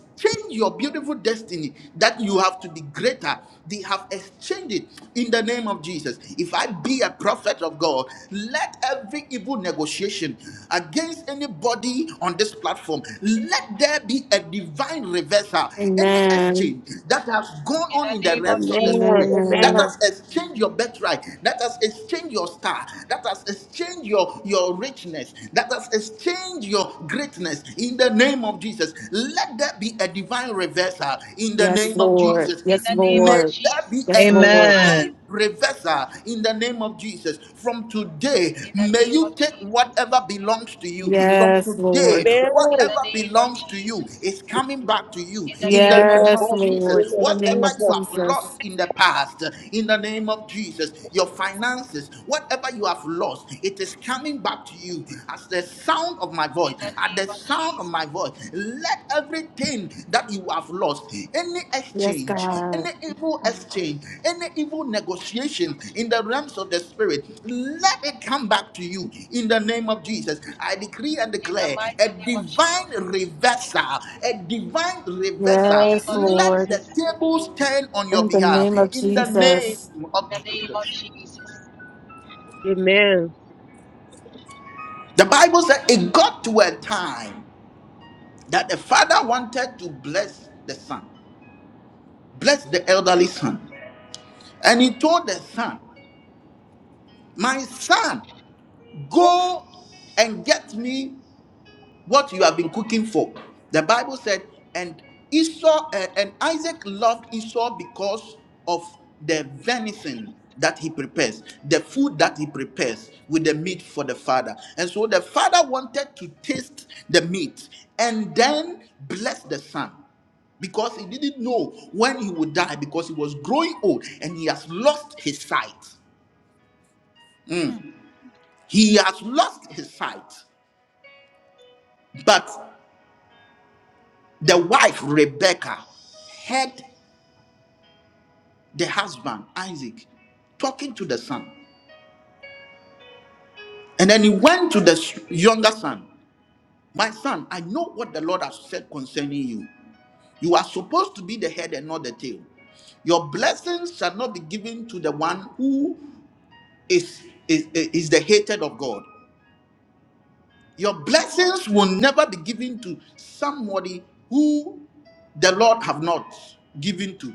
Speaker 1: your beautiful destiny that you have to be greater. They have exchanged it in the name of Jesus. If I be a prophet of God, let every evil negotiation against any anybody on this platform, let there be a divine reversal. Any
Speaker 5: Amen.
Speaker 1: exchange that has gone
Speaker 6: In
Speaker 1: on
Speaker 6: the
Speaker 1: in the
Speaker 6: name of
Speaker 1: realms of the spirit,
Speaker 6: Jesus.
Speaker 1: that
Speaker 3: Amen.
Speaker 5: Amen.
Speaker 1: has exchanged your birthright, that has exchanged your star, that has exchanged your, your richness, that has exchanged your greatness in the name of Jesus. Let there be a divine reversal in the
Speaker 5: Yes,
Speaker 1: name of
Speaker 5: Lord.
Speaker 6: In
Speaker 1: Jesus.
Speaker 5: Yes,
Speaker 6: the name
Speaker 1: May
Speaker 6: of
Speaker 5: Lord.
Speaker 1: there be
Speaker 6: Jesus.
Speaker 1: a
Speaker 5: Yes,
Speaker 6: In the
Speaker 1: divine
Speaker 5: Lord.
Speaker 6: mighty
Speaker 1: divine
Speaker 6: name.
Speaker 2: Amen.
Speaker 1: reversal in the name of Jesus. From today,
Speaker 6: In the
Speaker 1: may
Speaker 6: name
Speaker 1: you
Speaker 6: of
Speaker 1: take
Speaker 6: Jesus.
Speaker 1: whatever belongs to you. From
Speaker 5: Yes,
Speaker 1: today,
Speaker 5: Lord.
Speaker 6: In
Speaker 3: Amen. Amen.
Speaker 6: the
Speaker 1: whatever
Speaker 6: name of
Speaker 1: belongs to you
Speaker 6: Jesus.
Speaker 1: is coming back to you
Speaker 6: In the
Speaker 1: in the
Speaker 6: name of
Speaker 1: name of
Speaker 5: Yes,
Speaker 6: Jesus.
Speaker 1: Jesus.
Speaker 5: Lord. In the name
Speaker 1: Whatever
Speaker 5: of
Speaker 1: you have
Speaker 5: Jesus.
Speaker 1: lost in the past, in the name of Jesus, your finances, whatever you have lost, it is coming back to you. As the sound of my voice,
Speaker 6: In the
Speaker 1: at the
Speaker 6: name of
Speaker 1: sound my
Speaker 6: Jesus.
Speaker 1: voice. Let everything that you have lost, any
Speaker 5: Yes,
Speaker 1: exchange,
Speaker 5: God.
Speaker 1: any evil exchange, any evil negotiation in the realms of the spirit, let it come back to you in the name of Jesus. I decree and
Speaker 6: In the
Speaker 1: declare a
Speaker 6: mighty name of
Speaker 1: divine
Speaker 6: Jesus.
Speaker 1: reversal, a divine
Speaker 6: In the
Speaker 1: reversal.
Speaker 6: name
Speaker 5: Yes,
Speaker 6: of
Speaker 1: Let
Speaker 5: Lord.
Speaker 1: the
Speaker 6: Jesus.
Speaker 1: tables turn on
Speaker 5: In
Speaker 1: your
Speaker 5: the
Speaker 1: behalf
Speaker 5: name of
Speaker 1: in the name
Speaker 5: Jesus.
Speaker 6: In
Speaker 1: of
Speaker 6: the name of
Speaker 1: Jesus.
Speaker 6: Jesus.
Speaker 3: Amen. Amen.
Speaker 1: The Bible said it got to a time that the father wanted to bless the son. blessed the elderly son. And he told the son, My son, go and get me what you have been cooking for. The Bible said, and Esau uh, and Isaac loved Esau because of the venison that he prepares, the food that he prepares with the meat for the father. And so the father wanted to taste the meat and then bless the son because he didn't know when he would die because he was growing old and he has lost his sight.
Speaker 6: Mm,
Speaker 1: He has lost his sight. But the wife, Rebecca, heard the husband Isaac talking to the son. And then he went to the s- younger son. My son, I know what the Lord has said concerning you. You are supposed to be the head and not the tail. Your blessings shall not be given to the one who is, is, is the hated of God. Your blessings will never be given to somebody who the Lord have not given to.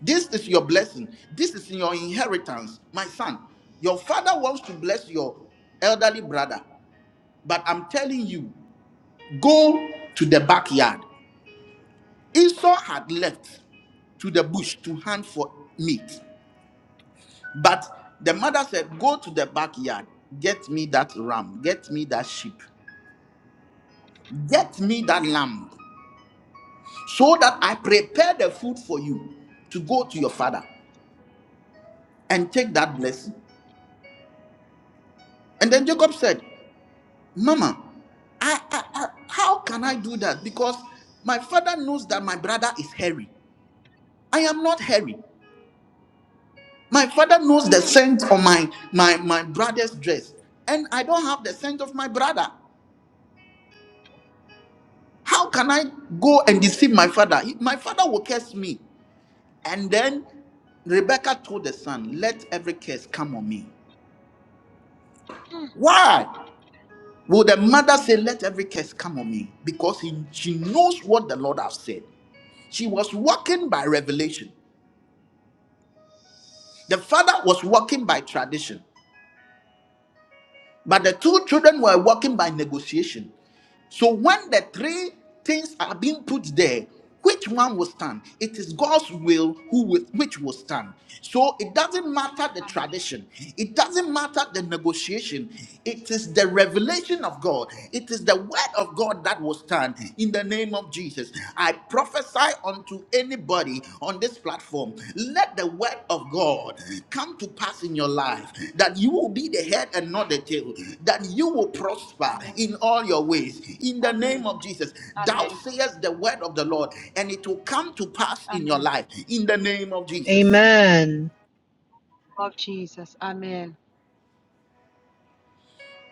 Speaker 1: This is your blessing. This is your inheritance, my son. Your father wants to bless your elderly brother, but I'm telling you, go to the backyard. Esau had left to the bush to hunt for meat, but the mother said, Go to the backyard, get me that ram, get me that sheep, get me that lamb, so that I prepare the food for you to go to your father and take that blessing. And then Jacob said, Mama, I, I, I how can I do that? Because my father knows that my brother is hairy. I am not hairy. My father knows the
Speaker 6: mm,
Speaker 1: scent of my my my brother's dress, and I don't have the scent of my brother. How can I go and deceive my father? He- my father will curse me. And then Rebecca told the son, "Let every curse come on me."
Speaker 6: mm.
Speaker 1: Why would the mother say, "Let every curse come on me"? Because he, she knows what the Lord has said. She was walking by revelation. The father was walking by tradition, but the two children were walking by negotiation. So when the three things are being put there, which one will stand? It is God's will who will, which will stand. So it doesn't matter the
Speaker 6: Amen.
Speaker 1: tradition. It doesn't matter the negotiation. It is the revelation of God. It is the word of God that will stand in the name of Jesus. I prophesy prophesy unto anybody on this platform, let the word of God come to pass in your life that you will be the head and not the tail, that you will prosper
Speaker 6: Amen.
Speaker 1: in all your ways. In the
Speaker 6: Amen.
Speaker 1: name of Jesus, thou
Speaker 6: Amen.
Speaker 1: sayest the word of the Lord, and it will come to pass in your
Speaker 6: Amen.
Speaker 1: life. In the name of Jesus.
Speaker 2: Amen.
Speaker 6: Of Jesus. Amen.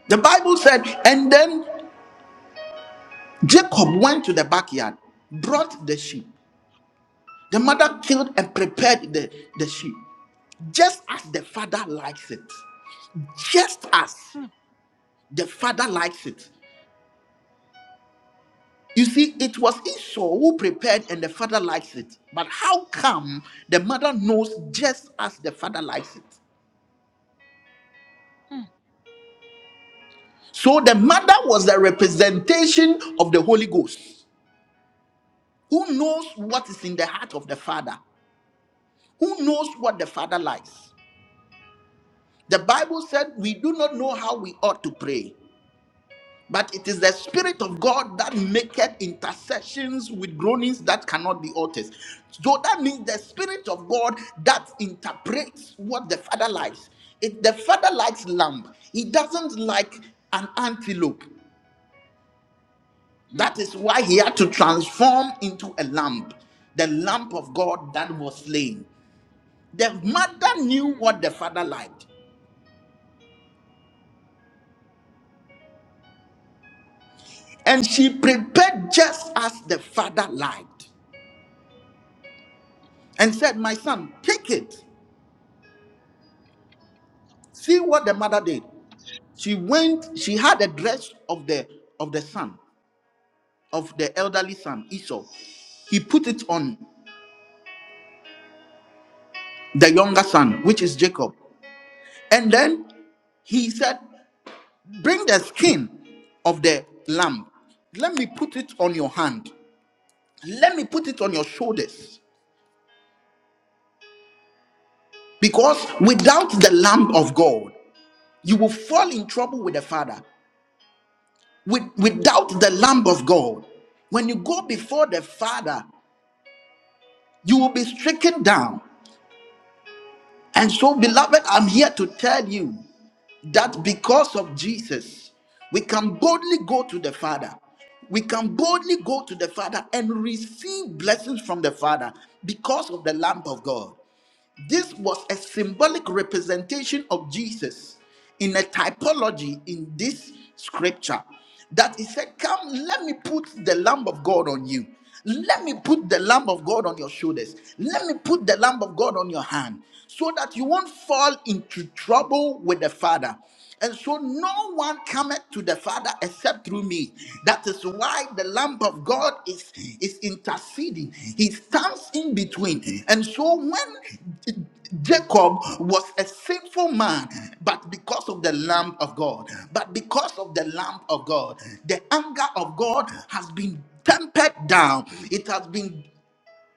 Speaker 1: The Bible said, and then Jacob went to the backyard, brought the sheep. The mother killed and prepared the, the sheep, just as the father likes it. just as
Speaker 6: Mm,
Speaker 1: the father likes it. You see, it was Esau who prepared and the father likes it. But how come the mother knows just as the father likes it?
Speaker 6: mm,
Speaker 1: So the mother was the representation of the Holy Ghost, who knows what is in the heart of the father, who knows what the father likes. The Bible said we do not know how we ought to pray. But it is the Spirit of God that maketh intercessions with groanings that cannot be uttered. So that means the Spirit of God that interprets what the Father likes. It, the Father likes lamb. He doesn't like an antelope.
Speaker 6: mm,
Speaker 1: That is why he had to transform into a lamb, the lamb of God that was slain. The mother knew
Speaker 6: mm.
Speaker 1: what the Father liked, and she prepared just as the Father liked and said, My son, take it. See what the mother did. She went, she had the dress of the of the son, of the elderly son, Esau. He put it on the younger son, which is Jacob. And then he said, Bring the skin of the lamb. Let me put it on your hand. Let me put it on your shoulders. Because without the lamb of God, you will fall in trouble with the father. With, without the lamb of God, when you go before the father you will be stricken down. And so, beloved, I'm here to tell you that because of Jesus, we can boldly go to the Father. We can boldly go to the Father and receive blessings from the Father because of the Lamb of God. This was a symbolic representation of Jesus in a typology in this scripture that he said, Come, let me put the Lamb of God on you. Let me put the Lamb of God on your shoulders. Let me put the Lamb of God on your hand so that you won't fall into trouble with the Father. And so no one cometh to the Father except through me. That is why the Lamb of God is, is interceding. He stands in between. And so when Jacob was a sinful man, but because of the Lamb of God, but because of the Lamb of God, the anger of God has been tempered down. It has been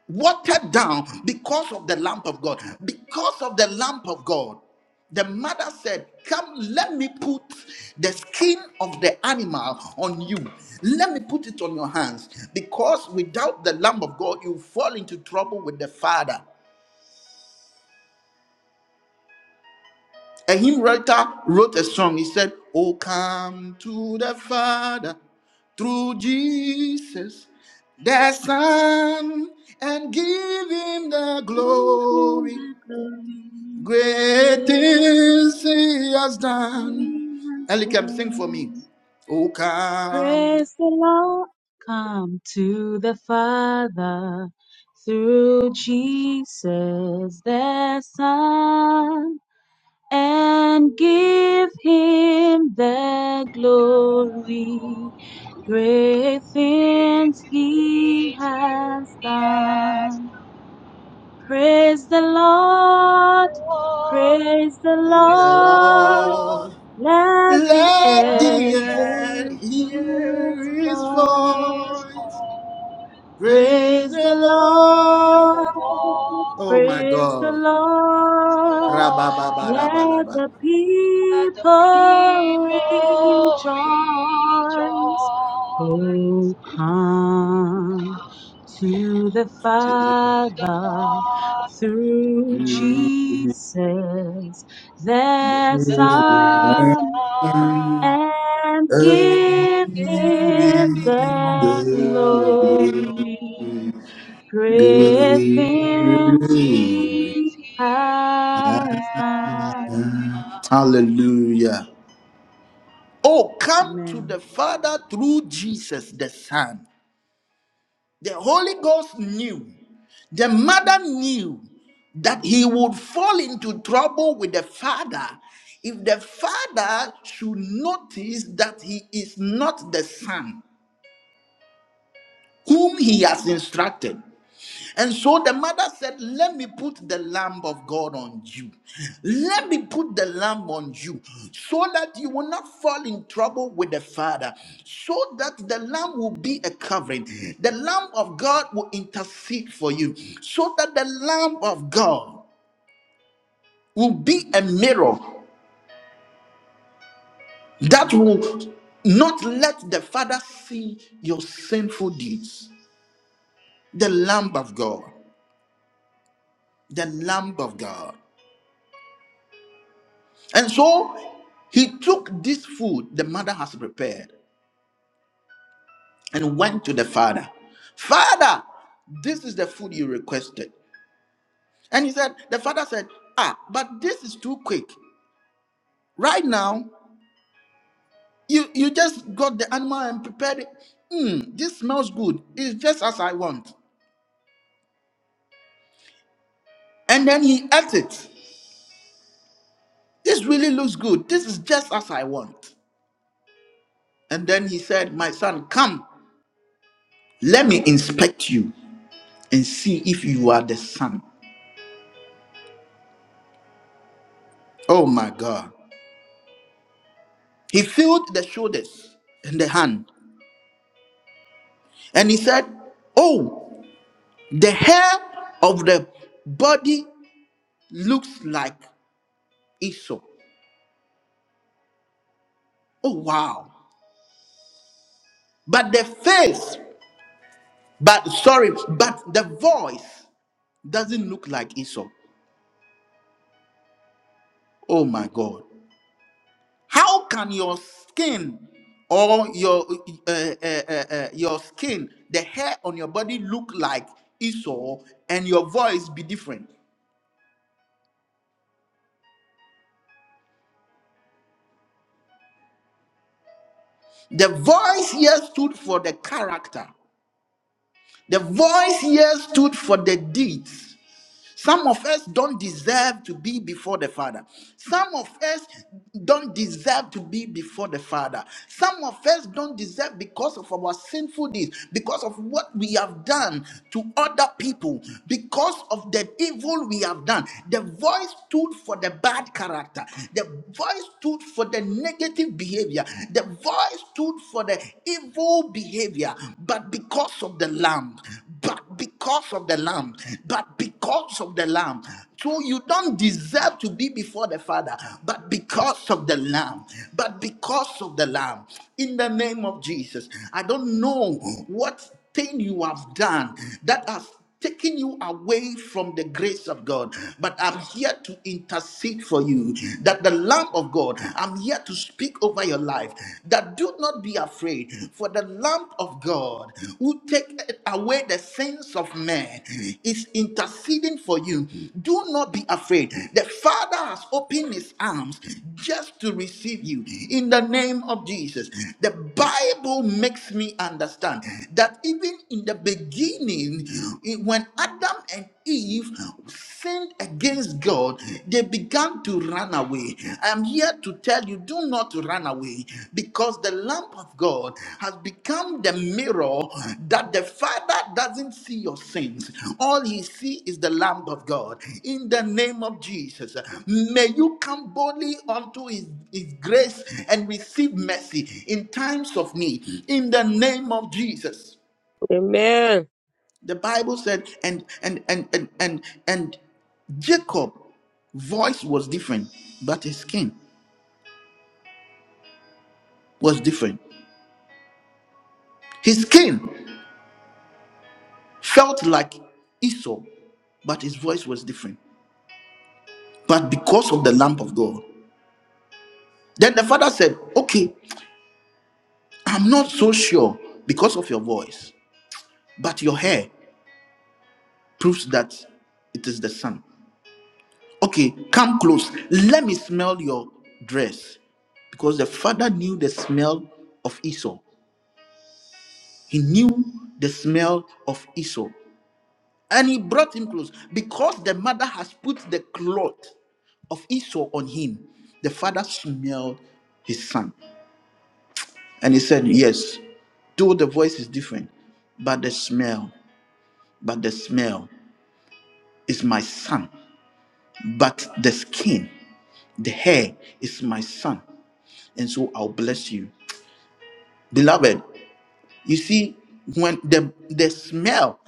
Speaker 1: watered down because of the lamp of God. Because of the lamp of God, the mother said, Come, let me put the skin of the animal on you. Let me put it on your hands. Because without the lamp of God, you fall into trouble with the Father. A hymn writer wrote a song. He said, Oh, come to the Father through Jesus, the Son, and give him the
Speaker 7: To him
Speaker 1: glory.
Speaker 7: the glory,
Speaker 1: Great
Speaker 7: great
Speaker 1: things
Speaker 7: things
Speaker 1: he has done.
Speaker 7: he has
Speaker 1: Elikem, sing for me.
Speaker 7: done.
Speaker 1: Oh, come,
Speaker 7: Praise the Lord. Come to the Father through Jesus the Son and give him the glory. Great
Speaker 6: We
Speaker 7: things he
Speaker 6: praise you,
Speaker 7: has
Speaker 6: yes,
Speaker 7: done. Praise the Lord.
Speaker 6: Lord.
Speaker 7: Praise the
Speaker 1: Praise
Speaker 6: Praise
Speaker 1: the
Speaker 6: the
Speaker 7: Lord.
Speaker 6: Lord.
Speaker 1: Lord.
Speaker 7: Let the
Speaker 1: Let
Speaker 6: But the
Speaker 1: the
Speaker 7: earth
Speaker 6: end
Speaker 7: hear
Speaker 1: earth
Speaker 7: his
Speaker 1: hear his
Speaker 7: voice.
Speaker 6: is
Speaker 1: voice.
Speaker 6: always the
Speaker 1: Praise
Speaker 7: Praise the
Speaker 1: the Lord.
Speaker 7: Lord.
Speaker 1: Oh,
Speaker 6: Lord's,
Speaker 1: my
Speaker 7: Praise the
Speaker 1: God.
Speaker 7: Lord.
Speaker 6: Lord,
Speaker 7: Let
Speaker 1: Rabababarabalaba.
Speaker 7: the
Speaker 6: and the
Speaker 7: people
Speaker 6: people
Speaker 7: rejoice. Oh,
Speaker 6: rejoice
Speaker 7: come to the
Speaker 6: to the
Speaker 7: Father
Speaker 6: Father,
Speaker 7: through Jesus, their
Speaker 6: the
Speaker 7: Son,
Speaker 6: Son,
Speaker 7: and
Speaker 6: and
Speaker 7: give
Speaker 6: give
Speaker 7: him the
Speaker 6: Him the
Speaker 7: glory.
Speaker 6: glory.
Speaker 7: Great
Speaker 6: With
Speaker 7: things
Speaker 1: Glory.
Speaker 7: he
Speaker 6: wings he
Speaker 7: has done.
Speaker 6: has done.
Speaker 1: Hallelujah. Oh, come to
Speaker 7: Amen.
Speaker 1: the Father through Jesus the Son. The Holy Ghost knew, the mother knew that he would fall into trouble with the Father if the Father should notice that he is not the Son whom he has instructed. And so the mother said, Let me put the lamb of God on you. Let me put the lamb on you so that you will not fall in trouble with the father, so that the lamb will be a covering. The lamb of God will intercede for you, so that the lamb of God will be a mirror that will not let the father see your sinful deeds. The lamb of God, the lamb of God. And so he took this food the mother has prepared and went to the father. Father, this is the food you requested. And he said, the father said, Ah, but this is too quick. Right now, you, you just got the animal and prepared it. Mm, this smells good. It's just as I want. And then he ate it. This really looks good. This is just as I want. And then he said, My son, come, let me inspect you and see if you are the son Oh my God. He filled the shoulders and the hand. And he said, Oh, the hair of the body looks like Esau. Oh wow. But the face, but sorry, but the voice doesn't look like Esau. Oh my God. How can your skin or your uh, uh, uh, uh, your skin, the hair on your body look like Esau and your voice be different? The voice here stood for the character. The voice here stood for the deeds. Some of us don't deserve to be before the Father. Some of us don't deserve to be before the Father. Some of us don't deserve because of our sinful deeds, because of what we have done to other people, because of the evil we have done. The voice stood for the bad character, the voice stood for the negative behavior, the voice stood for the evil behavior, but because of the Lamb. but not because of the Lamb, but because of the Lamb. So you don't deserve to be before the Father, but because of the Lamb, but because of the Lamb. In the name of Jesus, I don't know what thing you have done that has taken you away from the grace of God, but I'm here to intercede for you that the Lamb of God, I'm here to speak over your life that do not be afraid, for the Lamb of God who take away the sins of man is interceding for you. Do not be afraid. The Father has opened his arms just to receive you in the name of Jesus. The Bible makes me understand that even in the beginning, beginning, when Adam and Eve sinned against God, they began to run away. I'm here to tell you do not run away because the lamp of God has become the mirror that the Father doesn't see your sins. All he sees is the lamp of God. In the name of Jesus, may you come boldly unto his, his grace and receive mercy in times of need. In the name of Jesus.
Speaker 3: Amen.
Speaker 1: The Bible said, and and and and and and Jacob voice was different, but his skin was different. His skin felt like Esau, but his voice was different. But because of the lamp of God. Then the father said, Okay, I'm not so sure because of your voice, but your hair proves that it is the son. Okay, come close. Let me smell your dress. Because the father knew the smell of Esau. He knew the smell of Esau. And he brought him close. Because the mother has put the cloth of Esau on him, the father smelled his son. And he said, Yes, though the voice is different, but the smell, but the smell is my son. But the skin, the hair is my son. And so I'll bless you. Beloved, you see, when the, the smell,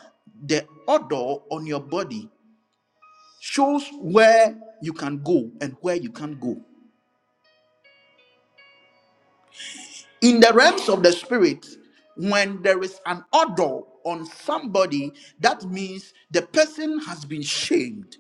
Speaker 1: the odor on your body shows where you can go and where you can't go. In the realms of the spirit, when there is an odor on somebody, that means the person has been shamed.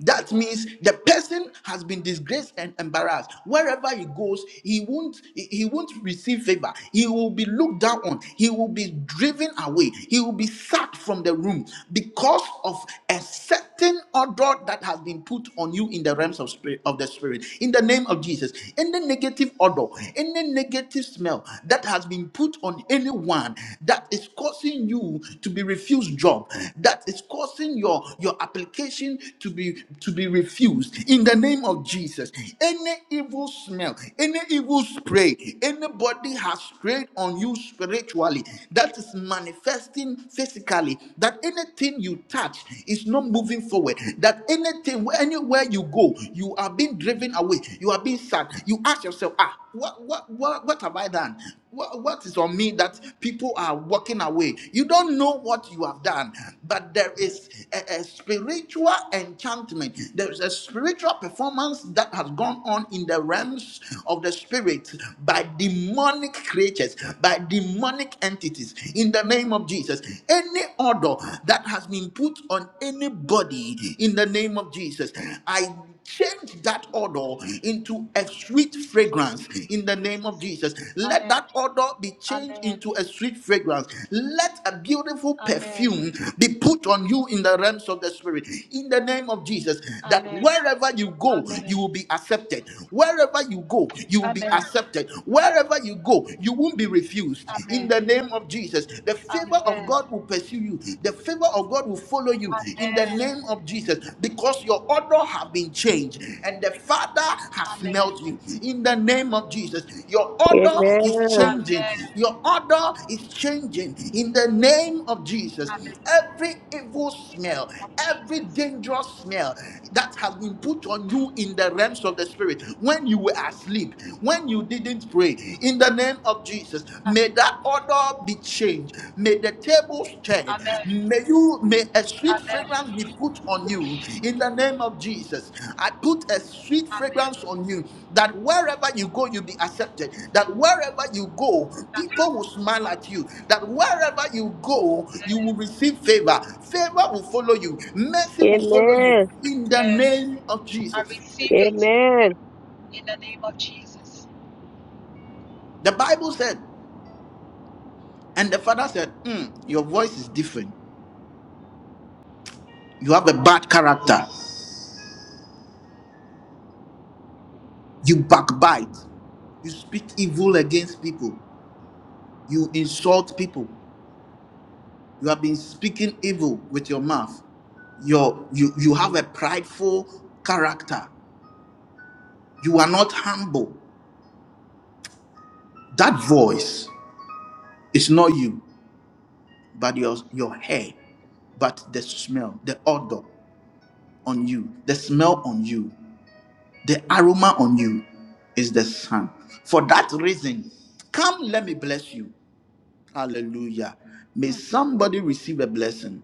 Speaker 1: That means the person has been disgraced and embarrassed. Wherever he goes, he won't he he won't receive favor. He will be looked down on. He will be driven away. He will be sacked from the room because of a certain order that has been put on you in the realms of spirit of the spirit. In the name of Jesus, any negative odor, any negative smell that has been put on anyone that is causing you you to be refused job that is causing your your application to be to be refused in the name of jesus any evil smell any evil spray anybody has sprayed on you spiritually that is manifesting physically that anything you touch is not moving forward that anything anywhere you go you are being driven away you are being sad you ask yourself ah what, what, what, what have I done? What, what is on me that people are walking away? You don't know what you have done, but there is a, a spiritual enchantment. There is a spiritual performance that has gone on in the realms of the spirit by demonic creatures, by demonic entities. In the name of Jesus, any order that has been put on anybody, in the name of Jesus, I change that odor into a sweet
Speaker 6: In the
Speaker 1: fragrance
Speaker 6: name
Speaker 1: in
Speaker 6: of
Speaker 1: the name of
Speaker 6: Jesus.
Speaker 1: Jesus. Let
Speaker 6: Amen.
Speaker 1: that odor be changed
Speaker 6: Amen.
Speaker 1: into a sweet fragrance. Let a beautiful
Speaker 6: Amen.
Speaker 1: perfume be put on you in the realms of the spirit in the name of Jesus. That
Speaker 6: Amen.
Speaker 1: wherever you go, you
Speaker 6: Amen.
Speaker 1: will be accepted. Wherever you go, you
Speaker 6: Amen.
Speaker 1: will be
Speaker 6: Amen.
Speaker 1: accepted. Wherever you go, you won't be refused in
Speaker 6: Amen.
Speaker 1: the name of Jesus. The favor of
Speaker 6: Amen.
Speaker 1: God will pursue you. The favor of God will follow you in the name of Jesus because your order have been changed and the Father has
Speaker 6: Amen.
Speaker 1: smelt you in the name of Jesus. Your order is
Speaker 3: Amen.
Speaker 1: changing.
Speaker 6: Amen.
Speaker 1: Your order is changing in the name of Jesus.
Speaker 6: Amen.
Speaker 1: Every evil
Speaker 6: In the
Speaker 1: smell,
Speaker 6: name of
Speaker 1: every
Speaker 6: Jesus.
Speaker 1: dangerous smell that has been put on you in the realms of the spirit when you were asleep, when you didn't pray, in the name of Jesus. May
Speaker 6: Amen.
Speaker 1: that order be changed. May the tables turn.
Speaker 6: Amen.
Speaker 1: May you may a sweet
Speaker 6: Amen.
Speaker 1: fragrance be put on you in the name of Jesus. I put a sweet
Speaker 6: Amen.
Speaker 1: fragrance on you that wherever you go, you'll be accepted. That wherever you go,
Speaker 6: Amen. Amen.
Speaker 1: people will smile at you. That wherever you go, you will receive favor. Favor will follow you. Mercy will follow you
Speaker 3: Amen.
Speaker 1: in the
Speaker 6: Amen.
Speaker 1: name of
Speaker 6: I
Speaker 1: Jesus.
Speaker 6: receive it
Speaker 3: Amen.
Speaker 6: in the name of Jesus.
Speaker 1: The Bible said, and the father said, "Hmm, Your voice is different. You have a bad character. You backbite. You speak evil against people. You insult people. You have been speaking evil with your mouth. Your, you, you have a prideful character. You are not humble. That voice is not you, but your, your hair, but the smell, the odor on you, the smell on you, the aroma on you is the sun. For that reason, come, let me bless you. Hallelujah. May
Speaker 6: Mm.
Speaker 1: somebody receive a blessing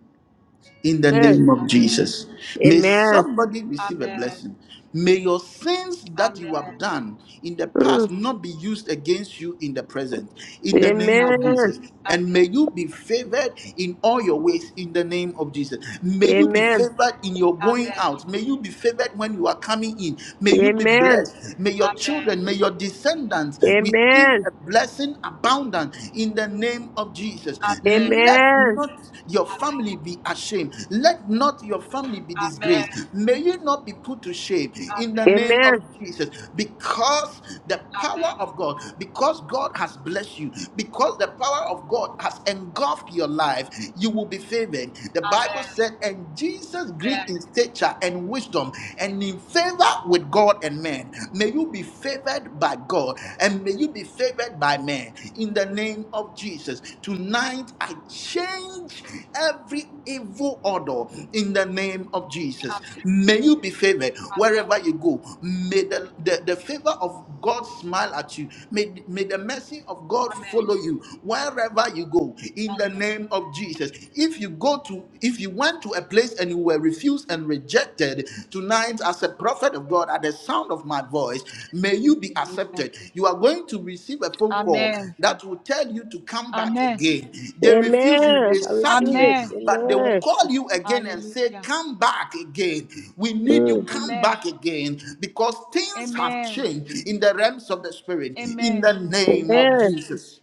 Speaker 1: in the
Speaker 3: Amen.
Speaker 1: name of
Speaker 6: Amen.
Speaker 1: Jesus. May
Speaker 3: Amen.
Speaker 1: somebody receive a
Speaker 6: Amen.
Speaker 1: blessing. May your sins that
Speaker 6: Amen.
Speaker 1: you have done in the
Speaker 3: Mm.
Speaker 1: past not be used against you in the present, in the name
Speaker 6: Amen.
Speaker 1: of
Speaker 3: Amen.
Speaker 1: Jesus. And may
Speaker 6: Amen.
Speaker 1: you be favored in all your ways in the name of Jesus. May you be
Speaker 3: Amen.
Speaker 1: favored in your going
Speaker 6: Amen.
Speaker 1: out. May you be favored when you are coming in. May you be
Speaker 3: Amen.
Speaker 1: blessed. May your
Speaker 6: Amen.
Speaker 1: children, may your descendants receive
Speaker 3: Amen.
Speaker 1: a blessing abounding abundant in the name of Jesus.
Speaker 6: Amen.
Speaker 1: Let
Speaker 3: Amen.
Speaker 1: not your family
Speaker 6: Amen.
Speaker 1: be ashamed. Let not your family be
Speaker 6: Amen.
Speaker 1: disgraced. May you not be put to shame in the
Speaker 6: Amen.
Speaker 1: name of
Speaker 3: Amen.
Speaker 1: Jesus because the power of God, because God has blessed you, because the power of God has engulfed your life, you will be favored. The
Speaker 6: Amen. Amen.
Speaker 1: Bible
Speaker 6: Amen.
Speaker 1: said, and Jesus grew in stature and wisdom and in favor with God God and men. May you be favored by God and may you be favored by men in the name of Jesus. Tonight, I change every evil order in the name of Jesus.
Speaker 6: Amen.
Speaker 1: May you be favored
Speaker 6: Amen.
Speaker 1: wherever you go. May the, the, the favor of God smile at you. May, may the mercy of God follow
Speaker 6: Amen.
Speaker 1: you wherever you go in the name of Jesus. If you go to, if you went to a place and you were refused and rejected tonight as a prophet of god at the sound of my voice may you be accepted you are going to receive a phone call
Speaker 6: Amen.
Speaker 1: that will tell you to
Speaker 6: Amen.
Speaker 1: come back
Speaker 6: Amen.
Speaker 1: again they refuse you
Speaker 3: Amen.
Speaker 1: they
Speaker 3: I
Speaker 1: sack
Speaker 3: receive
Speaker 1: you
Speaker 3: it.
Speaker 6: Amen.
Speaker 1: but they will
Speaker 3: Amen.
Speaker 1: call you again and say
Speaker 6: Hallelujah.
Speaker 1: come back again we need you
Speaker 3: Mm.
Speaker 1: come
Speaker 6: Amen.
Speaker 1: back again because things have
Speaker 6: Amen.
Speaker 1: changed in the realms of the spirit in
Speaker 6: Amen.
Speaker 1: the name of
Speaker 3: Amen.
Speaker 1: jesus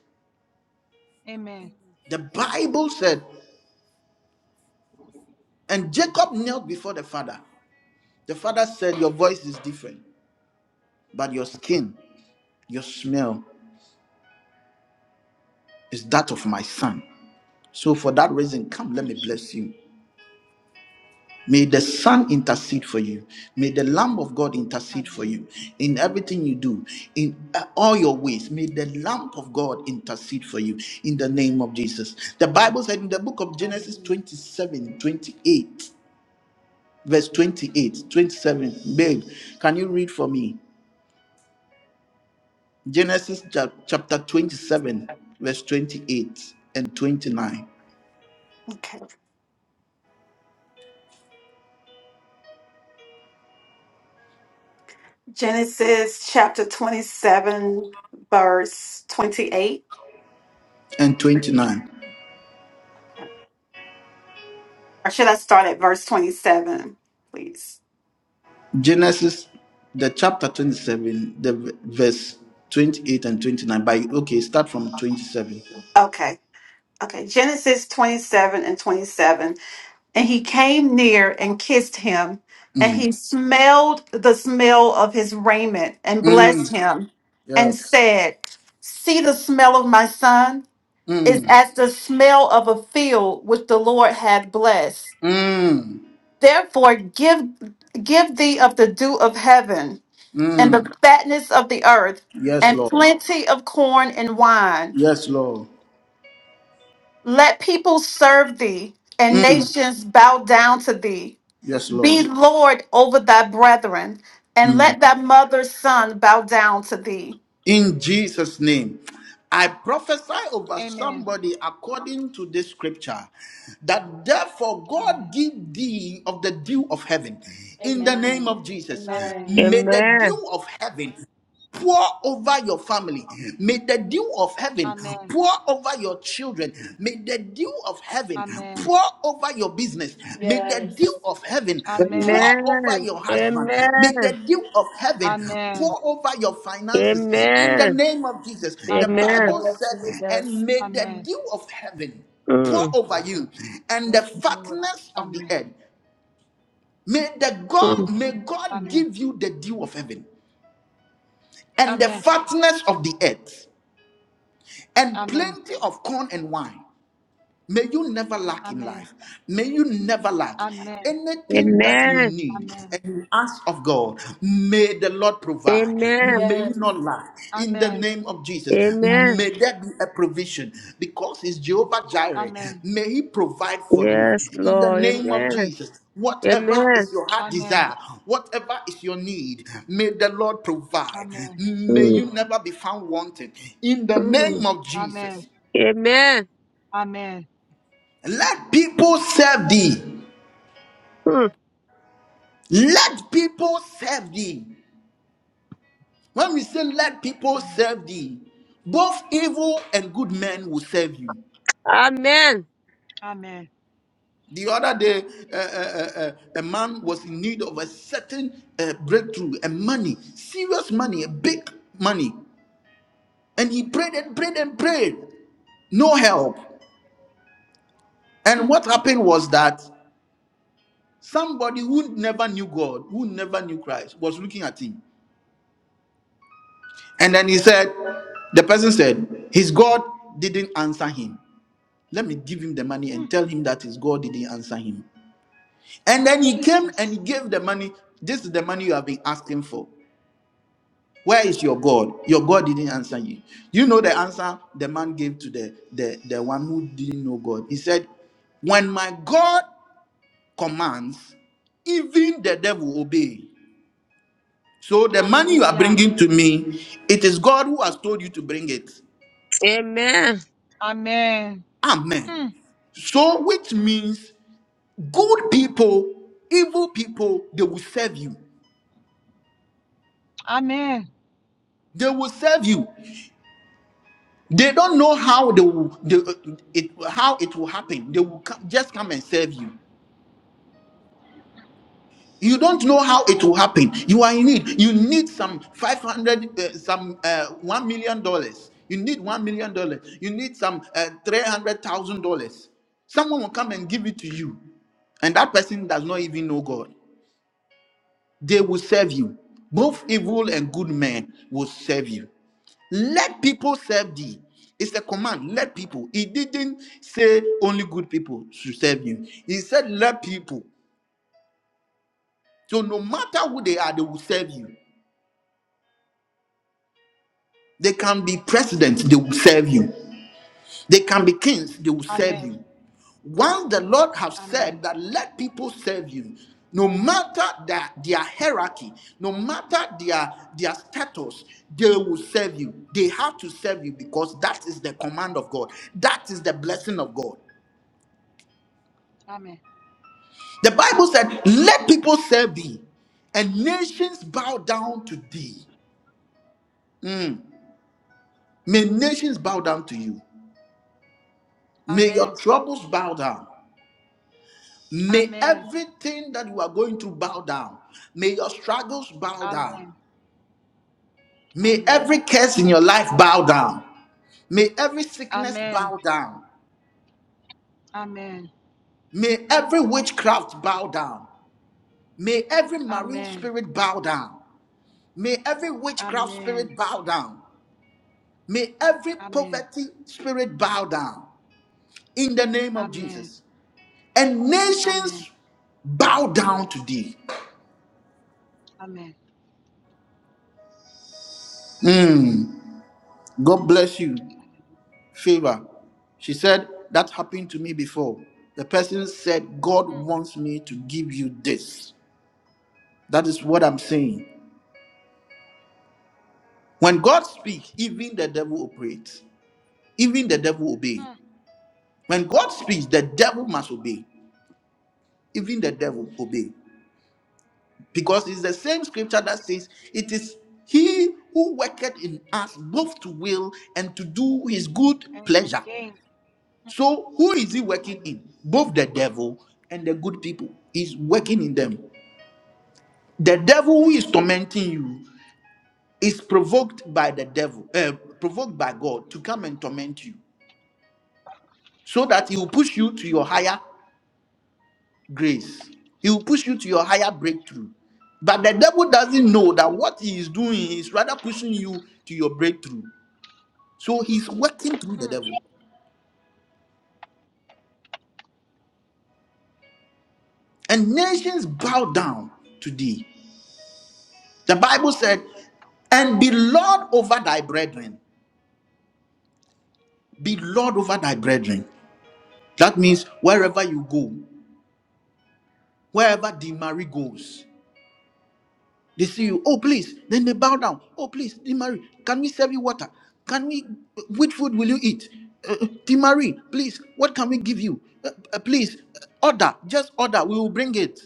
Speaker 6: Amen.
Speaker 1: the bible said and jacob knelt before the father The father said, Your voice is different, but your skin, your smell is that of my son. So for that reason, come, let
Speaker 6: Hmm.
Speaker 1: me bless you. May the Son intercede for you. May the Lamb of God intercede
Speaker 6: Amen.
Speaker 1: for you in everything you do, in uh, all your ways. May the Lamb of God intercede for you in the name of Jesus. The Bible said in the book of
Speaker 6: Amen.
Speaker 1: Genesis 27, 28, verse
Speaker 6: Hmm.
Speaker 1: twenty-eight, 27. Babe, can you read for me? Genesis chap- chapter 27, verse 28 and 29.
Speaker 5: Okay. Genesis chapter 27, verse 28.
Speaker 1: And 29.
Speaker 5: Or should I start at verse 27, please?
Speaker 1: Genesis, the chapter 27, the v- verse 28 and 29. By okay, start from 27.
Speaker 5: Okay. Okay. Genesis 27 and 27. And he came near and kissed him, and
Speaker 1: Mm.
Speaker 5: he smelled the smell of his raiment and blessed
Speaker 1: Mm.
Speaker 5: him
Speaker 1: Yeah.
Speaker 5: and said, See the smell of my son is
Speaker 1: Mm.
Speaker 5: as the smell of a field which the Lord hath blessed.
Speaker 1: Mm.
Speaker 5: Therefore, give give thee of the dew of heaven and the
Speaker 1: Mm.
Speaker 5: fatness of the earth
Speaker 1: Yes,
Speaker 5: and
Speaker 1: Lord.
Speaker 5: plenty of corn and wine
Speaker 1: Yes, Lord.
Speaker 5: Let people serve thee, and
Speaker 1: Mm.
Speaker 5: nations bow down to thee.
Speaker 1: Yes, Lord.
Speaker 6: Hmm.
Speaker 5: Be Lord over thy brethren, and
Speaker 1: Mm.
Speaker 5: let thy mother's son bow down to thee.
Speaker 1: in Jesus' name. I prophesy over
Speaker 6: Amen.
Speaker 1: somebody according to this scripture that therefore God
Speaker 6: Amen.
Speaker 1: give thee of the dew of heaven in the name
Speaker 5: Amen.
Speaker 1: of Jesus.
Speaker 6: Amen.
Speaker 5: Amen.
Speaker 1: May the
Speaker 3: Amen.
Speaker 1: dew of heaven pour over your family. May the dew of heaven
Speaker 6: Amen.
Speaker 1: pour over your children. May the dew of heaven
Speaker 6: Amen.
Speaker 1: pour over your business. May the dew
Speaker 5: Yes.
Speaker 1: of heaven pour
Speaker 6: Amen.
Speaker 1: over
Speaker 3: Amen.
Speaker 1: your husband. May the
Speaker 3: Amen.
Speaker 1: dew of heaven
Speaker 6: Amen.
Speaker 1: pour over your finances. In the
Speaker 3: Amen.
Speaker 1: name of Jesus, the
Speaker 5: In the
Speaker 6: Amen.
Speaker 3: Amen.
Speaker 1: Bible
Speaker 5: name of
Speaker 1: said, and
Speaker 5: Jesus.
Speaker 1: may the
Speaker 6: Amen.
Speaker 1: dew of heaven pour
Speaker 3: Mm.
Speaker 1: over you and
Speaker 5: Yes.
Speaker 1: the
Speaker 5: Lord.
Speaker 1: fatness of the
Speaker 6: Amen.
Speaker 1: earth. May the God
Speaker 3: Mm.
Speaker 1: may God
Speaker 6: Amen.
Speaker 1: give you the dew of heaven and the
Speaker 6: Amen.
Speaker 1: fatness of the earth. and
Speaker 6: Amen.
Speaker 1: plenty of corn and wine. May you never lack in
Speaker 6: Amen.
Speaker 1: life. May you never lack
Speaker 6: Amen.
Speaker 1: anything that you
Speaker 3: Amen.
Speaker 1: need
Speaker 6: Amen.
Speaker 1: and you ask of God. May the Lord provide.
Speaker 3: Amen.
Speaker 1: May you
Speaker 5: Yes.
Speaker 1: not lack in the
Speaker 6: Amen.
Speaker 1: name of Jesus.
Speaker 3: Amen.
Speaker 6: Amen.
Speaker 1: May there be a provision because He's Jehovah Jireh.
Speaker 6: Amen. Amen.
Speaker 1: May He provide for you
Speaker 3: Yes,
Speaker 1: in the
Speaker 3: Lord.
Speaker 1: name of
Speaker 3: Amen.
Speaker 1: Jesus. Whatever
Speaker 3: Amen.
Speaker 1: is your heart
Speaker 6: Amen.
Speaker 1: desire, whatever is your need, may the Lord provide. May
Speaker 3: Mm.
Speaker 1: you never be found wanting in the name
Speaker 3: Mm.
Speaker 1: of Jesus.
Speaker 6: Amen.
Speaker 3: Amen.
Speaker 6: Amen.
Speaker 1: Let people serve thee.
Speaker 3: Mm.
Speaker 1: Let people serve thee. When we say let people
Speaker 6: Amen.
Speaker 1: serve thee, both evil and good men will serve you.
Speaker 3: Amen.
Speaker 6: Amen.
Speaker 1: The other day, uh, uh, uh, uh, a man was in need of a certain uh, breakthrough and money, serious money, a big money. And he prayed and prayed and prayed. No help.
Speaker 6: Hmm,
Speaker 1: And what happened was that somebody who never knew God, who never knew Christ, was looking at him And then he said, the person said, his God didn't answer him. Let me give him the money
Speaker 6: hmm.
Speaker 1: and tell him that his God didn't answer him. And then he came and he
Speaker 6: Jesus.
Speaker 1: gave the money. This is the money you have been asking for. Where is your God? Your God didn't answer you. You know the answer the man gave to the, the, the one who didn't know God. He said, When my God commands, even the devil obey. So the money you are
Speaker 6: Hallelujah.
Speaker 1: bringing to me, it is God who has told you to bring it.
Speaker 3: Amen.
Speaker 6: Amen.
Speaker 1: Amen.
Speaker 6: Hmm.
Speaker 1: So, which means good people, evil people, they will serve you.
Speaker 6: Amen.
Speaker 1: They will serve you. They don't know how they will they, uh, it how it will happen. They will come, just come and serve you. You don't know how it will happen. You are in need. You need some five hundred, uh, some uh, one million dollars. You need one million dollars. You need some uh, three hundred thousand dollars. Someone will come and give it to you, and that person does not even know God. they will serve you. Both evil and good men will serve you. Let people serve thee. It's a command. Let people. He didn't say only good people should serve you. He said, let people. So no matter who they are, they will serve you. They can be presidents, they will serve you. They can be kings, they will serve
Speaker 6: Amen.
Speaker 1: you. Once the Lord have
Speaker 6: Amen.
Speaker 1: said that let people serve you, no matter their, their hierarchy, no matter their, their status, they will serve you. They have to serve you because that is the command of God. That is the blessing of God.
Speaker 6: Amen.
Speaker 1: The Bible said, let people serve thee and nations bow down to thee. Mm. May nations bow down to you. May your
Speaker 6: Amen.
Speaker 1: troubles bow down. May
Speaker 6: Amen. Amen.
Speaker 1: everything that you are going through bow down. May your struggles bow down.
Speaker 6: Amen.
Speaker 1: May
Speaker 6: Amen.
Speaker 1: every curse in your life bow down. May every sickness
Speaker 6: Amen.
Speaker 1: bow down.
Speaker 6: Amen.
Speaker 1: May every witchcraft bow down. May every marine
Speaker 6: Amen.
Speaker 1: spirit bow down. May every witchcraft
Speaker 6: Amen.
Speaker 1: spirit bow down. May every poverty spirit bow down in the name of
Speaker 6: Amen.
Speaker 1: Jesus. And
Speaker 6: Amen.
Speaker 1: nations bow down to thee.
Speaker 6: Amen.
Speaker 1: Hmm. God bless you. Favor. She said, That happened to me before. The person said, God
Speaker 6: Hmm,
Speaker 1: wants me to give you this. That is what I'm saying. When God speaks, even the devil operates, even the devil obey.
Speaker 6: hmm.
Speaker 1: When God speaks, the devil must obey, even the devil obey. Because it's the same scripture that says, It is he who worketh in us both to will and to do his good
Speaker 6: And to
Speaker 1: pleasure.
Speaker 6: gain.
Speaker 1: So who is he working
Speaker 6: Amen.
Speaker 1: in? Both the devil and the good people. He's working in them. The devil who
Speaker 6: Mm,
Speaker 1: is tormenting you is provoked by the devil, uh, provoked by God to come and torment you. so that he will push you to your higher grace. He will push you to your higher breakthrough. But the devil doesn't know that what he is doing is rather pushing you to your breakthrough. So he's working through the
Speaker 6: mm,
Speaker 1: devil. And nations bow down to thee. The Bible said, and be Lord over thy brethren. Be Lord over thy brethren. That means wherever you go, wherever the Mary goes. They see
Speaker 6: mm,
Speaker 1: you, oh please, then they bow down. Oh please, Dear Marie, can we serve you water? Can we? Which food will you eat? Uh, uh, Dear Marie, please, what can we give you? Uh, uh, please, uh, order, just order. We will bring it.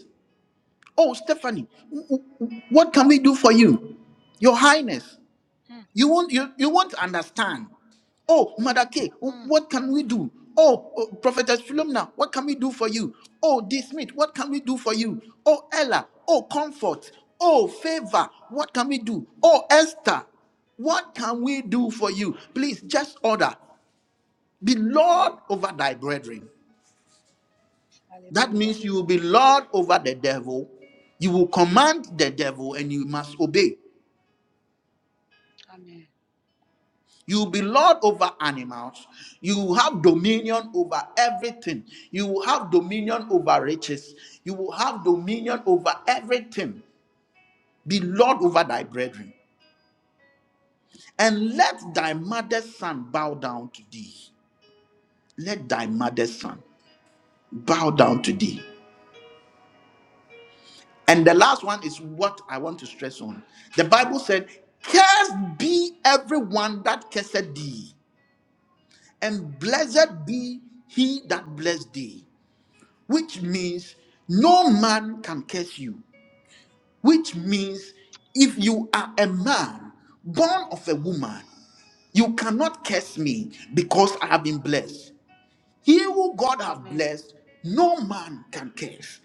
Speaker 1: Oh Stephanie, w- w- what can we do for you, Your Highness?
Speaker 6: mm,
Speaker 1: You won't you, you won't understand. Oh, Mother K,
Speaker 6: Amen. mm.
Speaker 1: what can we do? Oh, oh Prophetess Philomena, what can we do for you? Oh, D. Smith, what can we do for you? Oh, Ella, oh, comfort, oh, favor, what can we do? Oh, Esther, what can we do for you? Please just order. Be Lord over thy brethren. That
Speaker 6: Hallelujah.
Speaker 1: means you will be Lord over the devil. You will command the devil and you must obey.
Speaker 6: Amen.
Speaker 1: You will be Lord over animals. You will have dominion over everything. You will have dominion over riches. You will have dominion over everything. Be Lord over thy brethren. And let thy mother's son bow down to thee. Let thy mother's son bow down to thee. And the last one is what I want to stress on. The Bible said, Cursed be everyone that curseth thee, and
Speaker 6: mm.
Speaker 1: blessed be he that blessed thee. which means no man can curse you, which means if you are a man born of a woman, you cannot curse me because I have been blessed. He who God have
Speaker 6: Amen.
Speaker 1: blessed, no man can curse.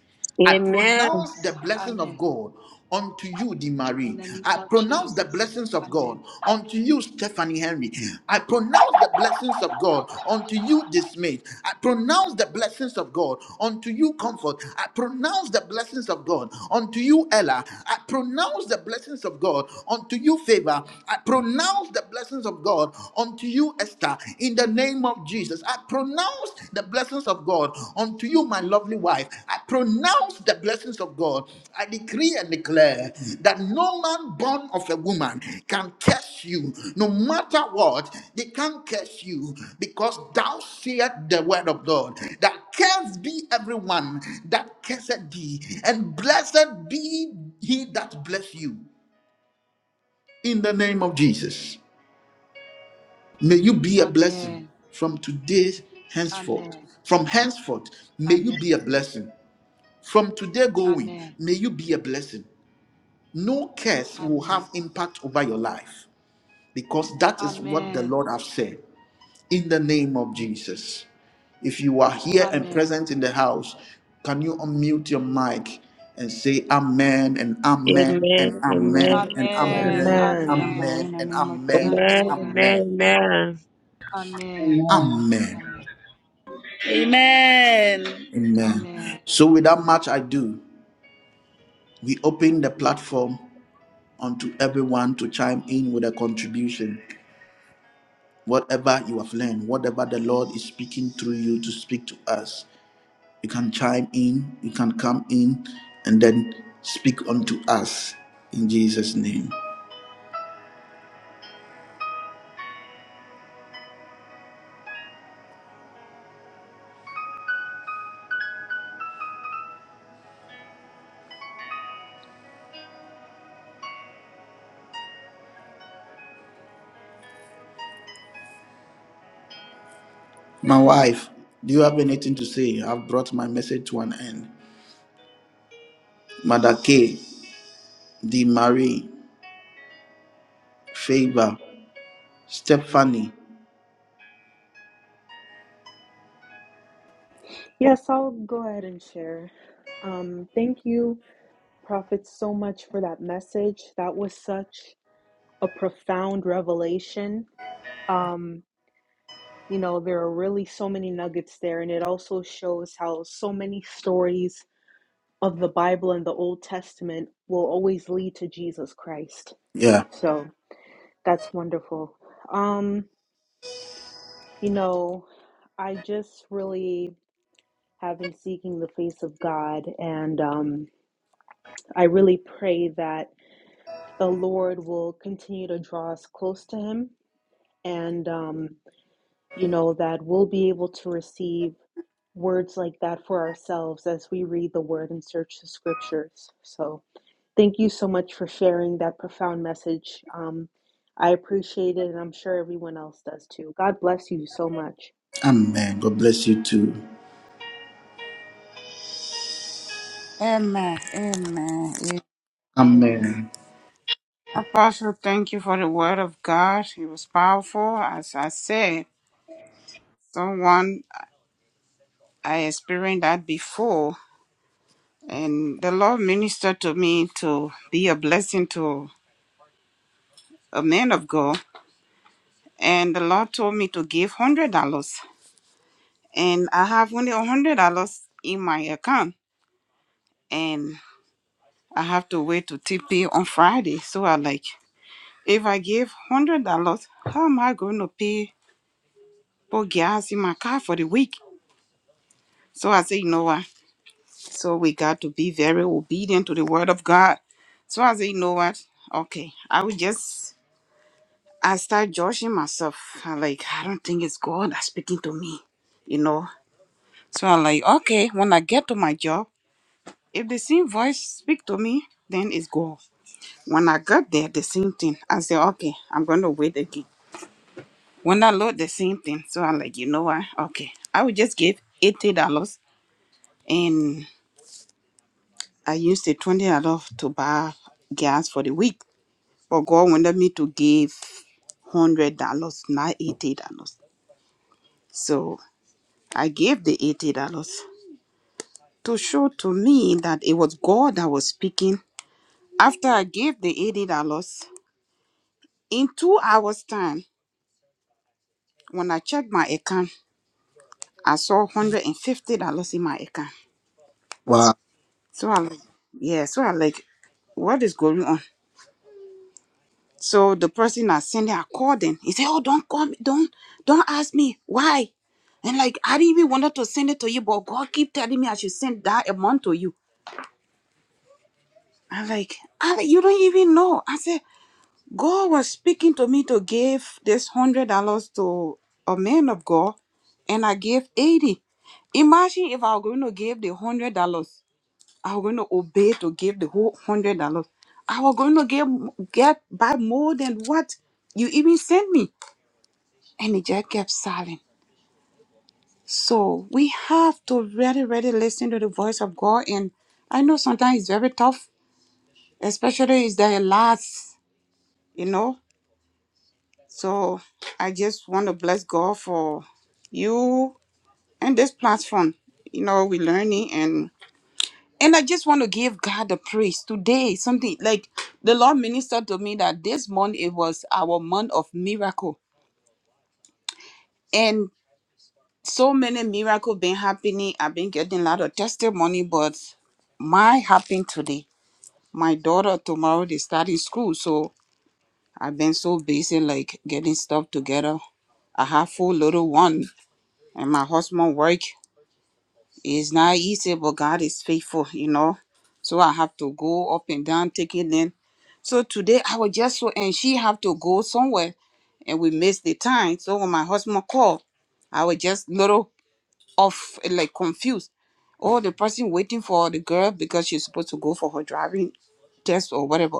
Speaker 1: I
Speaker 3: Amen. Amen.
Speaker 1: pronounce the blessing of
Speaker 6: Amen.
Speaker 1: God unto you, Di Marie.
Speaker 6: In the name
Speaker 1: I
Speaker 6: of
Speaker 1: pronounce the
Speaker 6: Jesus.
Speaker 1: blessings of
Speaker 6: Amen.
Speaker 1: God unto you, Stephanie Henry. I pronounce the blessings of God unto you, Dismayed. I pronounce the blessings of God unto you, Comfort. I pronounce the blessings of God unto you, Ella. I pronounce the blessings of God unto you, Favor. I pronounce the blessings of God. God unto you, Esther, in the name of Jesus. I pronounce the blessings of God unto you, my lovely wife. I pronounce the blessings of God. I decree and declare that no man born of a woman can curse you, no matter what, they can't curse you because thou saith the word of God that cursed be everyone that curseth thee, and blessed be he that bless you in the name of Jesus. May you be a blessing
Speaker 6: Amen.
Speaker 1: from today henceforth.
Speaker 6: Amen.
Speaker 1: From henceforth, may you
Speaker 6: Amen.
Speaker 1: be a blessing. From today going, may you be a blessing. No curse will
Speaker 6: Amen.
Speaker 1: have impact over your life because that is what the
Speaker 6: Amen.
Speaker 1: Lord has said in the name of Jesus. If you are here and
Speaker 6: Amen.
Speaker 1: present in the house, can you unmute your mic and say amen and amen
Speaker 3: Amen.
Speaker 1: and
Speaker 3: Amen.
Speaker 1: amen
Speaker 6: Amen.
Speaker 1: and
Speaker 6: Amen.
Speaker 1: amen
Speaker 4: Amen.
Speaker 1: and
Speaker 2: Amen.
Speaker 6: Amen.
Speaker 4: Amen. In
Speaker 1: amen
Speaker 4: the
Speaker 1: and
Speaker 4: name of Jesus.
Speaker 1: amen
Speaker 3: Amen.
Speaker 1: and amen.
Speaker 3: Amen.
Speaker 6: Amen. Amen.
Speaker 8: Amen.
Speaker 1: Amen.
Speaker 6: Amen.
Speaker 9: Amen.
Speaker 1: Amen. So, without much ado, we open the platform unto everyone to chime in with a contribution. Whatever you have learned, whatever the Lord is speaking through you to speak to us, you can chime in, you can come in, and then speak unto us in Jesus' name. My wife, do you have anything to say? I've brought my message to an end. Mother K, D. Marie, Favor, Stephanie.
Speaker 2: Yes, I'll go ahead and share. Um, thank you Prophet, so much for that message. That was such a profound revelation. Um, you know, there are really so many nuggets there, and it also shows how so many stories of the Bible and the Old Testament will always lead to Jesus Christ.
Speaker 1: Yeah.
Speaker 2: So that's wonderful. Um, you know, I just really have been seeking the face of God, and um, I really pray that the Lord will continue to draw us close to Him and um, you know that we'll be able to receive words like that for ourselves as we read the word and search the scriptures so thank you so much for sharing that profound message um, i appreciate it and i'm sure everyone else does too god bless you so much
Speaker 1: Amen. God bless you too.
Speaker 4: Amen. Amen. Amen.
Speaker 1: Amen.
Speaker 4: Apostle, thank you for the word of God. It was powerful. As I said, someone I experienced that before, and the Lord ministered to me to be a blessing to a man of God. and the Lord told me to give hundred dollars, and I have only hundred dollars in my account, and I have to wait to TP on Friday. So I like, if I give hundred dollars, how am I going to pay for gas in my car for the week? So I say, you know what? So we got to be very obedient to the word of God. So I say, you know what? Okay, I will just. I start judging myself. i like, I don't think it's God that's speaking to me you know So I'm like, okay, when I get to my job, if the same voice speak to me, then it's go. When I got there, the same thing. I said, okay, I'm gonna wait again. When I load the same thing, so I'm like, you know what? Okay, I will just give eighty dollars, and I used the twenty dollars to buy gas for the week. But God wanted me to give one hundred dollars, not eighty dollars. So I gave the eighty dollars to show to me that it was God that was speaking After I gave the $80, in two hours' time, when I checked my account, I saw $150 in my account.
Speaker 1: Wow.
Speaker 4: So I like, yeah, so I like, what is going on? So the person I sent it, I called him. He said, Oh, don't call me, don't, don't ask me why. And like I didn't even wanted to send it to you, but God keep telling me I should send that amount to you. I'm like, I, you don't even know. I said, God was speaking to me to give this hundred dollars to a man of God, and I gave eighty. Imagine if I were going to give the hundred dollars, I was going to obey to give the whole hundred dollars. I was going to get get by more than what you even sent me, and he just kept silent. So we have to really, really listen to the voice of God, and I know sometimes it's very tough, especially if there are lots, you know. So I just want to bless God for you and this platform. You know, we're learning and and I just want to give God the praise today. Something like the Lord ministered to me that this month it was our month of miracle. And so many miracles been happening. I've been getting a lot of testimony, but my happened today. My daughter tomorrow they start in school. So I've been so busy like getting stuff together. I have four little one. and my husband work is not easy but god is faithful you know so i have to go up and down taking in so today i was just so and she have to go somewhere and we missed the time so when my husband called i was just little off like confused oh the person waiting for the girl because she's supposed to go for her driving test or whatever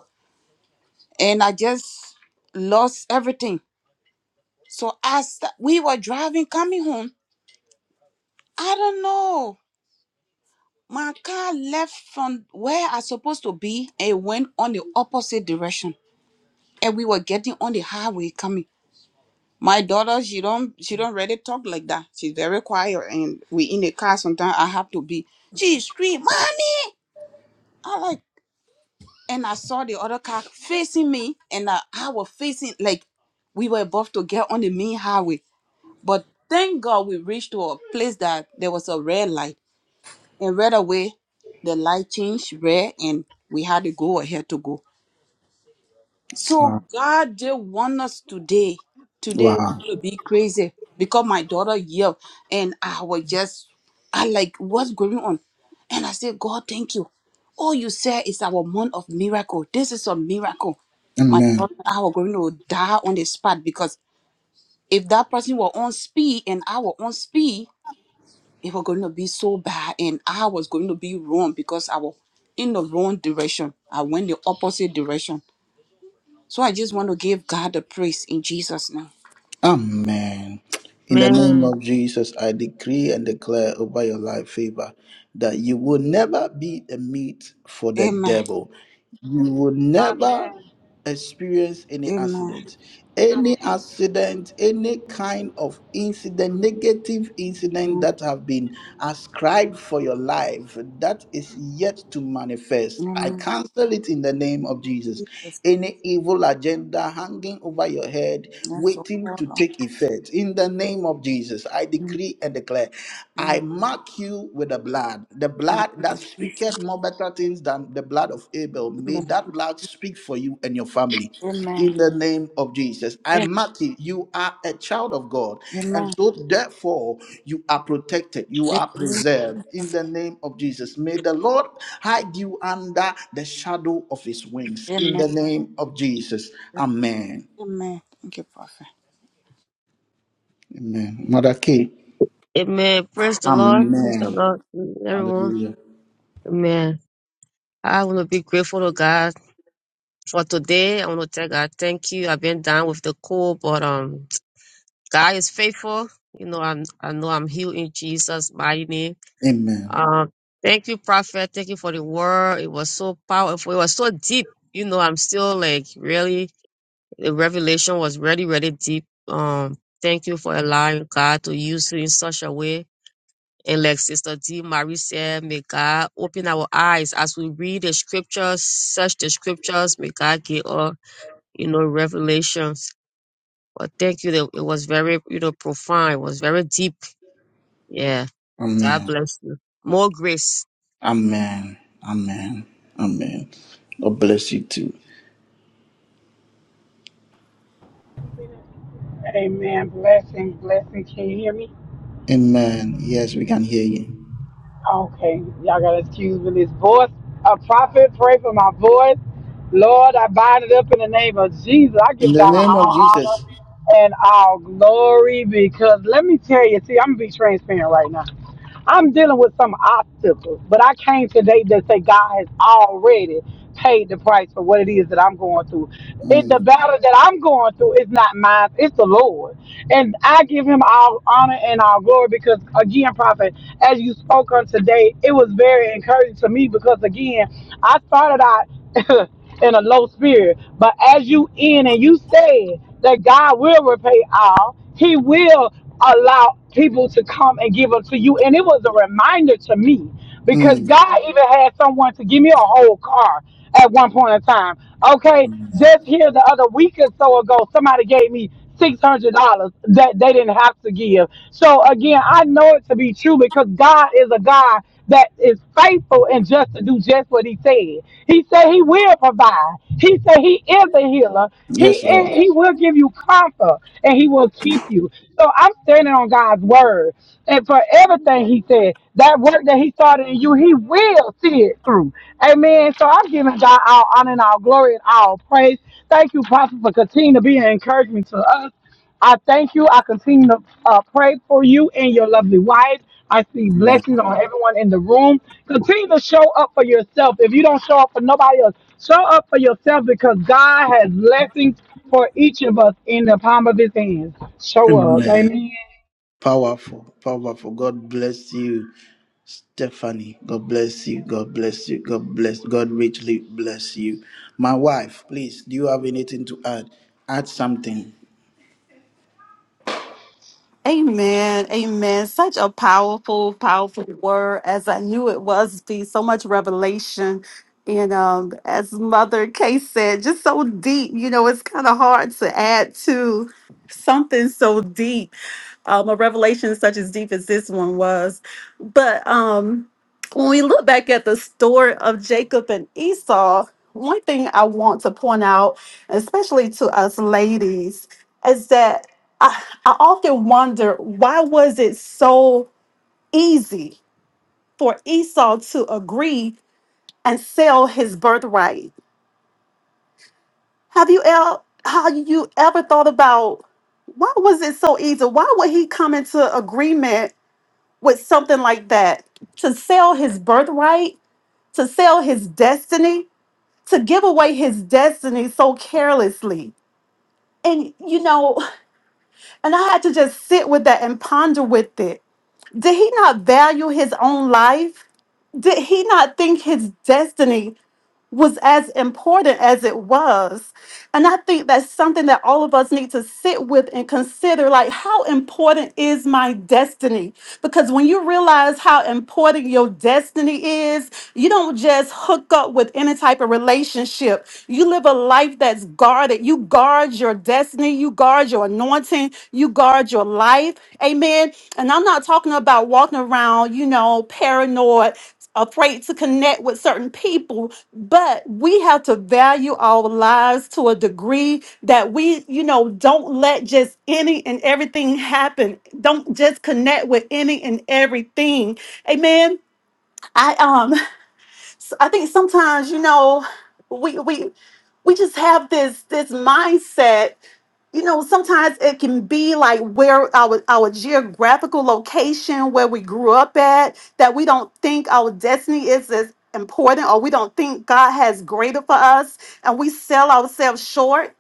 Speaker 4: and i just lost everything so as th- we were driving coming home i don't know My car left from where I supposed to be and went on the opposite direction. And we were getting on the highway coming. My daughter, she don't she don't really talk like that. She's very quiet and we in the car sometimes I have to be. She scream, Mommy! I like and I saw the other car facing me and I, I was facing like we were about to get on the main highway. But thank God we reached to a place that there was a red light And right away, the light changed red and we had to go ahead to go. So
Speaker 1: Wow.
Speaker 4: God did want us today. Today was
Speaker 1: Wow.
Speaker 4: going to be crazy because my daughter yelled and I was just, I like, what's going on? And I said, God, thank you. All you said is our month of miracle. This is a miracle. My
Speaker 1: Amen.
Speaker 4: daughter and I were going to die on the spot because if that person were on speed and I were on speed, it was going to be so bad and i was going to be wrong because i was in the wrong direction i went the opposite direction so i just want to give god the praise in jesus name
Speaker 1: Amen. In the name
Speaker 3: Amen.
Speaker 1: of Jesus, I decree and declare over your life favor that you will never be a meat for the
Speaker 4: amen
Speaker 1: devil. you will
Speaker 6: Amen. Amen.
Speaker 1: never
Speaker 6: Amen.
Speaker 1: experience any
Speaker 4: amen
Speaker 1: accident. Any
Speaker 6: Amen.
Speaker 1: accident, any kind of incident, negative incident
Speaker 4: amen,
Speaker 1: that have been ascribed for your life that is yet to manifest. I
Speaker 4: amen.
Speaker 1: cancel it in the name of Jesus.
Speaker 4: Jesus.
Speaker 1: Any evil agenda hanging over your head,
Speaker 4: Yes, oh
Speaker 1: waiting
Speaker 4: Lord.
Speaker 1: to take effect. In the name of Jesus, I
Speaker 4: Amen.
Speaker 1: decree and declare. I
Speaker 4: Amen.
Speaker 1: mark you with the blood. The blood that
Speaker 4: Amen.
Speaker 1: speaketh more better things than the blood of Abel. May
Speaker 4: Amen.
Speaker 1: that blood speak for you and your family.
Speaker 4: Amen.
Speaker 1: In the name of Jesus. And Matthew, you are a child of God. And so therefore, you are protected. You are preserved. In the name of Jesus. May the Lord hide you under the shadow of his wings. In
Speaker 4: Amen.
Speaker 1: the name of Jesus. Amen.
Speaker 4: Amen. Thank you, Prophet.
Speaker 1: Amen. Mother K.
Speaker 3: Amen. Praise the Lord. Praise the
Speaker 1: Amen.
Speaker 3: Lord. Everyone.
Speaker 1: Hallelujah.
Speaker 3: Amen. I want to be grateful to God for today. I want to tell God thank you. I've been down with the cold, but um, God is faithful. You know, I'm I know I'm healed in Jesus' mighty name.
Speaker 1: Amen.
Speaker 3: Um, thank you, Prophet. Thank you for the word. It was so powerful. It was so deep. You know, I'm still like really the revelation was really, really deep. Um, thank you for allowing God to use you in such a way. And like Sister D. Marie said, may God open our eyes as we read the scriptures, search the scriptures. May God give us, you know, revelations. But thank you. that It was very, you know, profound. It was very deep. Yeah. God
Speaker 1: Amen.
Speaker 3: bless you. More grace.
Speaker 1: Amen. Amen. Amen. God bless you too.
Speaker 8: Amen. Blessing, blessing. Can you hear me?
Speaker 1: Amen. Yes, we can hear you.
Speaker 8: Okay. Y'all got to excuse me. This voice, a prophet, pray for my voice. Lord, I bind it up in the name of Jesus. I
Speaker 1: In
Speaker 8: give
Speaker 1: the
Speaker 8: God
Speaker 1: name of
Speaker 8: all
Speaker 1: Jesus.
Speaker 8: honor and all glory because let me tell you, see, I'm going to be transparent right now. I'm dealing with some obstacles, but I came today to say God has already paid the price for what it is that I'm going through. It, the
Speaker 1: Mm,
Speaker 8: battle that I'm going through is not mine, it's the Lord. And I give him all honor and all glory because, again, Prophet, as you spoke on today, it was very encouraging to me because, again, I started out. in a low spirit. But as you in and you said that God will repay all, He will allow people to come and give up to you. And it was a reminder to me because
Speaker 1: mm.
Speaker 8: God even had someone to give me a whole car at one point in time. Okay,
Speaker 1: mm.
Speaker 8: just here the other week or so ago, somebody gave me six hundred dollars that they didn't have to give. So again, I know it to be true because God is a God that is faithful and just to do just what He said. He said He will provide. He said He is a healer. He
Speaker 1: Yes,
Speaker 8: is,
Speaker 1: Lord.
Speaker 8: He will give you comfort and He will keep you. So I'm standing on God's word, and forever good thing he said. That work that he started in you, he will see it through. Amen. So I'm giving God all honor and all glory and all praise. Thank you, Prophet, for continuing to be an encouragement to us. I thank you. I continue to uh, pray for you and your lovely wife. I see
Speaker 1: Amen.
Speaker 8: blessings on everyone in the room. Continue to show up for yourself. If you don't show up for nobody else, show up for yourself because God has blessings for each of us in the palm of his hands. Show up.
Speaker 1: Amen.
Speaker 8: Amen.
Speaker 1: Powerful. Powerful. God bless you. Stephanie, God bless you. God bless you. God bless. God richly bless you. My wife, please, do you have anything to add? Add something.
Speaker 5: Amen. Amen. Such a powerful, powerful word as I knew it was be so much revelation. And um, as Mother Kay said, just so deep, you know, it's kind of hard to add to something so deep um, a revelation such as deep as this one was. But um, when we look back at the story of Jacob and Esau, one thing I want to point out, especially to us ladies, is that I, I often wonder why was it so easy for Esau to agree and sell his birthright? Have you el- how you ever thought about why was it so easy? Why would he come into agreement with something like that to sell his birthright, to sell his destiny, to give away his destiny so carelessly. And, you know, and I had to just sit with that and ponder with it. Did he not value his own life? Did he not think his destiny? was as important as it was. And I think that's something that all of us need to sit with and consider like, how important is my destiny? Because when you realize how important your destiny is, you don't just hook up with any type of relationship. You live a life that's guarded. You guard your destiny, you guard your anointing, you guard your life. Amen. And I'm not talking about walking around, you know, paranoid afraid to connect with certain people, but we have to value our lives to a degree that we, you know, don't let just any and everything happen. Don't just connect with any and everything. Amen. I um I think sometimes, you know, we we we just have this this mindset you know, sometimes it can be like where our our geographical location, where we grew up at, that we don't think our destiny is as important, or we don't think God has greater for us, and we sell ourselves short.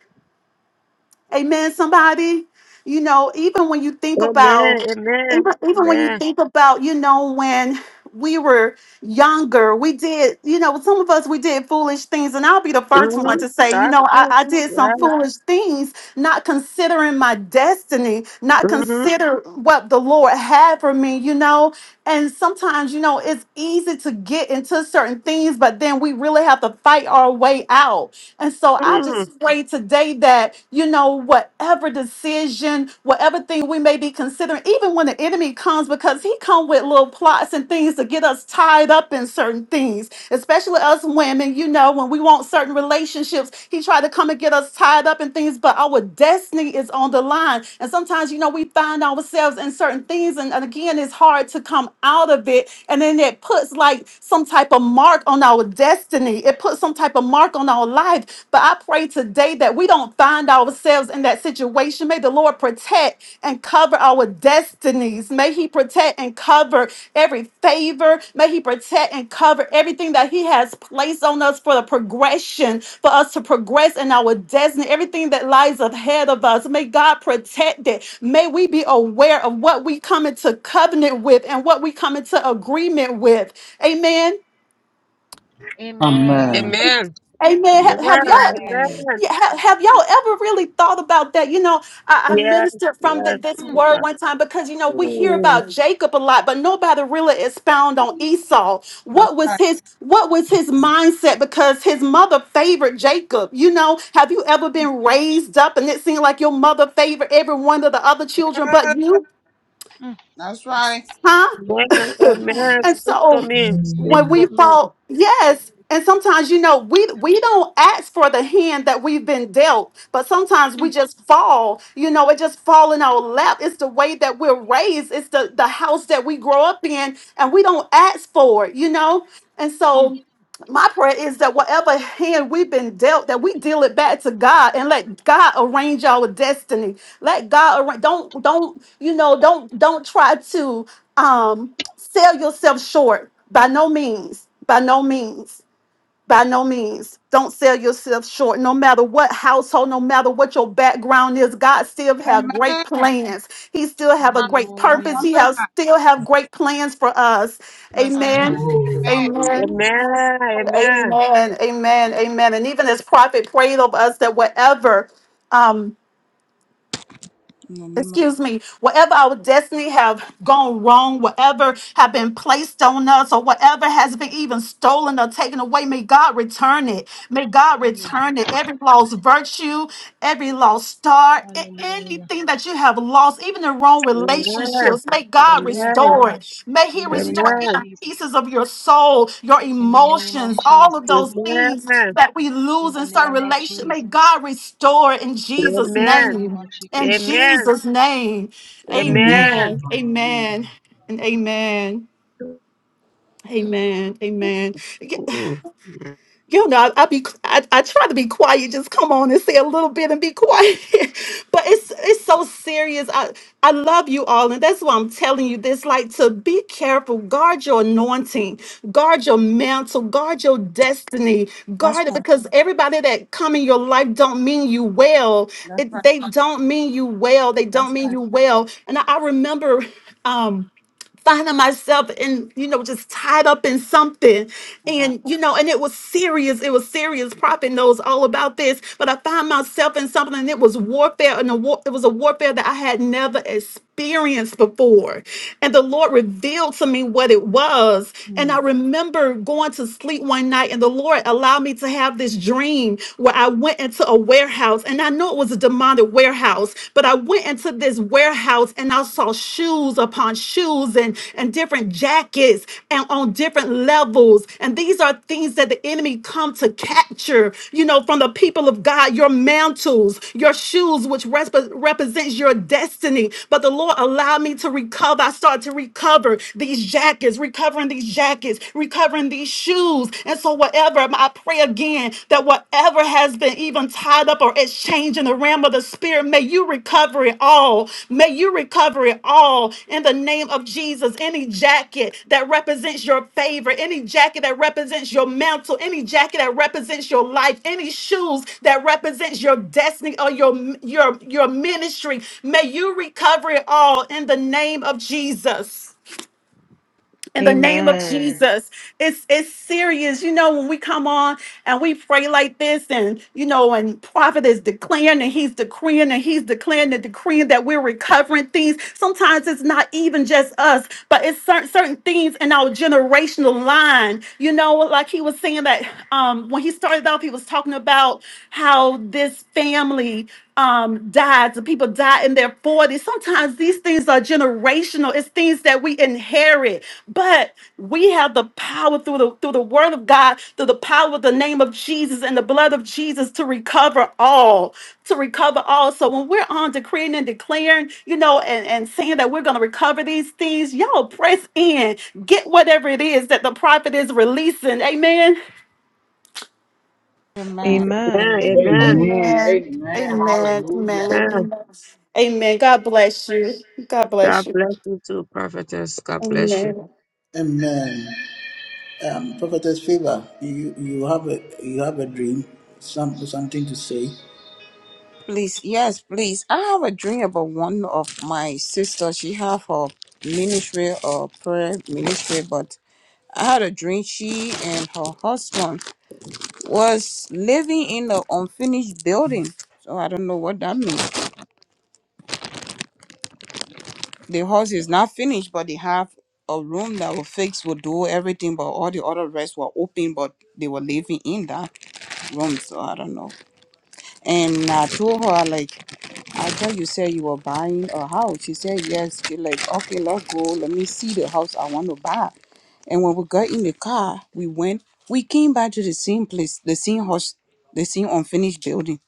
Speaker 5: Amen. Somebody, you know, even when you think about,
Speaker 3: Amen. Amen.
Speaker 5: even, even when you
Speaker 3: Amen.
Speaker 5: think about, you know, when we were younger, we did, you know, some of us we did foolish things, and I'll be the first one
Speaker 3: Mm-hmm.
Speaker 5: to say, you
Speaker 3: That's
Speaker 5: know, I,
Speaker 3: true.
Speaker 5: I did some
Speaker 3: Yes.
Speaker 5: foolish things not considering my destiny, not
Speaker 3: Mm-hmm.
Speaker 5: consider what the Lord had for me, you know. And sometimes, you know, it's easy to get into certain things, but then we really have to fight our way out. And so I
Speaker 3: Mm.
Speaker 5: just pray today that, you know, whatever decision, whatever thing we may be considering, even when the enemy comes, because he come with little plots and things to get us tied tied up in certain things, especially us women. You know, when we want certain relationships, he tried to come and get us tied up in things, but our destiny is on the line. And sometimes, you know, we find ourselves in certain things, and, and again, it's hard to come out of it. And then it puts like some type of mark on our destiny, it puts some type of mark on our life. But I pray today that we don't find ourselves in that situation situation. May the Lord protect and cover our destinies. May He protect and cover every favor. May He protect and cover everything that He has placed on us for the progression, for us to progress in our destiny, everything that lies ahead of us. May God protect it. May we be aware of what we come into covenant with and what we come into agreement with. Amen.
Speaker 1: Amen.
Speaker 3: Amen.
Speaker 5: Amen. Have, have
Speaker 3: Amen.
Speaker 5: y'all
Speaker 6: Amen.
Speaker 3: Amen.
Speaker 5: yeah, have, have y'all ever really thought about that? You know, I, I
Speaker 3: Yes.
Speaker 5: ministered from
Speaker 3: Yes.
Speaker 5: th- this
Speaker 6: Mm,
Speaker 3: my
Speaker 5: word
Speaker 3: God.
Speaker 5: one time because you know we hear
Speaker 3: Mm.
Speaker 5: about Jacob a lot, but nobody really expound on Esau.
Speaker 4: That's
Speaker 5: What was
Speaker 4: right.
Speaker 5: his What was his mindset? Because his mother favored Jacob. You know, have you ever been raised up and it seemed like your mother favored every one of the other children but you?
Speaker 6: mm,
Speaker 4: That's right.
Speaker 5: huh?
Speaker 3: Amen.
Speaker 4: Mm.
Speaker 3: Amen.
Speaker 5: and
Speaker 3: Speak to
Speaker 5: so
Speaker 3: me. Speak
Speaker 5: when we
Speaker 3: to me.
Speaker 5: fall, yes. And sometimes, you know, we we don't ask for the hand that we've been dealt, but sometimes we
Speaker 6: mm,
Speaker 5: just fall. You know, it just fall in our lap. It's the way that we're raised. It's the the house that we grow up in, and we don't ask for it. You know, and
Speaker 6: mm.
Speaker 5: so my prayer is that whatever hand we've been dealt, that we deal it back to God and let God arrange our destiny. Let God arrange. Don't don't you know? Don't don't try to um sell yourself short. By no means. By no means. By no means. Don't sell yourself short. No matter what household, no matter what your background is, God still have great
Speaker 4: Amen.
Speaker 5: plans. He still have a great
Speaker 4: Don't
Speaker 5: purpose.
Speaker 6: Hallelujah.
Speaker 5: He has
Speaker 4: compromise.
Speaker 5: still have great plans for us.
Speaker 4: Yes,
Speaker 5: Amen.
Speaker 6: Amen.
Speaker 4: amen.
Speaker 5: Amen.
Speaker 3: Amen. Amen.
Speaker 5: Amen. Amen. Amen. And even as prophet prayed over us that whatever, um,
Speaker 4: In the name of
Speaker 5: excuse me, whatever our destiny have gone wrong, whatever have been placed on us, or whatever has been even stolen or taken away, may God return it. May God
Speaker 6: Amen.
Speaker 5: return it. Every lost virtue, every lost star, a-
Speaker 6: Hallelujah.
Speaker 5: anything that you have lost, even the wrong
Speaker 3: Amen.
Speaker 5: relationships, may God
Speaker 6: Yes,
Speaker 3: Amen.
Speaker 5: restore
Speaker 6: Lord.
Speaker 5: it. May He
Speaker 6: In the name
Speaker 5: restore
Speaker 6: of
Speaker 5: even
Speaker 3: Amen.
Speaker 6: Jesus.
Speaker 5: pieces of your soul, your
Speaker 6: In the name of
Speaker 5: emotions, all of
Speaker 6: Jesus.
Speaker 3: Amen.
Speaker 5: those things that we
Speaker 6: In
Speaker 5: lose
Speaker 6: the
Speaker 5: in certain
Speaker 6: name of
Speaker 5: relationships. May
Speaker 6: Jesus.
Speaker 5: God restore in Jesus'
Speaker 6: In the
Speaker 3: Amen.
Speaker 6: name
Speaker 5: name.
Speaker 6: of
Speaker 5: In
Speaker 6: Jesus.
Speaker 3: Amen.
Speaker 5: Jesus' name.
Speaker 8: In Jesus'
Speaker 3: Amen.
Speaker 5: Amen.
Speaker 8: name.
Speaker 5: Amen. And amen. Amen. Amen
Speaker 3: Mm.
Speaker 5: you know, I, I be I, I try to be quiet, just come on and say a little bit and be quiet. but it's it's so serious. I I love you all, and that's why I'm telling you this. Like to be careful, guard your anointing, guard your mantle, guard your destiny,
Speaker 4: that's
Speaker 5: guard it
Speaker 4: right.
Speaker 5: because everybody that come in your life don't mean you well.
Speaker 4: That's right.
Speaker 5: It, they don't mean you well. They don't
Speaker 4: That's
Speaker 5: mean
Speaker 4: kind
Speaker 5: you well. And I, I remember. um finding myself in, you know, just tied up in something.
Speaker 4: of God.
Speaker 5: And, you know, and it was serious. It was serious. Prophet knows all about this. But I found myself in something and it was warfare. And a war, it was a warfare that I had never experienced before. And the Lord revealed to me what it was. And
Speaker 4: Hmm.
Speaker 5: I remember going to sleep one night and the Lord allowed me to have this dream where I went into a warehouse and I know it was a demonic the warehouse, but I went into this warehouse and I saw shoes upon shoes and, and different jackets and on different levels. And these are things that the enemy come to capture, you know, from the people of God, your mantles, your shoes, which resp- represents your destiny. But the Lord allowed me to recover. I started to recover these jackets, recovering these jackets, recovering these shoes. And so whatever Abram, I pray again that whatever has been even tied up or exchanged in the realm of the spirit, may you recover it all. May you recover it all in the name of Jesus. Any jacket that represents your favor, any jacket that represents your mantle, any jacket that represents your life, any shoes that represents your destiny or your your your ministry, may you recover it all in the name of Jesus in the name of
Speaker 2: amen
Speaker 5: Jesus. It's it's serious. You know, when we come on and we pray like this, and you know, and prophet is declaring and he's decreeing and he's declaring and decreeing that we're recovering things. Sometimes it's not even just us, but it's certain certain things in our generational line. You know, like he was saying that um when he started off, he was talking about how this family um died lives. and People die in their 40s. Sometimes these things are generational. It's things that we inherit. But we have the power through the through the word of God, through the power of the name of Jesus and the blood of Jesus to recover all. To recover all. So when we're on decreeing and declaring, you know, and, and saying that we're gonna recover these things, y'all press in. Get whatever it is that the prophet is releasing. Amen. Amen.
Speaker 4: Amen.
Speaker 2: amen
Speaker 3: Amen.
Speaker 8: Amen.
Speaker 5: Amen.
Speaker 8: Amen.
Speaker 5: Amen. Amen.
Speaker 8: Hallelujah.
Speaker 3: Amen.
Speaker 5: Amen. Amen. God bless you. God bless
Speaker 3: God
Speaker 5: you.
Speaker 3: bless you too, prophetess. God bless you.
Speaker 5: Amen.
Speaker 1: Amen. Um, Prophetess Favor, you you have a you have a dream, some something to say.
Speaker 4: Please, yes, please. I have a dream about one of my sisters. She have her ministry or prayer ministry, but I had a dream she and her husband was living in an unfinished building. So I don't know what that means. The house is not finished, but they have a room that will fix, will do everything, but all the other rest were open, but they were living in that room. So I don't know. And I told her like I thought you said you were buying a house. She said yes. She like, okay, let's go. Let me see the house I want to buy. And when we got in the car, we went. We came back to the same place, the same house, the same unfinished building.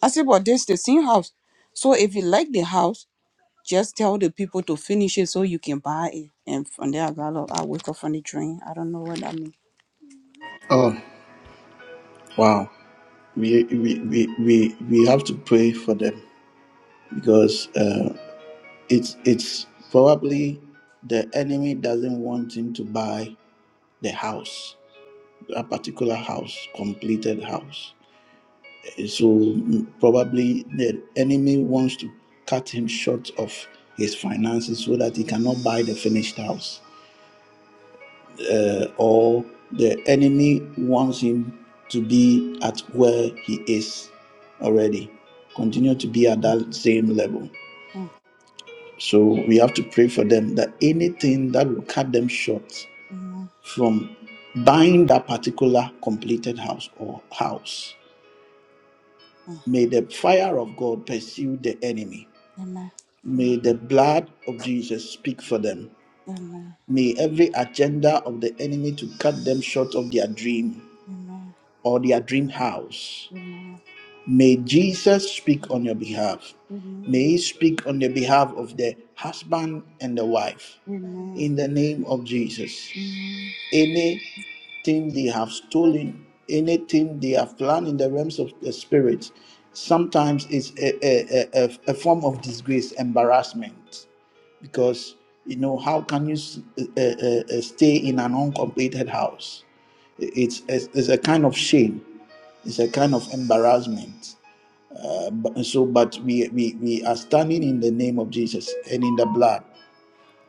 Speaker 4: I said, but this the same house. So if you like the house, just tell the people to finish it so you can buy it. And from there, I got up. I woke up from the dream. I don't know what that means.
Speaker 1: Oh wow, we we we we, we have to pray for them because uh, it's it's probably the enemy doesn't want him to buy the house, a particular house, completed house. Eh, So mm, probably the enemy wants to cut him short of his finances so that he cannot buy the finished house uh, or the enemy wants him to be at where he is already. Continue to be at that same level.
Speaker 4: Amen.
Speaker 1: So we have to pray for them that anything that will cut them short
Speaker 4: Amen.
Speaker 1: from buying that particular completed house or house, may the fire of God pursue the enemy.
Speaker 4: Amen.
Speaker 1: May the blood of Jesus speak for them.
Speaker 4: Amen.
Speaker 1: May every agenda of the enemy to cut them short of their dream or their dream house May Jesus speak on your behalf.
Speaker 4: Mm, Amen. Amen. Amen.
Speaker 1: May he speak on the behalf of the husband and the wife.
Speaker 4: Amen. Amen.
Speaker 1: In the name of Jesus.
Speaker 4: Mm,
Speaker 1: Anything they have stolen, anything they have planned in the realms of the spirit, sometimes it's a, a, a, a a form of disgrace, embarrassment. Because, you know, how can you s- uh, uh, uh, stay in an uncompleted house? It's, it's, it's a kind of shame, it's a kind of embarrassment. But and so, but we, we we are standing in the name of Jesus and in the blood,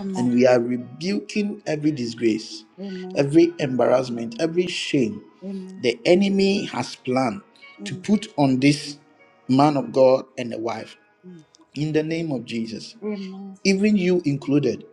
Speaker 4: Amen.
Speaker 1: and we are rebuking every disgrace,
Speaker 4: Amen.
Speaker 1: every embarrassment, every shame
Speaker 4: Amen.
Speaker 1: the enemy has planned to
Speaker 4: Amen.
Speaker 1: put on this man of God and the wife
Speaker 4: Mm.
Speaker 1: in the name of Jesus
Speaker 4: Amen.
Speaker 1: even you included.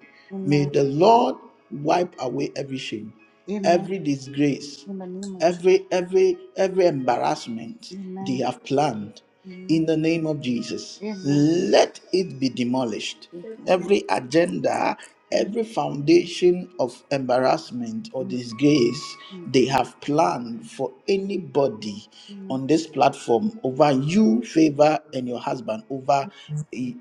Speaker 1: May
Speaker 4: Amen.
Speaker 1: the Lord wipe away every shame,
Speaker 4: Amen.
Speaker 1: every disgrace,
Speaker 4: In the name of Jesus.
Speaker 1: every every every embarrassment they
Speaker 4: Amen.
Speaker 1: have planned in
Speaker 4: Amen.
Speaker 1: the name of Jesus.
Speaker 4: Amen.
Speaker 1: Let it be demolished.
Speaker 4: Amen.
Speaker 1: Every agenda, every foundation of embarrassment or
Speaker 4: Amen.
Speaker 1: disgrace they have planned for anybody
Speaker 4: Amen.
Speaker 1: on this platform over you, favor, and your husband, over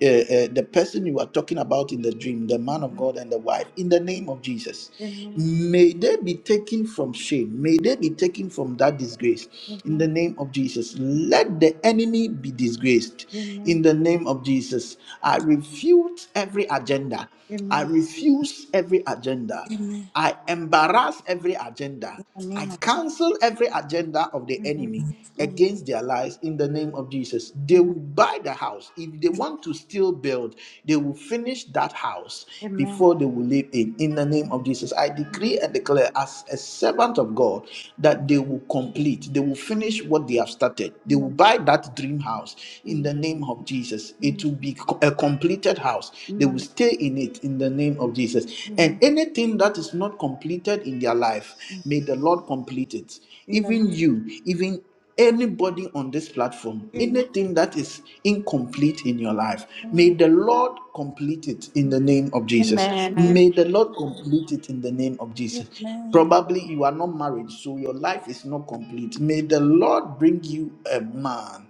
Speaker 1: uh, uh, the person you are talking about in the dream, the man of God and the wife, in the name of Jesus.
Speaker 4: Amen.
Speaker 1: May they be taken from shame. May they be taken from that disgrace in the
Speaker 4: Amen.
Speaker 1: name of Jesus. Let the enemy be disgraced in
Speaker 4: Amen.
Speaker 1: the name of Jesus. I refute every agenda. I
Speaker 4: Amen.
Speaker 1: refuse every agenda.
Speaker 4: Amen.
Speaker 1: I embarrass every agenda.
Speaker 4: In the
Speaker 1: I
Speaker 4: name of
Speaker 1: cancel every agenda of the enemy against their lives in the name of Jesus. They will
Speaker 4: Amen.
Speaker 1: buy the house. If they want to still build, they will finish that house
Speaker 4: Amen. Amen.
Speaker 1: before they will live in. In the name of Jesus, I decree and declare as a servant of God that they will complete, they will
Speaker 4: Amen.
Speaker 1: finish what they have started. They will
Speaker 4: Amen.
Speaker 1: buy that dream house in
Speaker 4: Amen.
Speaker 1: the name of Jesus. It will be co- a completed house. They will
Speaker 4: Amen.
Speaker 1: stay in it in the name of Jesus.
Speaker 4: Amen.
Speaker 1: And anything that is not completed in their life,
Speaker 4: Amen.
Speaker 1: may the Lord complete it.
Speaker 4: In the name
Speaker 1: Even you, even anybody on this platform,
Speaker 4: Amen.
Speaker 1: anything that is incomplete in your life, may the Lord complete it in
Speaker 4: Amen. Amen.
Speaker 1: the name of Jesus.
Speaker 4: Amen. Amen.
Speaker 5: Amen.
Speaker 1: May the Lord complete it in the name of Jesus.
Speaker 4: Amen.
Speaker 1: Probably you are not married, so your life is not complete. May the Lord bring you a man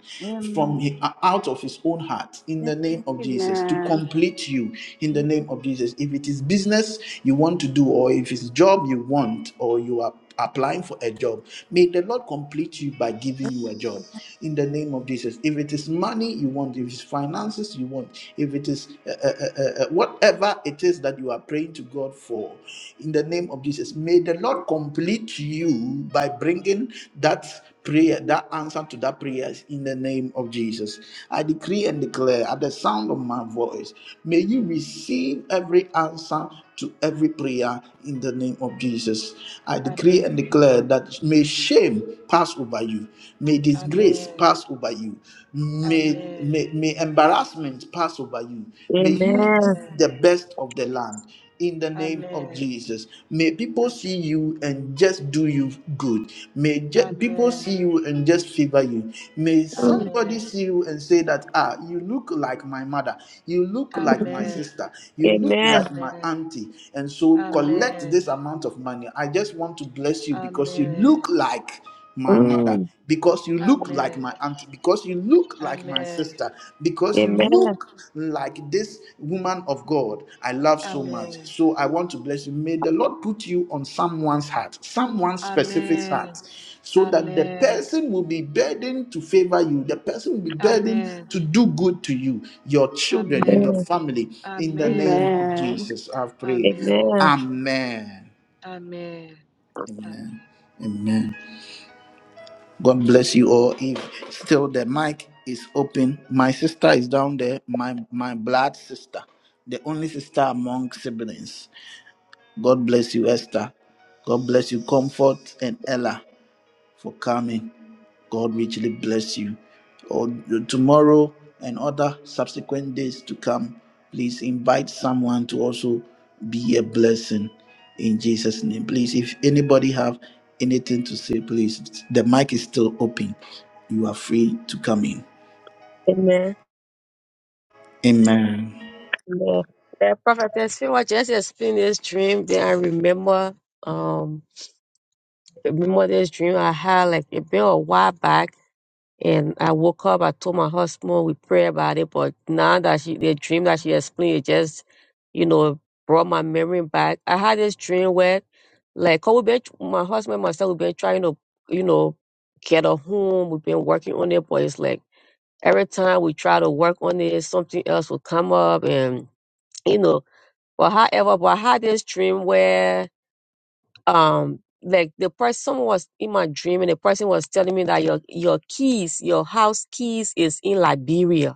Speaker 1: from hi- out of his own heart in the name of Jesus to
Speaker 5: Amen.
Speaker 1: complete you in the name of Jesus. If it is business you want to do, or if it's job you want, or you are applying for a job, may the Lord complete you by giving you a job in the name of Jesus. If it is money you want, if it's finances you want, if it is uh, uh, uh, uh, uh, whatever it is that you are praying to God for, in the name of Jesus, may the Lord complete you by bringing that prayer, that answer to that prayer in the name of Jesus. I decree and declare at the sound of my voice, may you receive every answer to every prayer in the name of Jesus. I decree
Speaker 6: Amen.
Speaker 1: and declare that may shame pass over you, may disgrace
Speaker 6: Amen.
Speaker 1: pass over you, may,
Speaker 6: Amen.
Speaker 1: may, may embarrassment pass over you, may you
Speaker 3: Amen.
Speaker 6: Amen.
Speaker 1: eat the best of the land. In the name of
Speaker 6: Amen.
Speaker 1: Jesus, may people
Speaker 6: Amen.
Speaker 1: see you and just do you good. May ju- people
Speaker 6: Amen.
Speaker 1: see you and just favor you. May
Speaker 3: Mm,
Speaker 1: somebody
Speaker 6: Amen.
Speaker 1: see you and say that, ah, you look like my mother, you look like
Speaker 3: mm,
Speaker 1: my
Speaker 3: mm.
Speaker 6: Amen.
Speaker 1: sister, you look
Speaker 3: Amen.
Speaker 1: like my
Speaker 6: Amen.
Speaker 1: auntie. And so
Speaker 6: Amen.
Speaker 1: collect
Speaker 6: Amen.
Speaker 1: this amount of money. I just want to bless you because you
Speaker 6: Amen.
Speaker 1: look like my mother
Speaker 3: Mm,
Speaker 1: because you look like my auntie because you look like my sister because you
Speaker 3: Amen.
Speaker 1: look like this woman of God I love so much.
Speaker 6: Amen.
Speaker 1: So I want to bless you. May the Lord put you on someone's heart, someone's specific heart,
Speaker 6: Amen.
Speaker 1: so that the
Speaker 6: Amen.
Speaker 1: person will be burdened to favor you. The person will be burdened
Speaker 6: Amen.
Speaker 1: to do good to you, your children, and your
Speaker 6: Amen.
Speaker 3: Amen.
Speaker 1: family. In the
Speaker 6: Amen.
Speaker 1: name of
Speaker 5: Amen.
Speaker 1: Jesus, I've prayed.
Speaker 6: Amen.
Speaker 3: Amen.
Speaker 1: Amen.
Speaker 6: Amen.
Speaker 1: Amen.
Speaker 6: Amen.
Speaker 1: Amen. God bless you all. If still the mic is open, my sister is down there, my my blood sister, the only sister among siblings. God bless you, Esther. God bless you, Comfort and Ella for coming. God richly bless you. Or tomorrow and other subsequent days to come, please invite someone to also be a blessing in Jesus' name. Please, if anybody have anything to say, please, the mic is still open. You are free to come in.
Speaker 3: Amen.
Speaker 1: Amen.
Speaker 3: Amen. The prophetess, you know, just explain this dream. Then I remember, um, remember this dream I had. Like it been a while back. And I woke up, I told my husband, we prayed about it, but now that she, the dream that she explained, it just, you know, brought my memory back. I had this dream where, like, 'cause we've been, my husband and myself, we've been trying to, you know, get a home. We've been working on it, but it's like every time we try to work on it, something else will come up and, you know, but however, but I had this dream where um like the person someone was in my dream and the person was telling me that your your keys your house keys is in liberia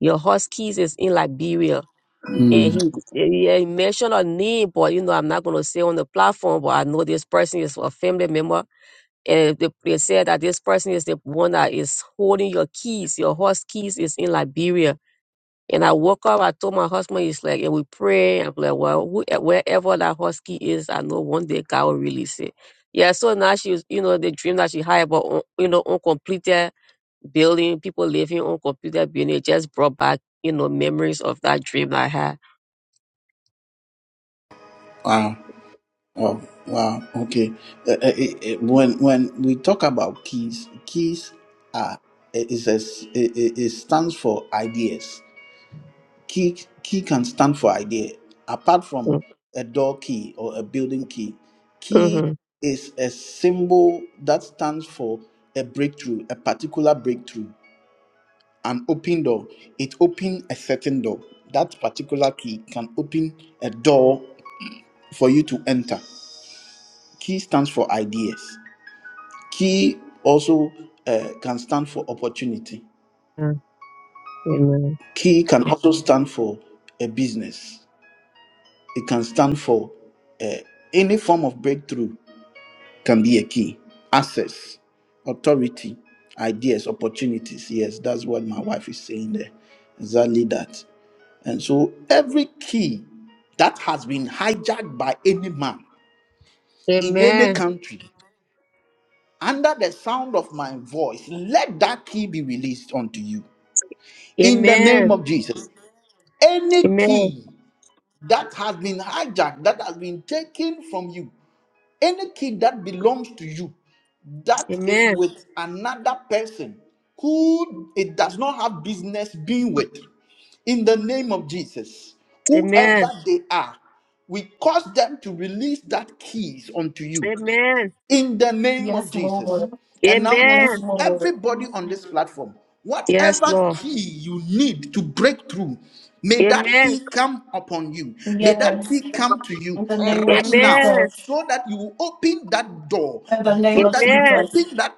Speaker 3: your house keys is in liberia and
Speaker 1: Mm.
Speaker 3: he yeah he mentioned a name but you know i'm not going to say on the platform but i know this person is a family member and they, they said that this person is the one that is holding your keys your house keys is in liberia and I woke up, I told my husband, he's like, and we pray. I'm like, well, who, eh, wherever that husky is, I know one day God will release it. Yeah, so now she was, you know, the dream that she had about, un- you know, uncompleted building, people living uncompleted building, it just brought back, you know, memories of that dream I had.
Speaker 1: Wow. Oh, wow. Okay. Uh, uh, uh, uh, when when we talk about keys, keys are it is a s- it, it it stands for ideas. Key key can stand for idea. Apart from
Speaker 3: Mm,
Speaker 1: a door key or a building key, key
Speaker 3: Mm-hmm.
Speaker 1: is a symbol that stands for a breakthrough, a particular breakthrough, an open door. It opens a certain door. That particular key can open a door for you to enter. Key stands for ideas. Key also uh, can stand for opportunity.
Speaker 3: Amen.
Speaker 1: Key can also stand for a business. It can stand for uh, any form of breakthrough can be a key. Access, authority, ideas, opportunities. Yes, that's what my wife is saying there. Exactly that. And so every key that has been hijacked by any man in any
Speaker 3: Amen.
Speaker 1: country under the sound of my voice, let that key be released unto you. in the
Speaker 3: Amen.
Speaker 1: name of Jesus. Any
Speaker 3: Amen.
Speaker 1: key that has been hijacked, that has been taken from you, any key that belongs to you, that is
Speaker 3: Amen.
Speaker 1: with another person who it does not have business being with, in the name of Jesus,
Speaker 3: Amen.
Speaker 1: whoever they are, we cause them to release that keys unto you
Speaker 3: Amen.
Speaker 1: in the name of
Speaker 5: Yes,
Speaker 1: Jesus.
Speaker 5: Lord.
Speaker 1: And now,
Speaker 5: Yes,
Speaker 1: unto
Speaker 3: Amen.
Speaker 5: Lord.
Speaker 1: everybody on this platform,
Speaker 3: Yes,
Speaker 1: whatever
Speaker 3: Lord.
Speaker 1: key you need to break through, may that
Speaker 3: Amen.
Speaker 1: key come upon you. May that
Speaker 5: Yes.
Speaker 1: key come to you
Speaker 5: In the name of
Speaker 1: right now
Speaker 3: Amen.
Speaker 5: Jesus.
Speaker 1: so that you will open that door,
Speaker 5: In the
Speaker 1: so
Speaker 5: name of
Speaker 1: that you will
Speaker 3: Amen.
Speaker 5: Jesus.
Speaker 1: open that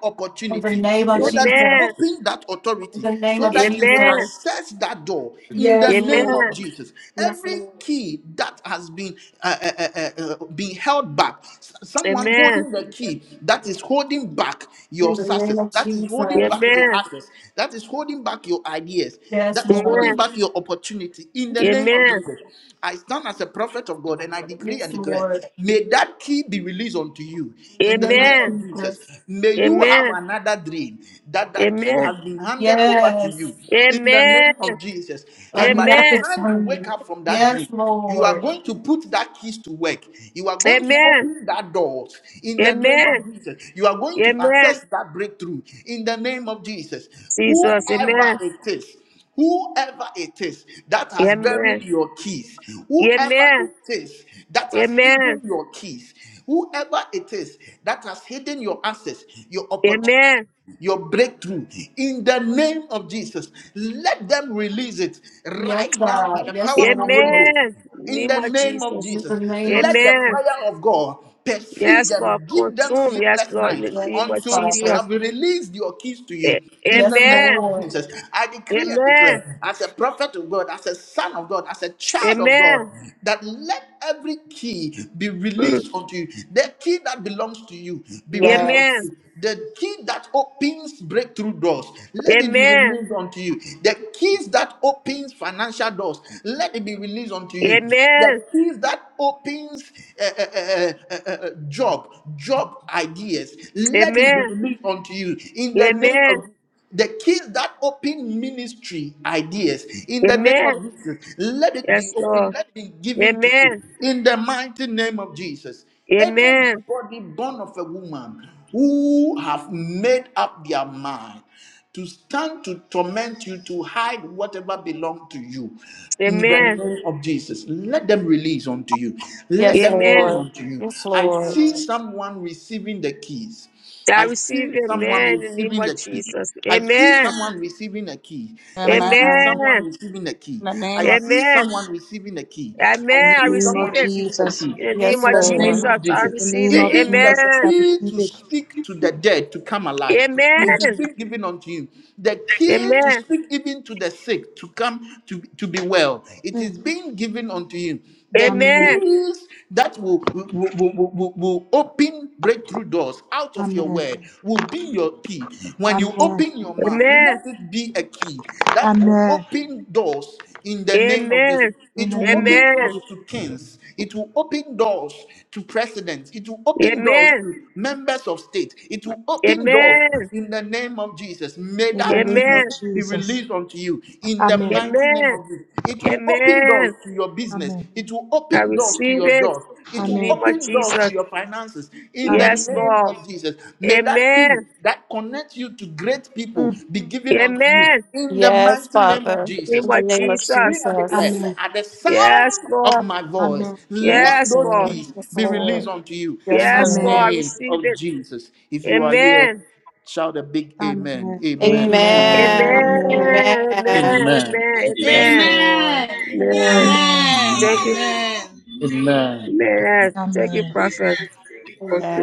Speaker 5: In the
Speaker 1: opportunity
Speaker 5: name of
Speaker 1: so that you
Speaker 5: Jesus.
Speaker 3: Amen.
Speaker 1: open that
Speaker 5: In
Speaker 1: authority,
Speaker 5: the name
Speaker 1: so
Speaker 5: of
Speaker 1: that you will
Speaker 5: Jesus.
Speaker 3: Amen.
Speaker 1: access that door in the
Speaker 5: Yes,
Speaker 1: name
Speaker 3: Amen.
Speaker 1: of
Speaker 5: Lord.
Speaker 1: Jesus.
Speaker 5: Yes,
Speaker 1: Every
Speaker 5: Lord.
Speaker 1: key that has been uh, uh, uh, uh, uh, being held back, s- someone
Speaker 3: Amen.
Speaker 1: holding the key that is holding back your
Speaker 5: In the name
Speaker 1: success,
Speaker 5: of
Speaker 1: that is holding
Speaker 5: Jesus.
Speaker 1: back your
Speaker 3: Amen.
Speaker 1: access, that is holding back your ideas,
Speaker 5: Yes,
Speaker 1: that is
Speaker 5: Lord.
Speaker 1: holding
Speaker 3: Amen.
Speaker 1: back your opportunity. In the name of
Speaker 3: Amen.
Speaker 1: Jesus, I stand as a prophet of God and I decree and
Speaker 5: Yes,
Speaker 1: declare,
Speaker 5: Lord.
Speaker 1: may that key be released unto you. In the name
Speaker 3: Amen. Amen.
Speaker 1: of Jesus, may you have
Speaker 3: Amen.
Speaker 1: another that dream that that key has
Speaker 3: Amen.
Speaker 1: been handed over to you
Speaker 5: Yes.
Speaker 1: in
Speaker 3: Amen.
Speaker 1: the name of jesus
Speaker 5: Of
Speaker 1: and by the
Speaker 5: nothing
Speaker 1: time you wake
Speaker 5: turning.
Speaker 1: up from that dream
Speaker 5: Yes,
Speaker 1: you are
Speaker 5: Lord.
Speaker 1: going to put that keys to work. You are going to
Speaker 3: Amen.
Speaker 1: open that door in the name of
Speaker 3: Amen.
Speaker 1: Jesus. You are going to access
Speaker 3: Amen.
Speaker 1: that breakthrough in the name of Jesus.
Speaker 3: Jesus.
Speaker 1: Whoever
Speaker 3: Amen.
Speaker 1: it is, whoever it is that has buried
Speaker 3: Amen.
Speaker 1: your keys, whoever
Speaker 3: Amen.
Speaker 1: it is that has hidden
Speaker 3: Amen.
Speaker 1: your keys, whoever it is that has hidden your access, your opportunity
Speaker 3: Amen.
Speaker 1: your breakthrough in the name of Jesus. Let them release it
Speaker 5: Yes,
Speaker 1: right now by the
Speaker 5: God. Yes,
Speaker 1: power of the Holy
Speaker 5: Lord.
Speaker 1: Ghost.
Speaker 3: Amen.
Speaker 1: In
Speaker 3: Name
Speaker 1: the
Speaker 3: of
Speaker 1: name of
Speaker 3: Jesus.
Speaker 5: In the
Speaker 1: Jesus,
Speaker 5: name of
Speaker 1: let the
Speaker 5: Jesus.
Speaker 1: fire of God pursue
Speaker 3: Yes, Lord,
Speaker 1: them, give them
Speaker 3: consume. Yes,
Speaker 1: sleepless
Speaker 3: Lord, in
Speaker 1: night
Speaker 3: the name of
Speaker 5: Yes,
Speaker 1: until
Speaker 3: Jesus.
Speaker 1: they
Speaker 5: Father.
Speaker 1: have released your keys to you.
Speaker 3: A-
Speaker 1: In the
Speaker 5: Yes,
Speaker 1: name
Speaker 3: Amen.
Speaker 1: of
Speaker 5: Lord.
Speaker 1: Jesus, I decree and
Speaker 3: Amen.
Speaker 1: declare, as a prophet of God, as a son of God, as a child of God,
Speaker 3: Amen.
Speaker 1: that let every key be
Speaker 3: Mm.
Speaker 1: released unto you. The key that belongs to you be released unto
Speaker 5: Yes.
Speaker 3: Amen.
Speaker 1: you. The key that opens breakthrough doors, let it be
Speaker 3: Amen.
Speaker 1: released unto you. The keys that opens financial doors, let it be released unto you. The
Speaker 3: Amen.
Speaker 1: keys that opens uh, uh, uh, uh, uh, job, job ideas, let it be
Speaker 3: Amen.
Speaker 1: released unto you in the name
Speaker 3: Amen.
Speaker 1: of Jesus. The keys that open ministry ideas in the name
Speaker 3: Amen.
Speaker 1: of Jesus, let it be
Speaker 3: Yes,
Speaker 1: open,
Speaker 3: Lord.
Speaker 1: let it be given to you
Speaker 3: Amen.
Speaker 1: in the mighty name of Jesus.
Speaker 3: Amen.
Speaker 1: Anybody born of a woman who have made up their mind to stand to torment you, to hide whatever belongs to you. In the
Speaker 3: Amen.
Speaker 1: name of Jesus, let them release unto you. Let
Speaker 5: Yes,
Speaker 1: them release
Speaker 3: Amen.
Speaker 5: Lord.
Speaker 1: unto you.
Speaker 5: Yes,
Speaker 1: I
Speaker 5: Lord.
Speaker 1: see someone receiving the keys.
Speaker 3: I
Speaker 1: I
Speaker 3: receive
Speaker 1: see someone
Speaker 3: amen in the name
Speaker 1: receiving the
Speaker 3: of
Speaker 1: key.
Speaker 3: Jesus.
Speaker 1: I see
Speaker 3: Amen.
Speaker 1: someone receiving a key. I see
Speaker 3: Amen.
Speaker 1: someone receiving a key.
Speaker 4: In the
Speaker 1: I
Speaker 4: name of
Speaker 1: see
Speaker 3: Amen.
Speaker 1: someone receiving a key. I
Speaker 3: Amen.
Speaker 6: In the
Speaker 3: I
Speaker 1: see
Speaker 6: name
Speaker 3: receive
Speaker 6: of
Speaker 1: someone
Speaker 3: it
Speaker 1: receiving a
Speaker 6: Jesus.
Speaker 1: key.
Speaker 3: in the
Speaker 1: In
Speaker 3: name
Speaker 5: Yes,
Speaker 3: of
Speaker 1: the name
Speaker 3: Jesus.
Speaker 5: Lord.
Speaker 1: of
Speaker 3: I
Speaker 6: In
Speaker 1: Jesus.
Speaker 6: the
Speaker 3: receive
Speaker 6: name of
Speaker 3: it.
Speaker 1: Even the
Speaker 6: Jesus,
Speaker 3: Amen.
Speaker 6: I
Speaker 1: key
Speaker 6: receive
Speaker 1: to
Speaker 6: it.
Speaker 1: speak to the dead to come alive. It
Speaker 6: Mm,
Speaker 1: is
Speaker 3: Amen.
Speaker 1: being given unto you. The key to
Speaker 3: Amen.
Speaker 1: speak even to the sick to come to, to be well. It
Speaker 6: mm.
Speaker 1: is being given unto you the
Speaker 6: Amen.
Speaker 3: Amen.
Speaker 1: keys that will, will, will, will, will open breakthrough doors out of your
Speaker 6: Amen.
Speaker 1: word will be your key. When you
Speaker 6: Amen.
Speaker 1: open your mouth,
Speaker 3: Amen.
Speaker 1: let it be a key that will
Speaker 6: Amen.
Speaker 1: open doors in the name of Jesus.
Speaker 3: Amen.
Speaker 6: In
Speaker 1: It
Speaker 6: the
Speaker 1: will
Speaker 6: name of
Speaker 1: open doors
Speaker 3: Amen.
Speaker 6: Jesus.
Speaker 1: to kings. It will open doors to presidents. It will open doors
Speaker 3: Amen.
Speaker 1: to members of state. It will open doors
Speaker 3: Amen.
Speaker 1: in the name of Jesus. May
Speaker 6: In the
Speaker 1: that
Speaker 6: name of
Speaker 1: key
Speaker 3: Amen.
Speaker 1: be
Speaker 6: Jesus.
Speaker 1: released unto you in the
Speaker 6: Amen.
Speaker 1: mighty name
Speaker 3: Amen.
Speaker 1: of Jesus. It will open doors
Speaker 3: Amen.
Speaker 1: to your business.
Speaker 6: Amen.
Speaker 1: It will
Speaker 3: I
Speaker 1: open doors to
Speaker 3: receive
Speaker 1: your
Speaker 3: it
Speaker 1: job.
Speaker 3: in
Speaker 1: It
Speaker 3: the
Speaker 1: will
Speaker 3: name
Speaker 6: Amen.
Speaker 3: of
Speaker 1: open doors to
Speaker 3: Jesus.
Speaker 1: your finances in the
Speaker 6: Amen.
Speaker 3: Yes,
Speaker 1: name
Speaker 3: Lord.
Speaker 1: of Jesus. May that
Speaker 3: Amen.
Speaker 1: key that connects you to great people
Speaker 6: Mm.
Speaker 1: be given unto you
Speaker 3: Amen. In
Speaker 1: in the
Speaker 5: Yes,
Speaker 1: mighty name of
Speaker 5: Father.
Speaker 3: the
Speaker 1: Jesus.
Speaker 5: In
Speaker 3: name
Speaker 5: the
Speaker 3: of
Speaker 1: I
Speaker 5: name of
Speaker 1: decree
Speaker 3: Jesus.
Speaker 1: and declare
Speaker 5: Jesus.
Speaker 6: Amen.
Speaker 1: at the
Speaker 3: Yes,
Speaker 1: sound of
Speaker 3: Lord.
Speaker 1: my voice,
Speaker 6: Amen.
Speaker 5: Yes,
Speaker 1: let
Speaker 3: Yes,
Speaker 1: those
Speaker 3: Lord.
Speaker 5: Lord.
Speaker 1: keys
Speaker 5: Yes,
Speaker 1: be released
Speaker 5: Lord.
Speaker 1: unto you in
Speaker 5: Yes,
Speaker 1: the
Speaker 3: Yes, Lord. I
Speaker 6: Amen.
Speaker 5: Lord.
Speaker 1: name
Speaker 3: receive
Speaker 1: of
Speaker 3: it.
Speaker 1: Jesus. If you are here,
Speaker 3: Amen.
Speaker 1: shout a big amen.
Speaker 6: Amen.
Speaker 1: Amen. Amen.
Speaker 5: Amen.
Speaker 3: Amen.
Speaker 2: amen
Speaker 6: Amen.
Speaker 3: Amen.
Speaker 5: Amen.
Speaker 1: Amen.
Speaker 3: Amen.
Speaker 1: Amen.
Speaker 5: Yes,
Speaker 3: Amen.
Speaker 5: Lord.
Speaker 9: Amen. Amen.
Speaker 3: Amen.
Speaker 6: Amen.
Speaker 3: Thank
Speaker 1: Amen.
Speaker 3: you.
Speaker 9: Amen.
Speaker 1: Amen.
Speaker 3: Amen. Thank you,
Speaker 6: Amen.
Speaker 3: Prophet.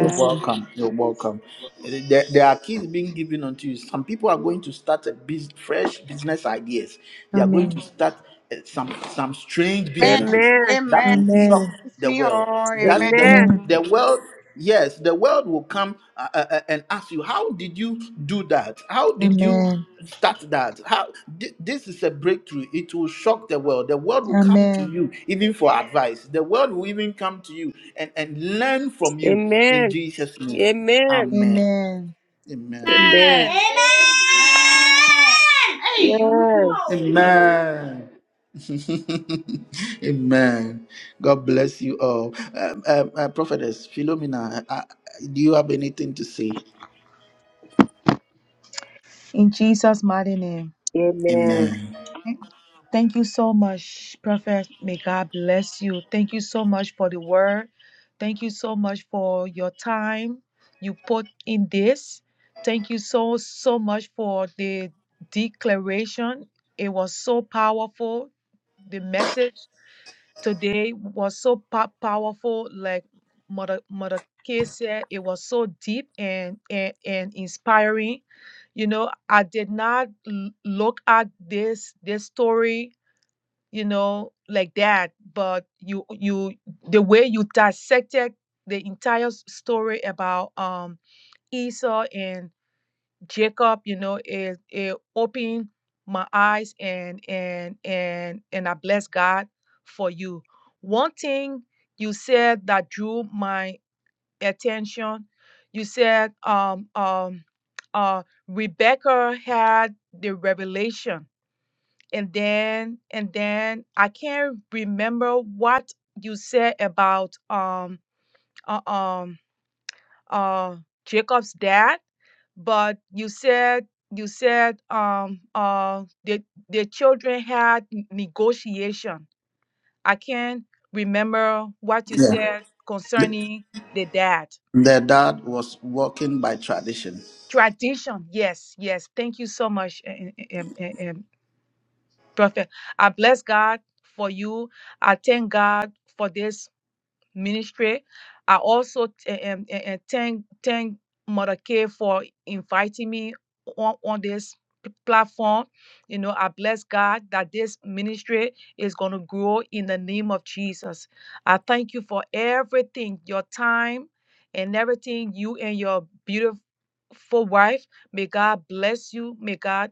Speaker 1: You're welcome. You're welcome. Eh, There, there are keys being given unto you. Some people are going to start a bus fresh business ideas. They are going to
Speaker 6: Amen.
Speaker 1: start uh, some some strange
Speaker 4: Amen.
Speaker 1: businesses
Speaker 3: Amen.
Speaker 1: that
Speaker 4: Amen.
Speaker 1: will shock
Speaker 6: Amen.
Speaker 1: the world.
Speaker 4: Amen.
Speaker 1: That the
Speaker 3: Amen.
Speaker 6: Amen.
Speaker 1: the world yes the world will come uh, uh, uh, and ask you how did you do that? How did you?
Speaker 6: Amen.
Speaker 1: Start that. How thi- this is a breakthrough. It will shock the world. The world will come to you even for advice. The world will even come to you and, and learn from you in
Speaker 3: Amen.
Speaker 1: Jesus' name.
Speaker 3: Amen.
Speaker 1: Amen.
Speaker 6: Amen.
Speaker 1: Amen.
Speaker 6: Amen.
Speaker 3: Amen.
Speaker 9: Amen. Hey, you're making
Speaker 3: Yes.
Speaker 9: noise.
Speaker 1: Amen. Amen. God bless you all. Um, um, uh, Prophetess Philomena, uh, uh, do you have anything to say?
Speaker 6: In Jesus' mighty name.
Speaker 3: Amen.
Speaker 1: Amen.
Speaker 6: Thank you so much, Prophet. May God bless you. Thank you so much for the word. Thank you so much for your time you put in this. Thank you so, so much for the declaration. It was so powerful, the message today was so po- powerful like mother mother K said it was so deep and and, and inspiring you know i did not l- look at this this story you know like that but you you the way you dissected the entire s- story about um esau and Jacob, you know, it, it opened my eyes and and and and I bless God for you. One thing you said that drew my attention, you said um um uh Rebecca had the revelation and then and then I can't remember what you said about um uh, um uh Jacob's dad, but you said you said um uh the the children had n- negotiation. I can't remember what you
Speaker 1: Yeah.
Speaker 6: said
Speaker 1: The,
Speaker 6: concerning the dad.
Speaker 1: the dad was walking by tradition.
Speaker 6: Tradition, yes, yes. Thank you so much, um, um, um, um, Prophet. I bless God for you. I thank God for this ministry. I also t- um, uh, uh, thank thank Mother K for inviting me on, on this platform. You know, I bless God that this ministry is going to grow in the name of Jesus. I thank you for everything, your time and everything you and your beautiful wife. May God bless you. May God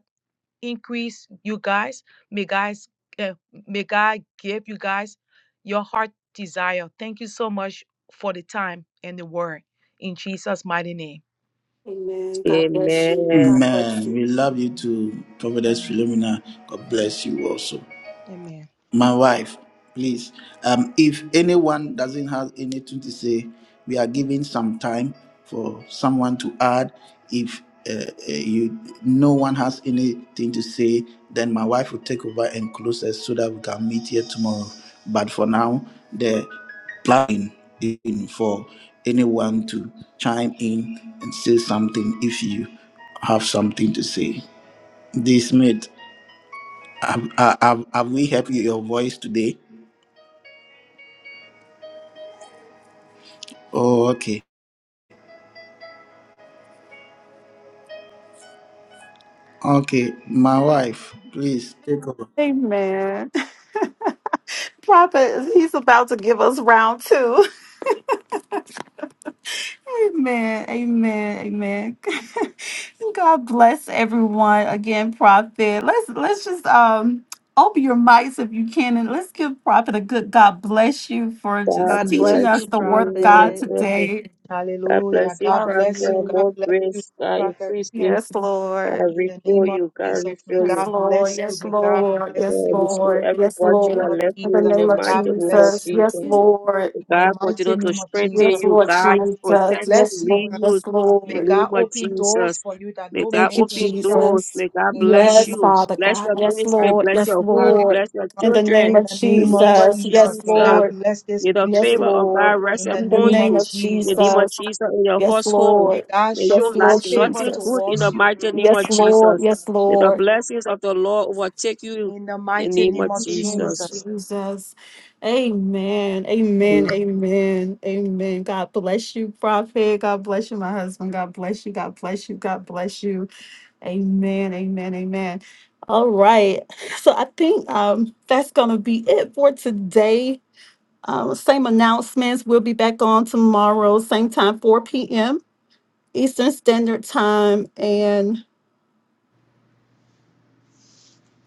Speaker 6: increase you guys. May guys, uh, may God give you guys your heart desire. Thank you so much for the time and the word in Jesus' mighty name.
Speaker 5: Amen. God bless you.
Speaker 3: Amen.
Speaker 5: God bless
Speaker 1: Amen.
Speaker 5: you.
Speaker 1: We love you too, Prophetess
Speaker 6: Amen.
Speaker 1: Philomena. God
Speaker 6: Amen.
Speaker 1: bless you also
Speaker 6: Amen.
Speaker 1: my wife please um if anyone doesn't have anything to say we are giving some time for someone to add if uh, uh, you no one has anything to say then my wife will take over and close us so that we can meet here tomorrow but for now the plan is in for anyone to chime in and say something if you have something to say this mate have, have, have we heard your voice today Oh, okay. Okay, my wife, please take over.
Speaker 5: Amen. Prophet, he's about to give us round two. Amen. Amen. Amen. God bless everyone again, Prophet. Let's let's just um open your mics if you can and let's give Prophet a good God bless you for
Speaker 3: God
Speaker 5: just
Speaker 2: god
Speaker 5: teaching
Speaker 2: bless you
Speaker 5: us
Speaker 3: bless
Speaker 5: the word of God
Speaker 2: prophet
Speaker 3: you.
Speaker 5: today.
Speaker 3: God
Speaker 6: Hallelujah.
Speaker 3: bless you,
Speaker 6: God
Speaker 3: Prophet.
Speaker 6: bless you.
Speaker 5: Hallelujah.
Speaker 6: God
Speaker 3: More
Speaker 6: bless you,
Speaker 3: grace.
Speaker 6: the
Speaker 3: God
Speaker 6: prophet.
Speaker 3: increase me.
Speaker 5: Yes,
Speaker 3: God
Speaker 5: Lord.
Speaker 6: In the
Speaker 3: refill
Speaker 6: name of
Speaker 3: you. God
Speaker 6: Jesus, may
Speaker 3: refill you.
Speaker 5: Yes,
Speaker 6: God
Speaker 5: Lord.
Speaker 6: bless you.
Speaker 5: Yes,
Speaker 6: May God
Speaker 5: Lord.
Speaker 6: bless
Speaker 5: Yes,
Speaker 3: God
Speaker 6: you. In
Speaker 3: restore
Speaker 5: Lord.
Speaker 3: every
Speaker 5: Yes,
Speaker 6: the name
Speaker 3: virtue
Speaker 4: You
Speaker 5: Lord.
Speaker 6: of
Speaker 3: that left
Speaker 5: In the
Speaker 3: me in
Speaker 6: Jesus,
Speaker 3: the
Speaker 5: name of
Speaker 6: God
Speaker 3: mighty name of
Speaker 6: bless
Speaker 5: Jesus.
Speaker 6: you.
Speaker 3: Jesus.
Speaker 5: Yes, Lord.
Speaker 6: In the
Speaker 3: God
Speaker 6: mighty
Speaker 3: continue to
Speaker 6: name of
Speaker 3: strengthen
Speaker 5: Yes,
Speaker 6: Jesus,
Speaker 3: you.
Speaker 6: may
Speaker 5: Lord
Speaker 3: God
Speaker 6: God
Speaker 5: Jesus.
Speaker 3: protect
Speaker 5: Yes,
Speaker 6: bless
Speaker 3: you,
Speaker 6: you.
Speaker 3: lead
Speaker 5: Lord.
Speaker 3: you.
Speaker 5: Yes,
Speaker 3: In the
Speaker 6: May
Speaker 5: Lord.
Speaker 3: name
Speaker 6: God
Speaker 3: of
Speaker 6: open doors
Speaker 3: Jesus.
Speaker 6: for you that
Speaker 3: May
Speaker 6: no
Speaker 3: God
Speaker 5: Thank
Speaker 6: man
Speaker 5: you,
Speaker 6: can
Speaker 3: open
Speaker 6: shut
Speaker 3: doors.
Speaker 5: Jesus.
Speaker 3: May God
Speaker 6: in the
Speaker 3: bless
Speaker 6: name
Speaker 5: Yes,
Speaker 6: of
Speaker 3: you.
Speaker 5: Father
Speaker 6: Jesus.
Speaker 3: Bless
Speaker 5: God.
Speaker 3: your
Speaker 4: are
Speaker 5: Yes,
Speaker 3: ministry.
Speaker 4: great.
Speaker 5: Lord.
Speaker 3: Bless
Speaker 5: Yes,
Speaker 3: your
Speaker 4: God,
Speaker 3: home.
Speaker 4: you
Speaker 5: Lord.
Speaker 3: Bless your
Speaker 5: In the name
Speaker 3: children.
Speaker 6: In
Speaker 5: of
Speaker 6: the
Speaker 3: In the
Speaker 6: name of
Speaker 3: name of
Speaker 5: Jesus.
Speaker 4: are
Speaker 6: Jesus.
Speaker 5: Yes,
Speaker 6: May
Speaker 4: Jesus.
Speaker 3: Jesus.
Speaker 6: God
Speaker 5: Lord.
Speaker 6: bless this
Speaker 3: May the
Speaker 5: Yes,
Speaker 3: favor
Speaker 6: ministry
Speaker 3: of God
Speaker 5: Lord.
Speaker 3: rest
Speaker 6: in the
Speaker 5: In the
Speaker 3: upon
Speaker 6: name
Speaker 5: name
Speaker 6: of
Speaker 3: you.
Speaker 5: of
Speaker 3: In the name
Speaker 6: Jesus.
Speaker 3: of
Speaker 5: Jesus.
Speaker 3: Jesus in your
Speaker 5: Yes,
Speaker 3: household.
Speaker 6: May
Speaker 5: Lord.
Speaker 6: God
Speaker 3: May
Speaker 6: show
Speaker 5: Yes,
Speaker 3: you lack
Speaker 5: Lord
Speaker 6: his favor
Speaker 3: nothing
Speaker 5: Jesus.
Speaker 3: good in the
Speaker 6: towards you
Speaker 3: mighty name
Speaker 5: Yes,
Speaker 3: of
Speaker 5: Lord.
Speaker 3: Jesus.
Speaker 5: Yes,
Speaker 3: May
Speaker 6: Jesus,
Speaker 3: the
Speaker 5: Lord.
Speaker 3: blessings of the Lord overtake you
Speaker 6: in the
Speaker 3: in
Speaker 6: mighty
Speaker 3: the name
Speaker 6: name
Speaker 3: of
Speaker 5: In
Speaker 6: of
Speaker 5: the name of
Speaker 3: Jesus.
Speaker 6: Jesus.
Speaker 5: Jesus. Amen. Amen. Amen. Amen. God bless you, Prophet. God bless you, my husband. God bless you. God bless you. God bless you. Amen. Amen. Amen. All right. So I think um that's gonna be it for today. Um, same announcements. We'll be back on tomorrow, same time, 4 p.m. Eastern Standard Time. and.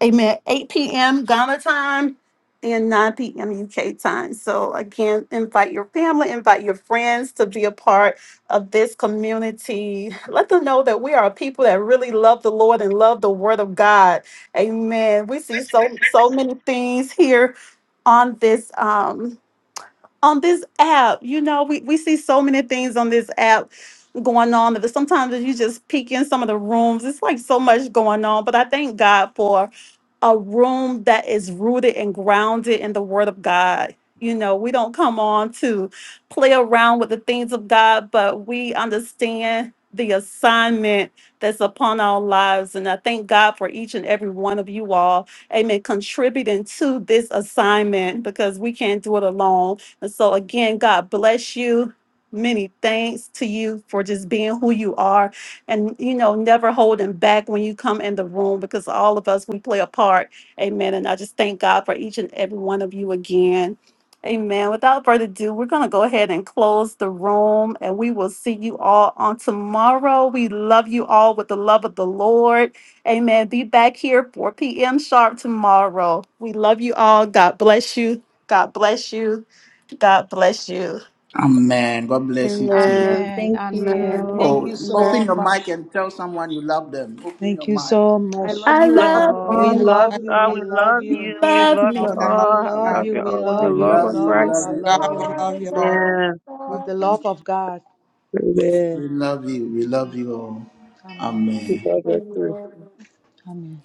Speaker 5: Amen. 8 p.m. Ghana time and 9 p.m. UK time. So, again, invite your family, invite your friends to be a part of this community. Let them know that we are a people that really love the Lord and love the Word of God. Amen. We see so so many things here on this um on this app. You know, we, we see so many things on this app going on that sometimes if you just peek in some of the rooms, it's like so much going on. But I thank God for a room that is rooted and grounded in the word of God. You know, we don't come on to play around with the things of God, but we understand the assignment that's upon our lives. And I thank God for each and every one of you all, amen, contributing to this assignment because we can't do it alone. And so, again, God bless you. Many thanks to you for just being who you are and you know never holding back when you come in the room because all of us we play a part amen and i just thank god for each and every one of you again amen without further ado we're going to go ahead and close the room and we will see you all on tomorrow we love you all with the love of the lord amen be back here 4 p.m sharp tomorrow we love you all god bless you god bless you god bless you
Speaker 1: Amen. God bless you too.
Speaker 5: amen
Speaker 6: Amen.
Speaker 2: thank
Speaker 6: Amen.
Speaker 5: amen,
Speaker 6: Thank
Speaker 2: you
Speaker 1: Oh,
Speaker 6: you
Speaker 5: amen.
Speaker 1: open
Speaker 6: so
Speaker 1: your mic
Speaker 6: much.
Speaker 1: and tell someone you love them. Open your
Speaker 6: Thank you
Speaker 1: mic.
Speaker 6: so
Speaker 2: i
Speaker 6: much.
Speaker 2: love
Speaker 5: i
Speaker 2: you
Speaker 3: Love
Speaker 5: love
Speaker 3: you
Speaker 5: you
Speaker 6: We
Speaker 2: all
Speaker 3: all.
Speaker 4: You
Speaker 3: Love
Speaker 6: love
Speaker 3: you
Speaker 6: you.
Speaker 3: all.
Speaker 6: We
Speaker 3: We
Speaker 6: love
Speaker 3: love
Speaker 5: You
Speaker 6: you.
Speaker 3: you.
Speaker 5: love
Speaker 3: Love
Speaker 5: me.
Speaker 3: you
Speaker 4: are the
Speaker 5: You
Speaker 4: love
Speaker 6: We
Speaker 3: all.
Speaker 4: of
Speaker 3: I
Speaker 6: love
Speaker 4: God.
Speaker 3: love
Speaker 6: you.
Speaker 3: you
Speaker 6: We
Speaker 2: I
Speaker 3: all with the
Speaker 1: We
Speaker 6: love
Speaker 2: love
Speaker 6: you.
Speaker 3: love
Speaker 6: We
Speaker 1: love
Speaker 2: you
Speaker 3: of
Speaker 1: you. We
Speaker 6: love you.
Speaker 3: Christ.
Speaker 1: love
Speaker 6: I
Speaker 1: you
Speaker 4: God,
Speaker 6: love you
Speaker 4: we
Speaker 1: all.
Speaker 5: are
Speaker 4: love
Speaker 5: the
Speaker 4: you all.
Speaker 3: Amen.
Speaker 6: with
Speaker 5: heart
Speaker 6: the
Speaker 5: of
Speaker 6: love of God.
Speaker 3: Amen.
Speaker 1: We love you. We
Speaker 6: Thank
Speaker 1: love
Speaker 6: you.
Speaker 1: you all.
Speaker 6: Amen.
Speaker 3: We
Speaker 1: Amen.
Speaker 3: love you too.
Speaker 5: God.
Speaker 6: Amen.